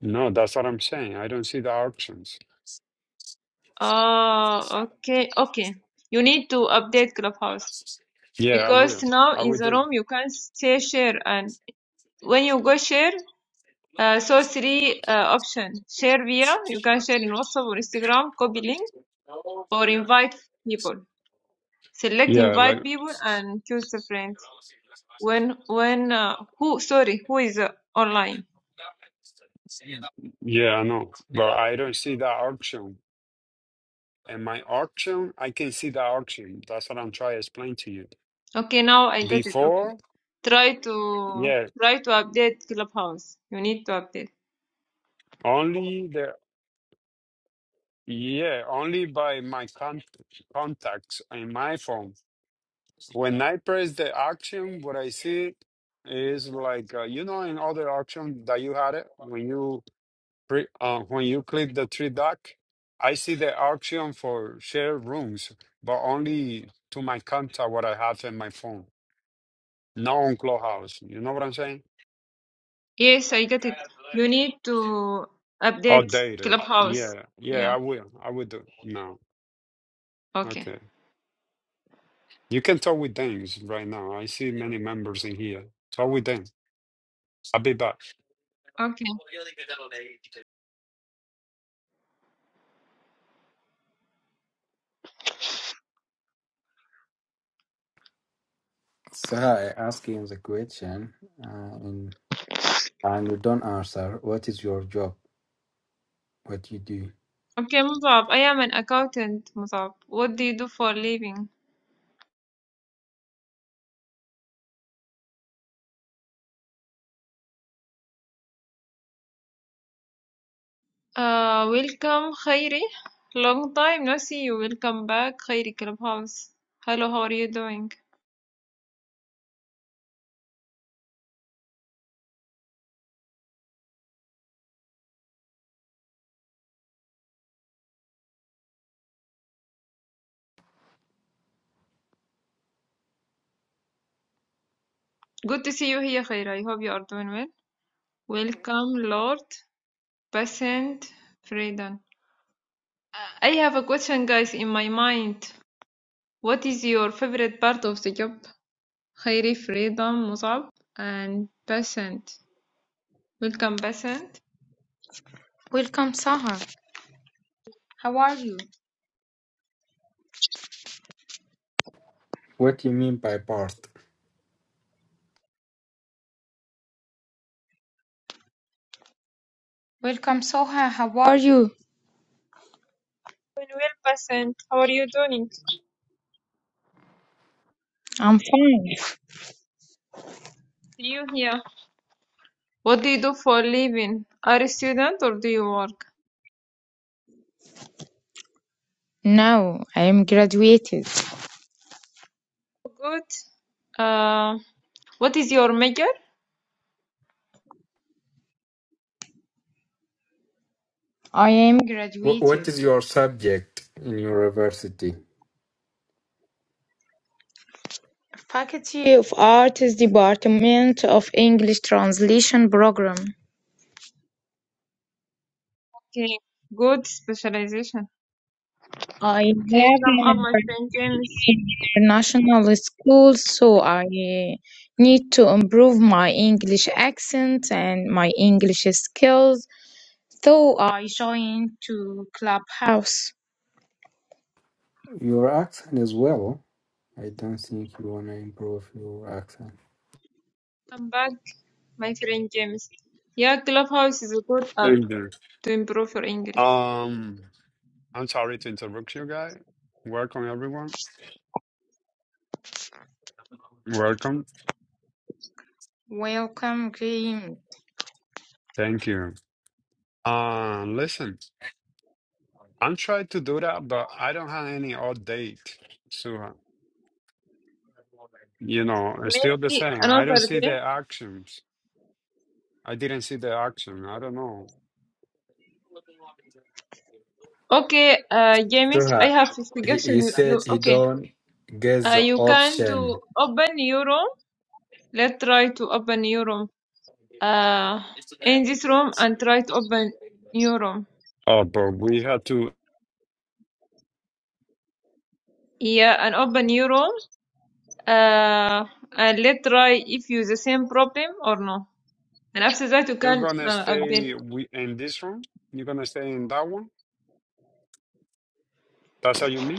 No, that's what I'm saying. I don't see the options. Uh, okay, okay. You need to update Clubhouse Yeah, I will. because now I in will the do. room you can say share and when you go share, uh, so three uh, option share via you can share in WhatsApp or Instagram, copy link or invite people. Select Yeah, like invite people and choose a friend. When when uh, who sorry who is uh, online? yeah, I know. But I don't see the option. And my option, I can see the option. That's what I'm trying to explain to you. Okay, now I got it. Okay. Before, Try to yeah, try to update Clubhouse. You need to update. only the Yeah, only by my con- contacts in my phone. When I press the auction, what I see is like uh, you know in other auction that you had it when you pre- uh, when you click the three dot, I see the auction for share rooms, but only to my contact what I have in my phone, not on Clubhouse. You know what I'm saying? Yes, I got it. You need to update Outdated. Clubhouse. Yeah, yeah, Yeah. I will, I will do now. Okay. Okay. You can talk with them right now. I see many members in here. Talk with them. I'll be back. Okay. So I asked him the question, uh, and And don't answer. What is your job? What you do? Okay, Musab, I am an accountant, Musab, What do you do for a living? Uh, welcome, Khairi. Long time no see you. Welcome back, Khairi Clubhouse. Hello, how are you doing? Good to see you here, Khairi. I hope you are doing well. Welcome, Lord, Patient, Freedom. I have a question, guys, in my mind. What is your favorite part of the job? Khairi, Freedom, Musab, and Patient. Welcome, Patient. Welcome, Saha. How are you? What you mean by part? Welcome, Soha. How are you? Doing well, Patient. How are you doing? I'm fine. See you here. What do you do for a living? Are you a student or do you work? Now I am graduated. Good. Uh, what is your major? I am Wh- What graduated. is your subject in university? Faculty of Arts Department of English Translation Program. Okay, good specialization. I Okay, have come up, an my friend James. international school, so I need to improve my English accent and my English skills. So I joined to Clubhouse. Your accent as well. I don't think you wanna improve your accent. Come back, my friend James. Yeah, Clubhouse is a good app Thank you. to improve your English. Um, I'm sorry to interrupt you guys. Welcome everyone. Welcome. Welcome, Graham. Thank you. Uh, listen, I'm trying to do that, but I don't have any update. So, uh, you know, it's still the Maybe same. I another don't see day. the actions. I didn't see the action. I don't know. Okay, uh, James, I Sir, have a he, suggestion. he You, you said he okay? don't get Uh, the you can to option. open your room. Let's try to open your room. Uh, in this room and try to open your room. Oh, but we have to. Yeah, and open your room. uh, and let's try if you the same problem or no. And after that, you You're can gonna uh, update. stay we, in this room? You're gonna stay in that one? That's how you mean?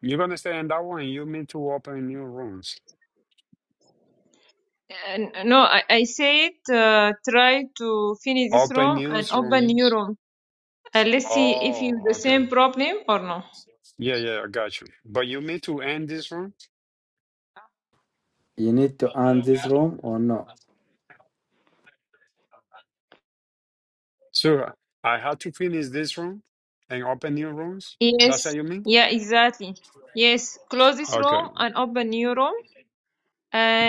You're gonna stay in that one. You mean to open new rooms. Uh, no, I, I said uh, try to finish this Open room and open newsroom. new room. Uh, let's see if you Oh, the okay. same problem or no. Yeah, yeah, I got you. But you mean to end this room? You need to end this room or no? So I had to finish this room and open new rooms? That's what Yes. you mean? Yeah, exactly. Yes. Close this Okay. room and open new room.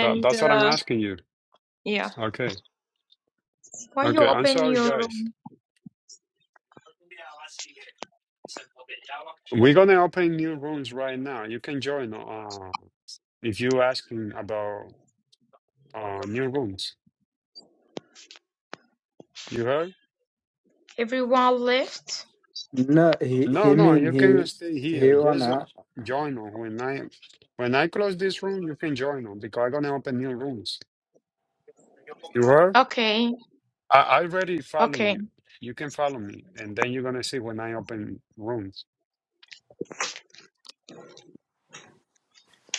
That, that's what I'm uh, asking you. yeah. Okay. Why you Okay. I'm open sorry, your guys. room? We're gonna open new rooms right now. You can join uh if you asking about uh new rooms. You heard? Everyone left? No, he he No, no, mean you can he stay he here. Just uh, wanna join on when I when I close this room, you can join on because I'm gonna open new rooms. You heard? Okay, I, I already follow okay. you. You can follow me, and then you're gonna see when I open rooms.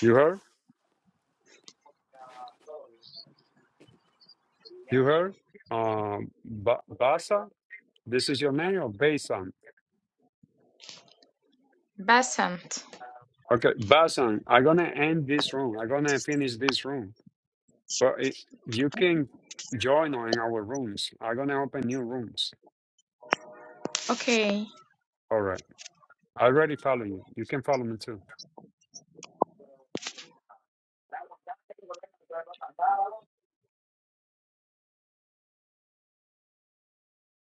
You heard? You heard? Um, ba Basa, this is your name or Basan? Basant. Okay, Basan, I'm gonna end this room. I'm gonna finish this room, but it, you can join on in our rooms. I'm gonna open new rooms. Okay. All right. I already follow you. You can follow me too.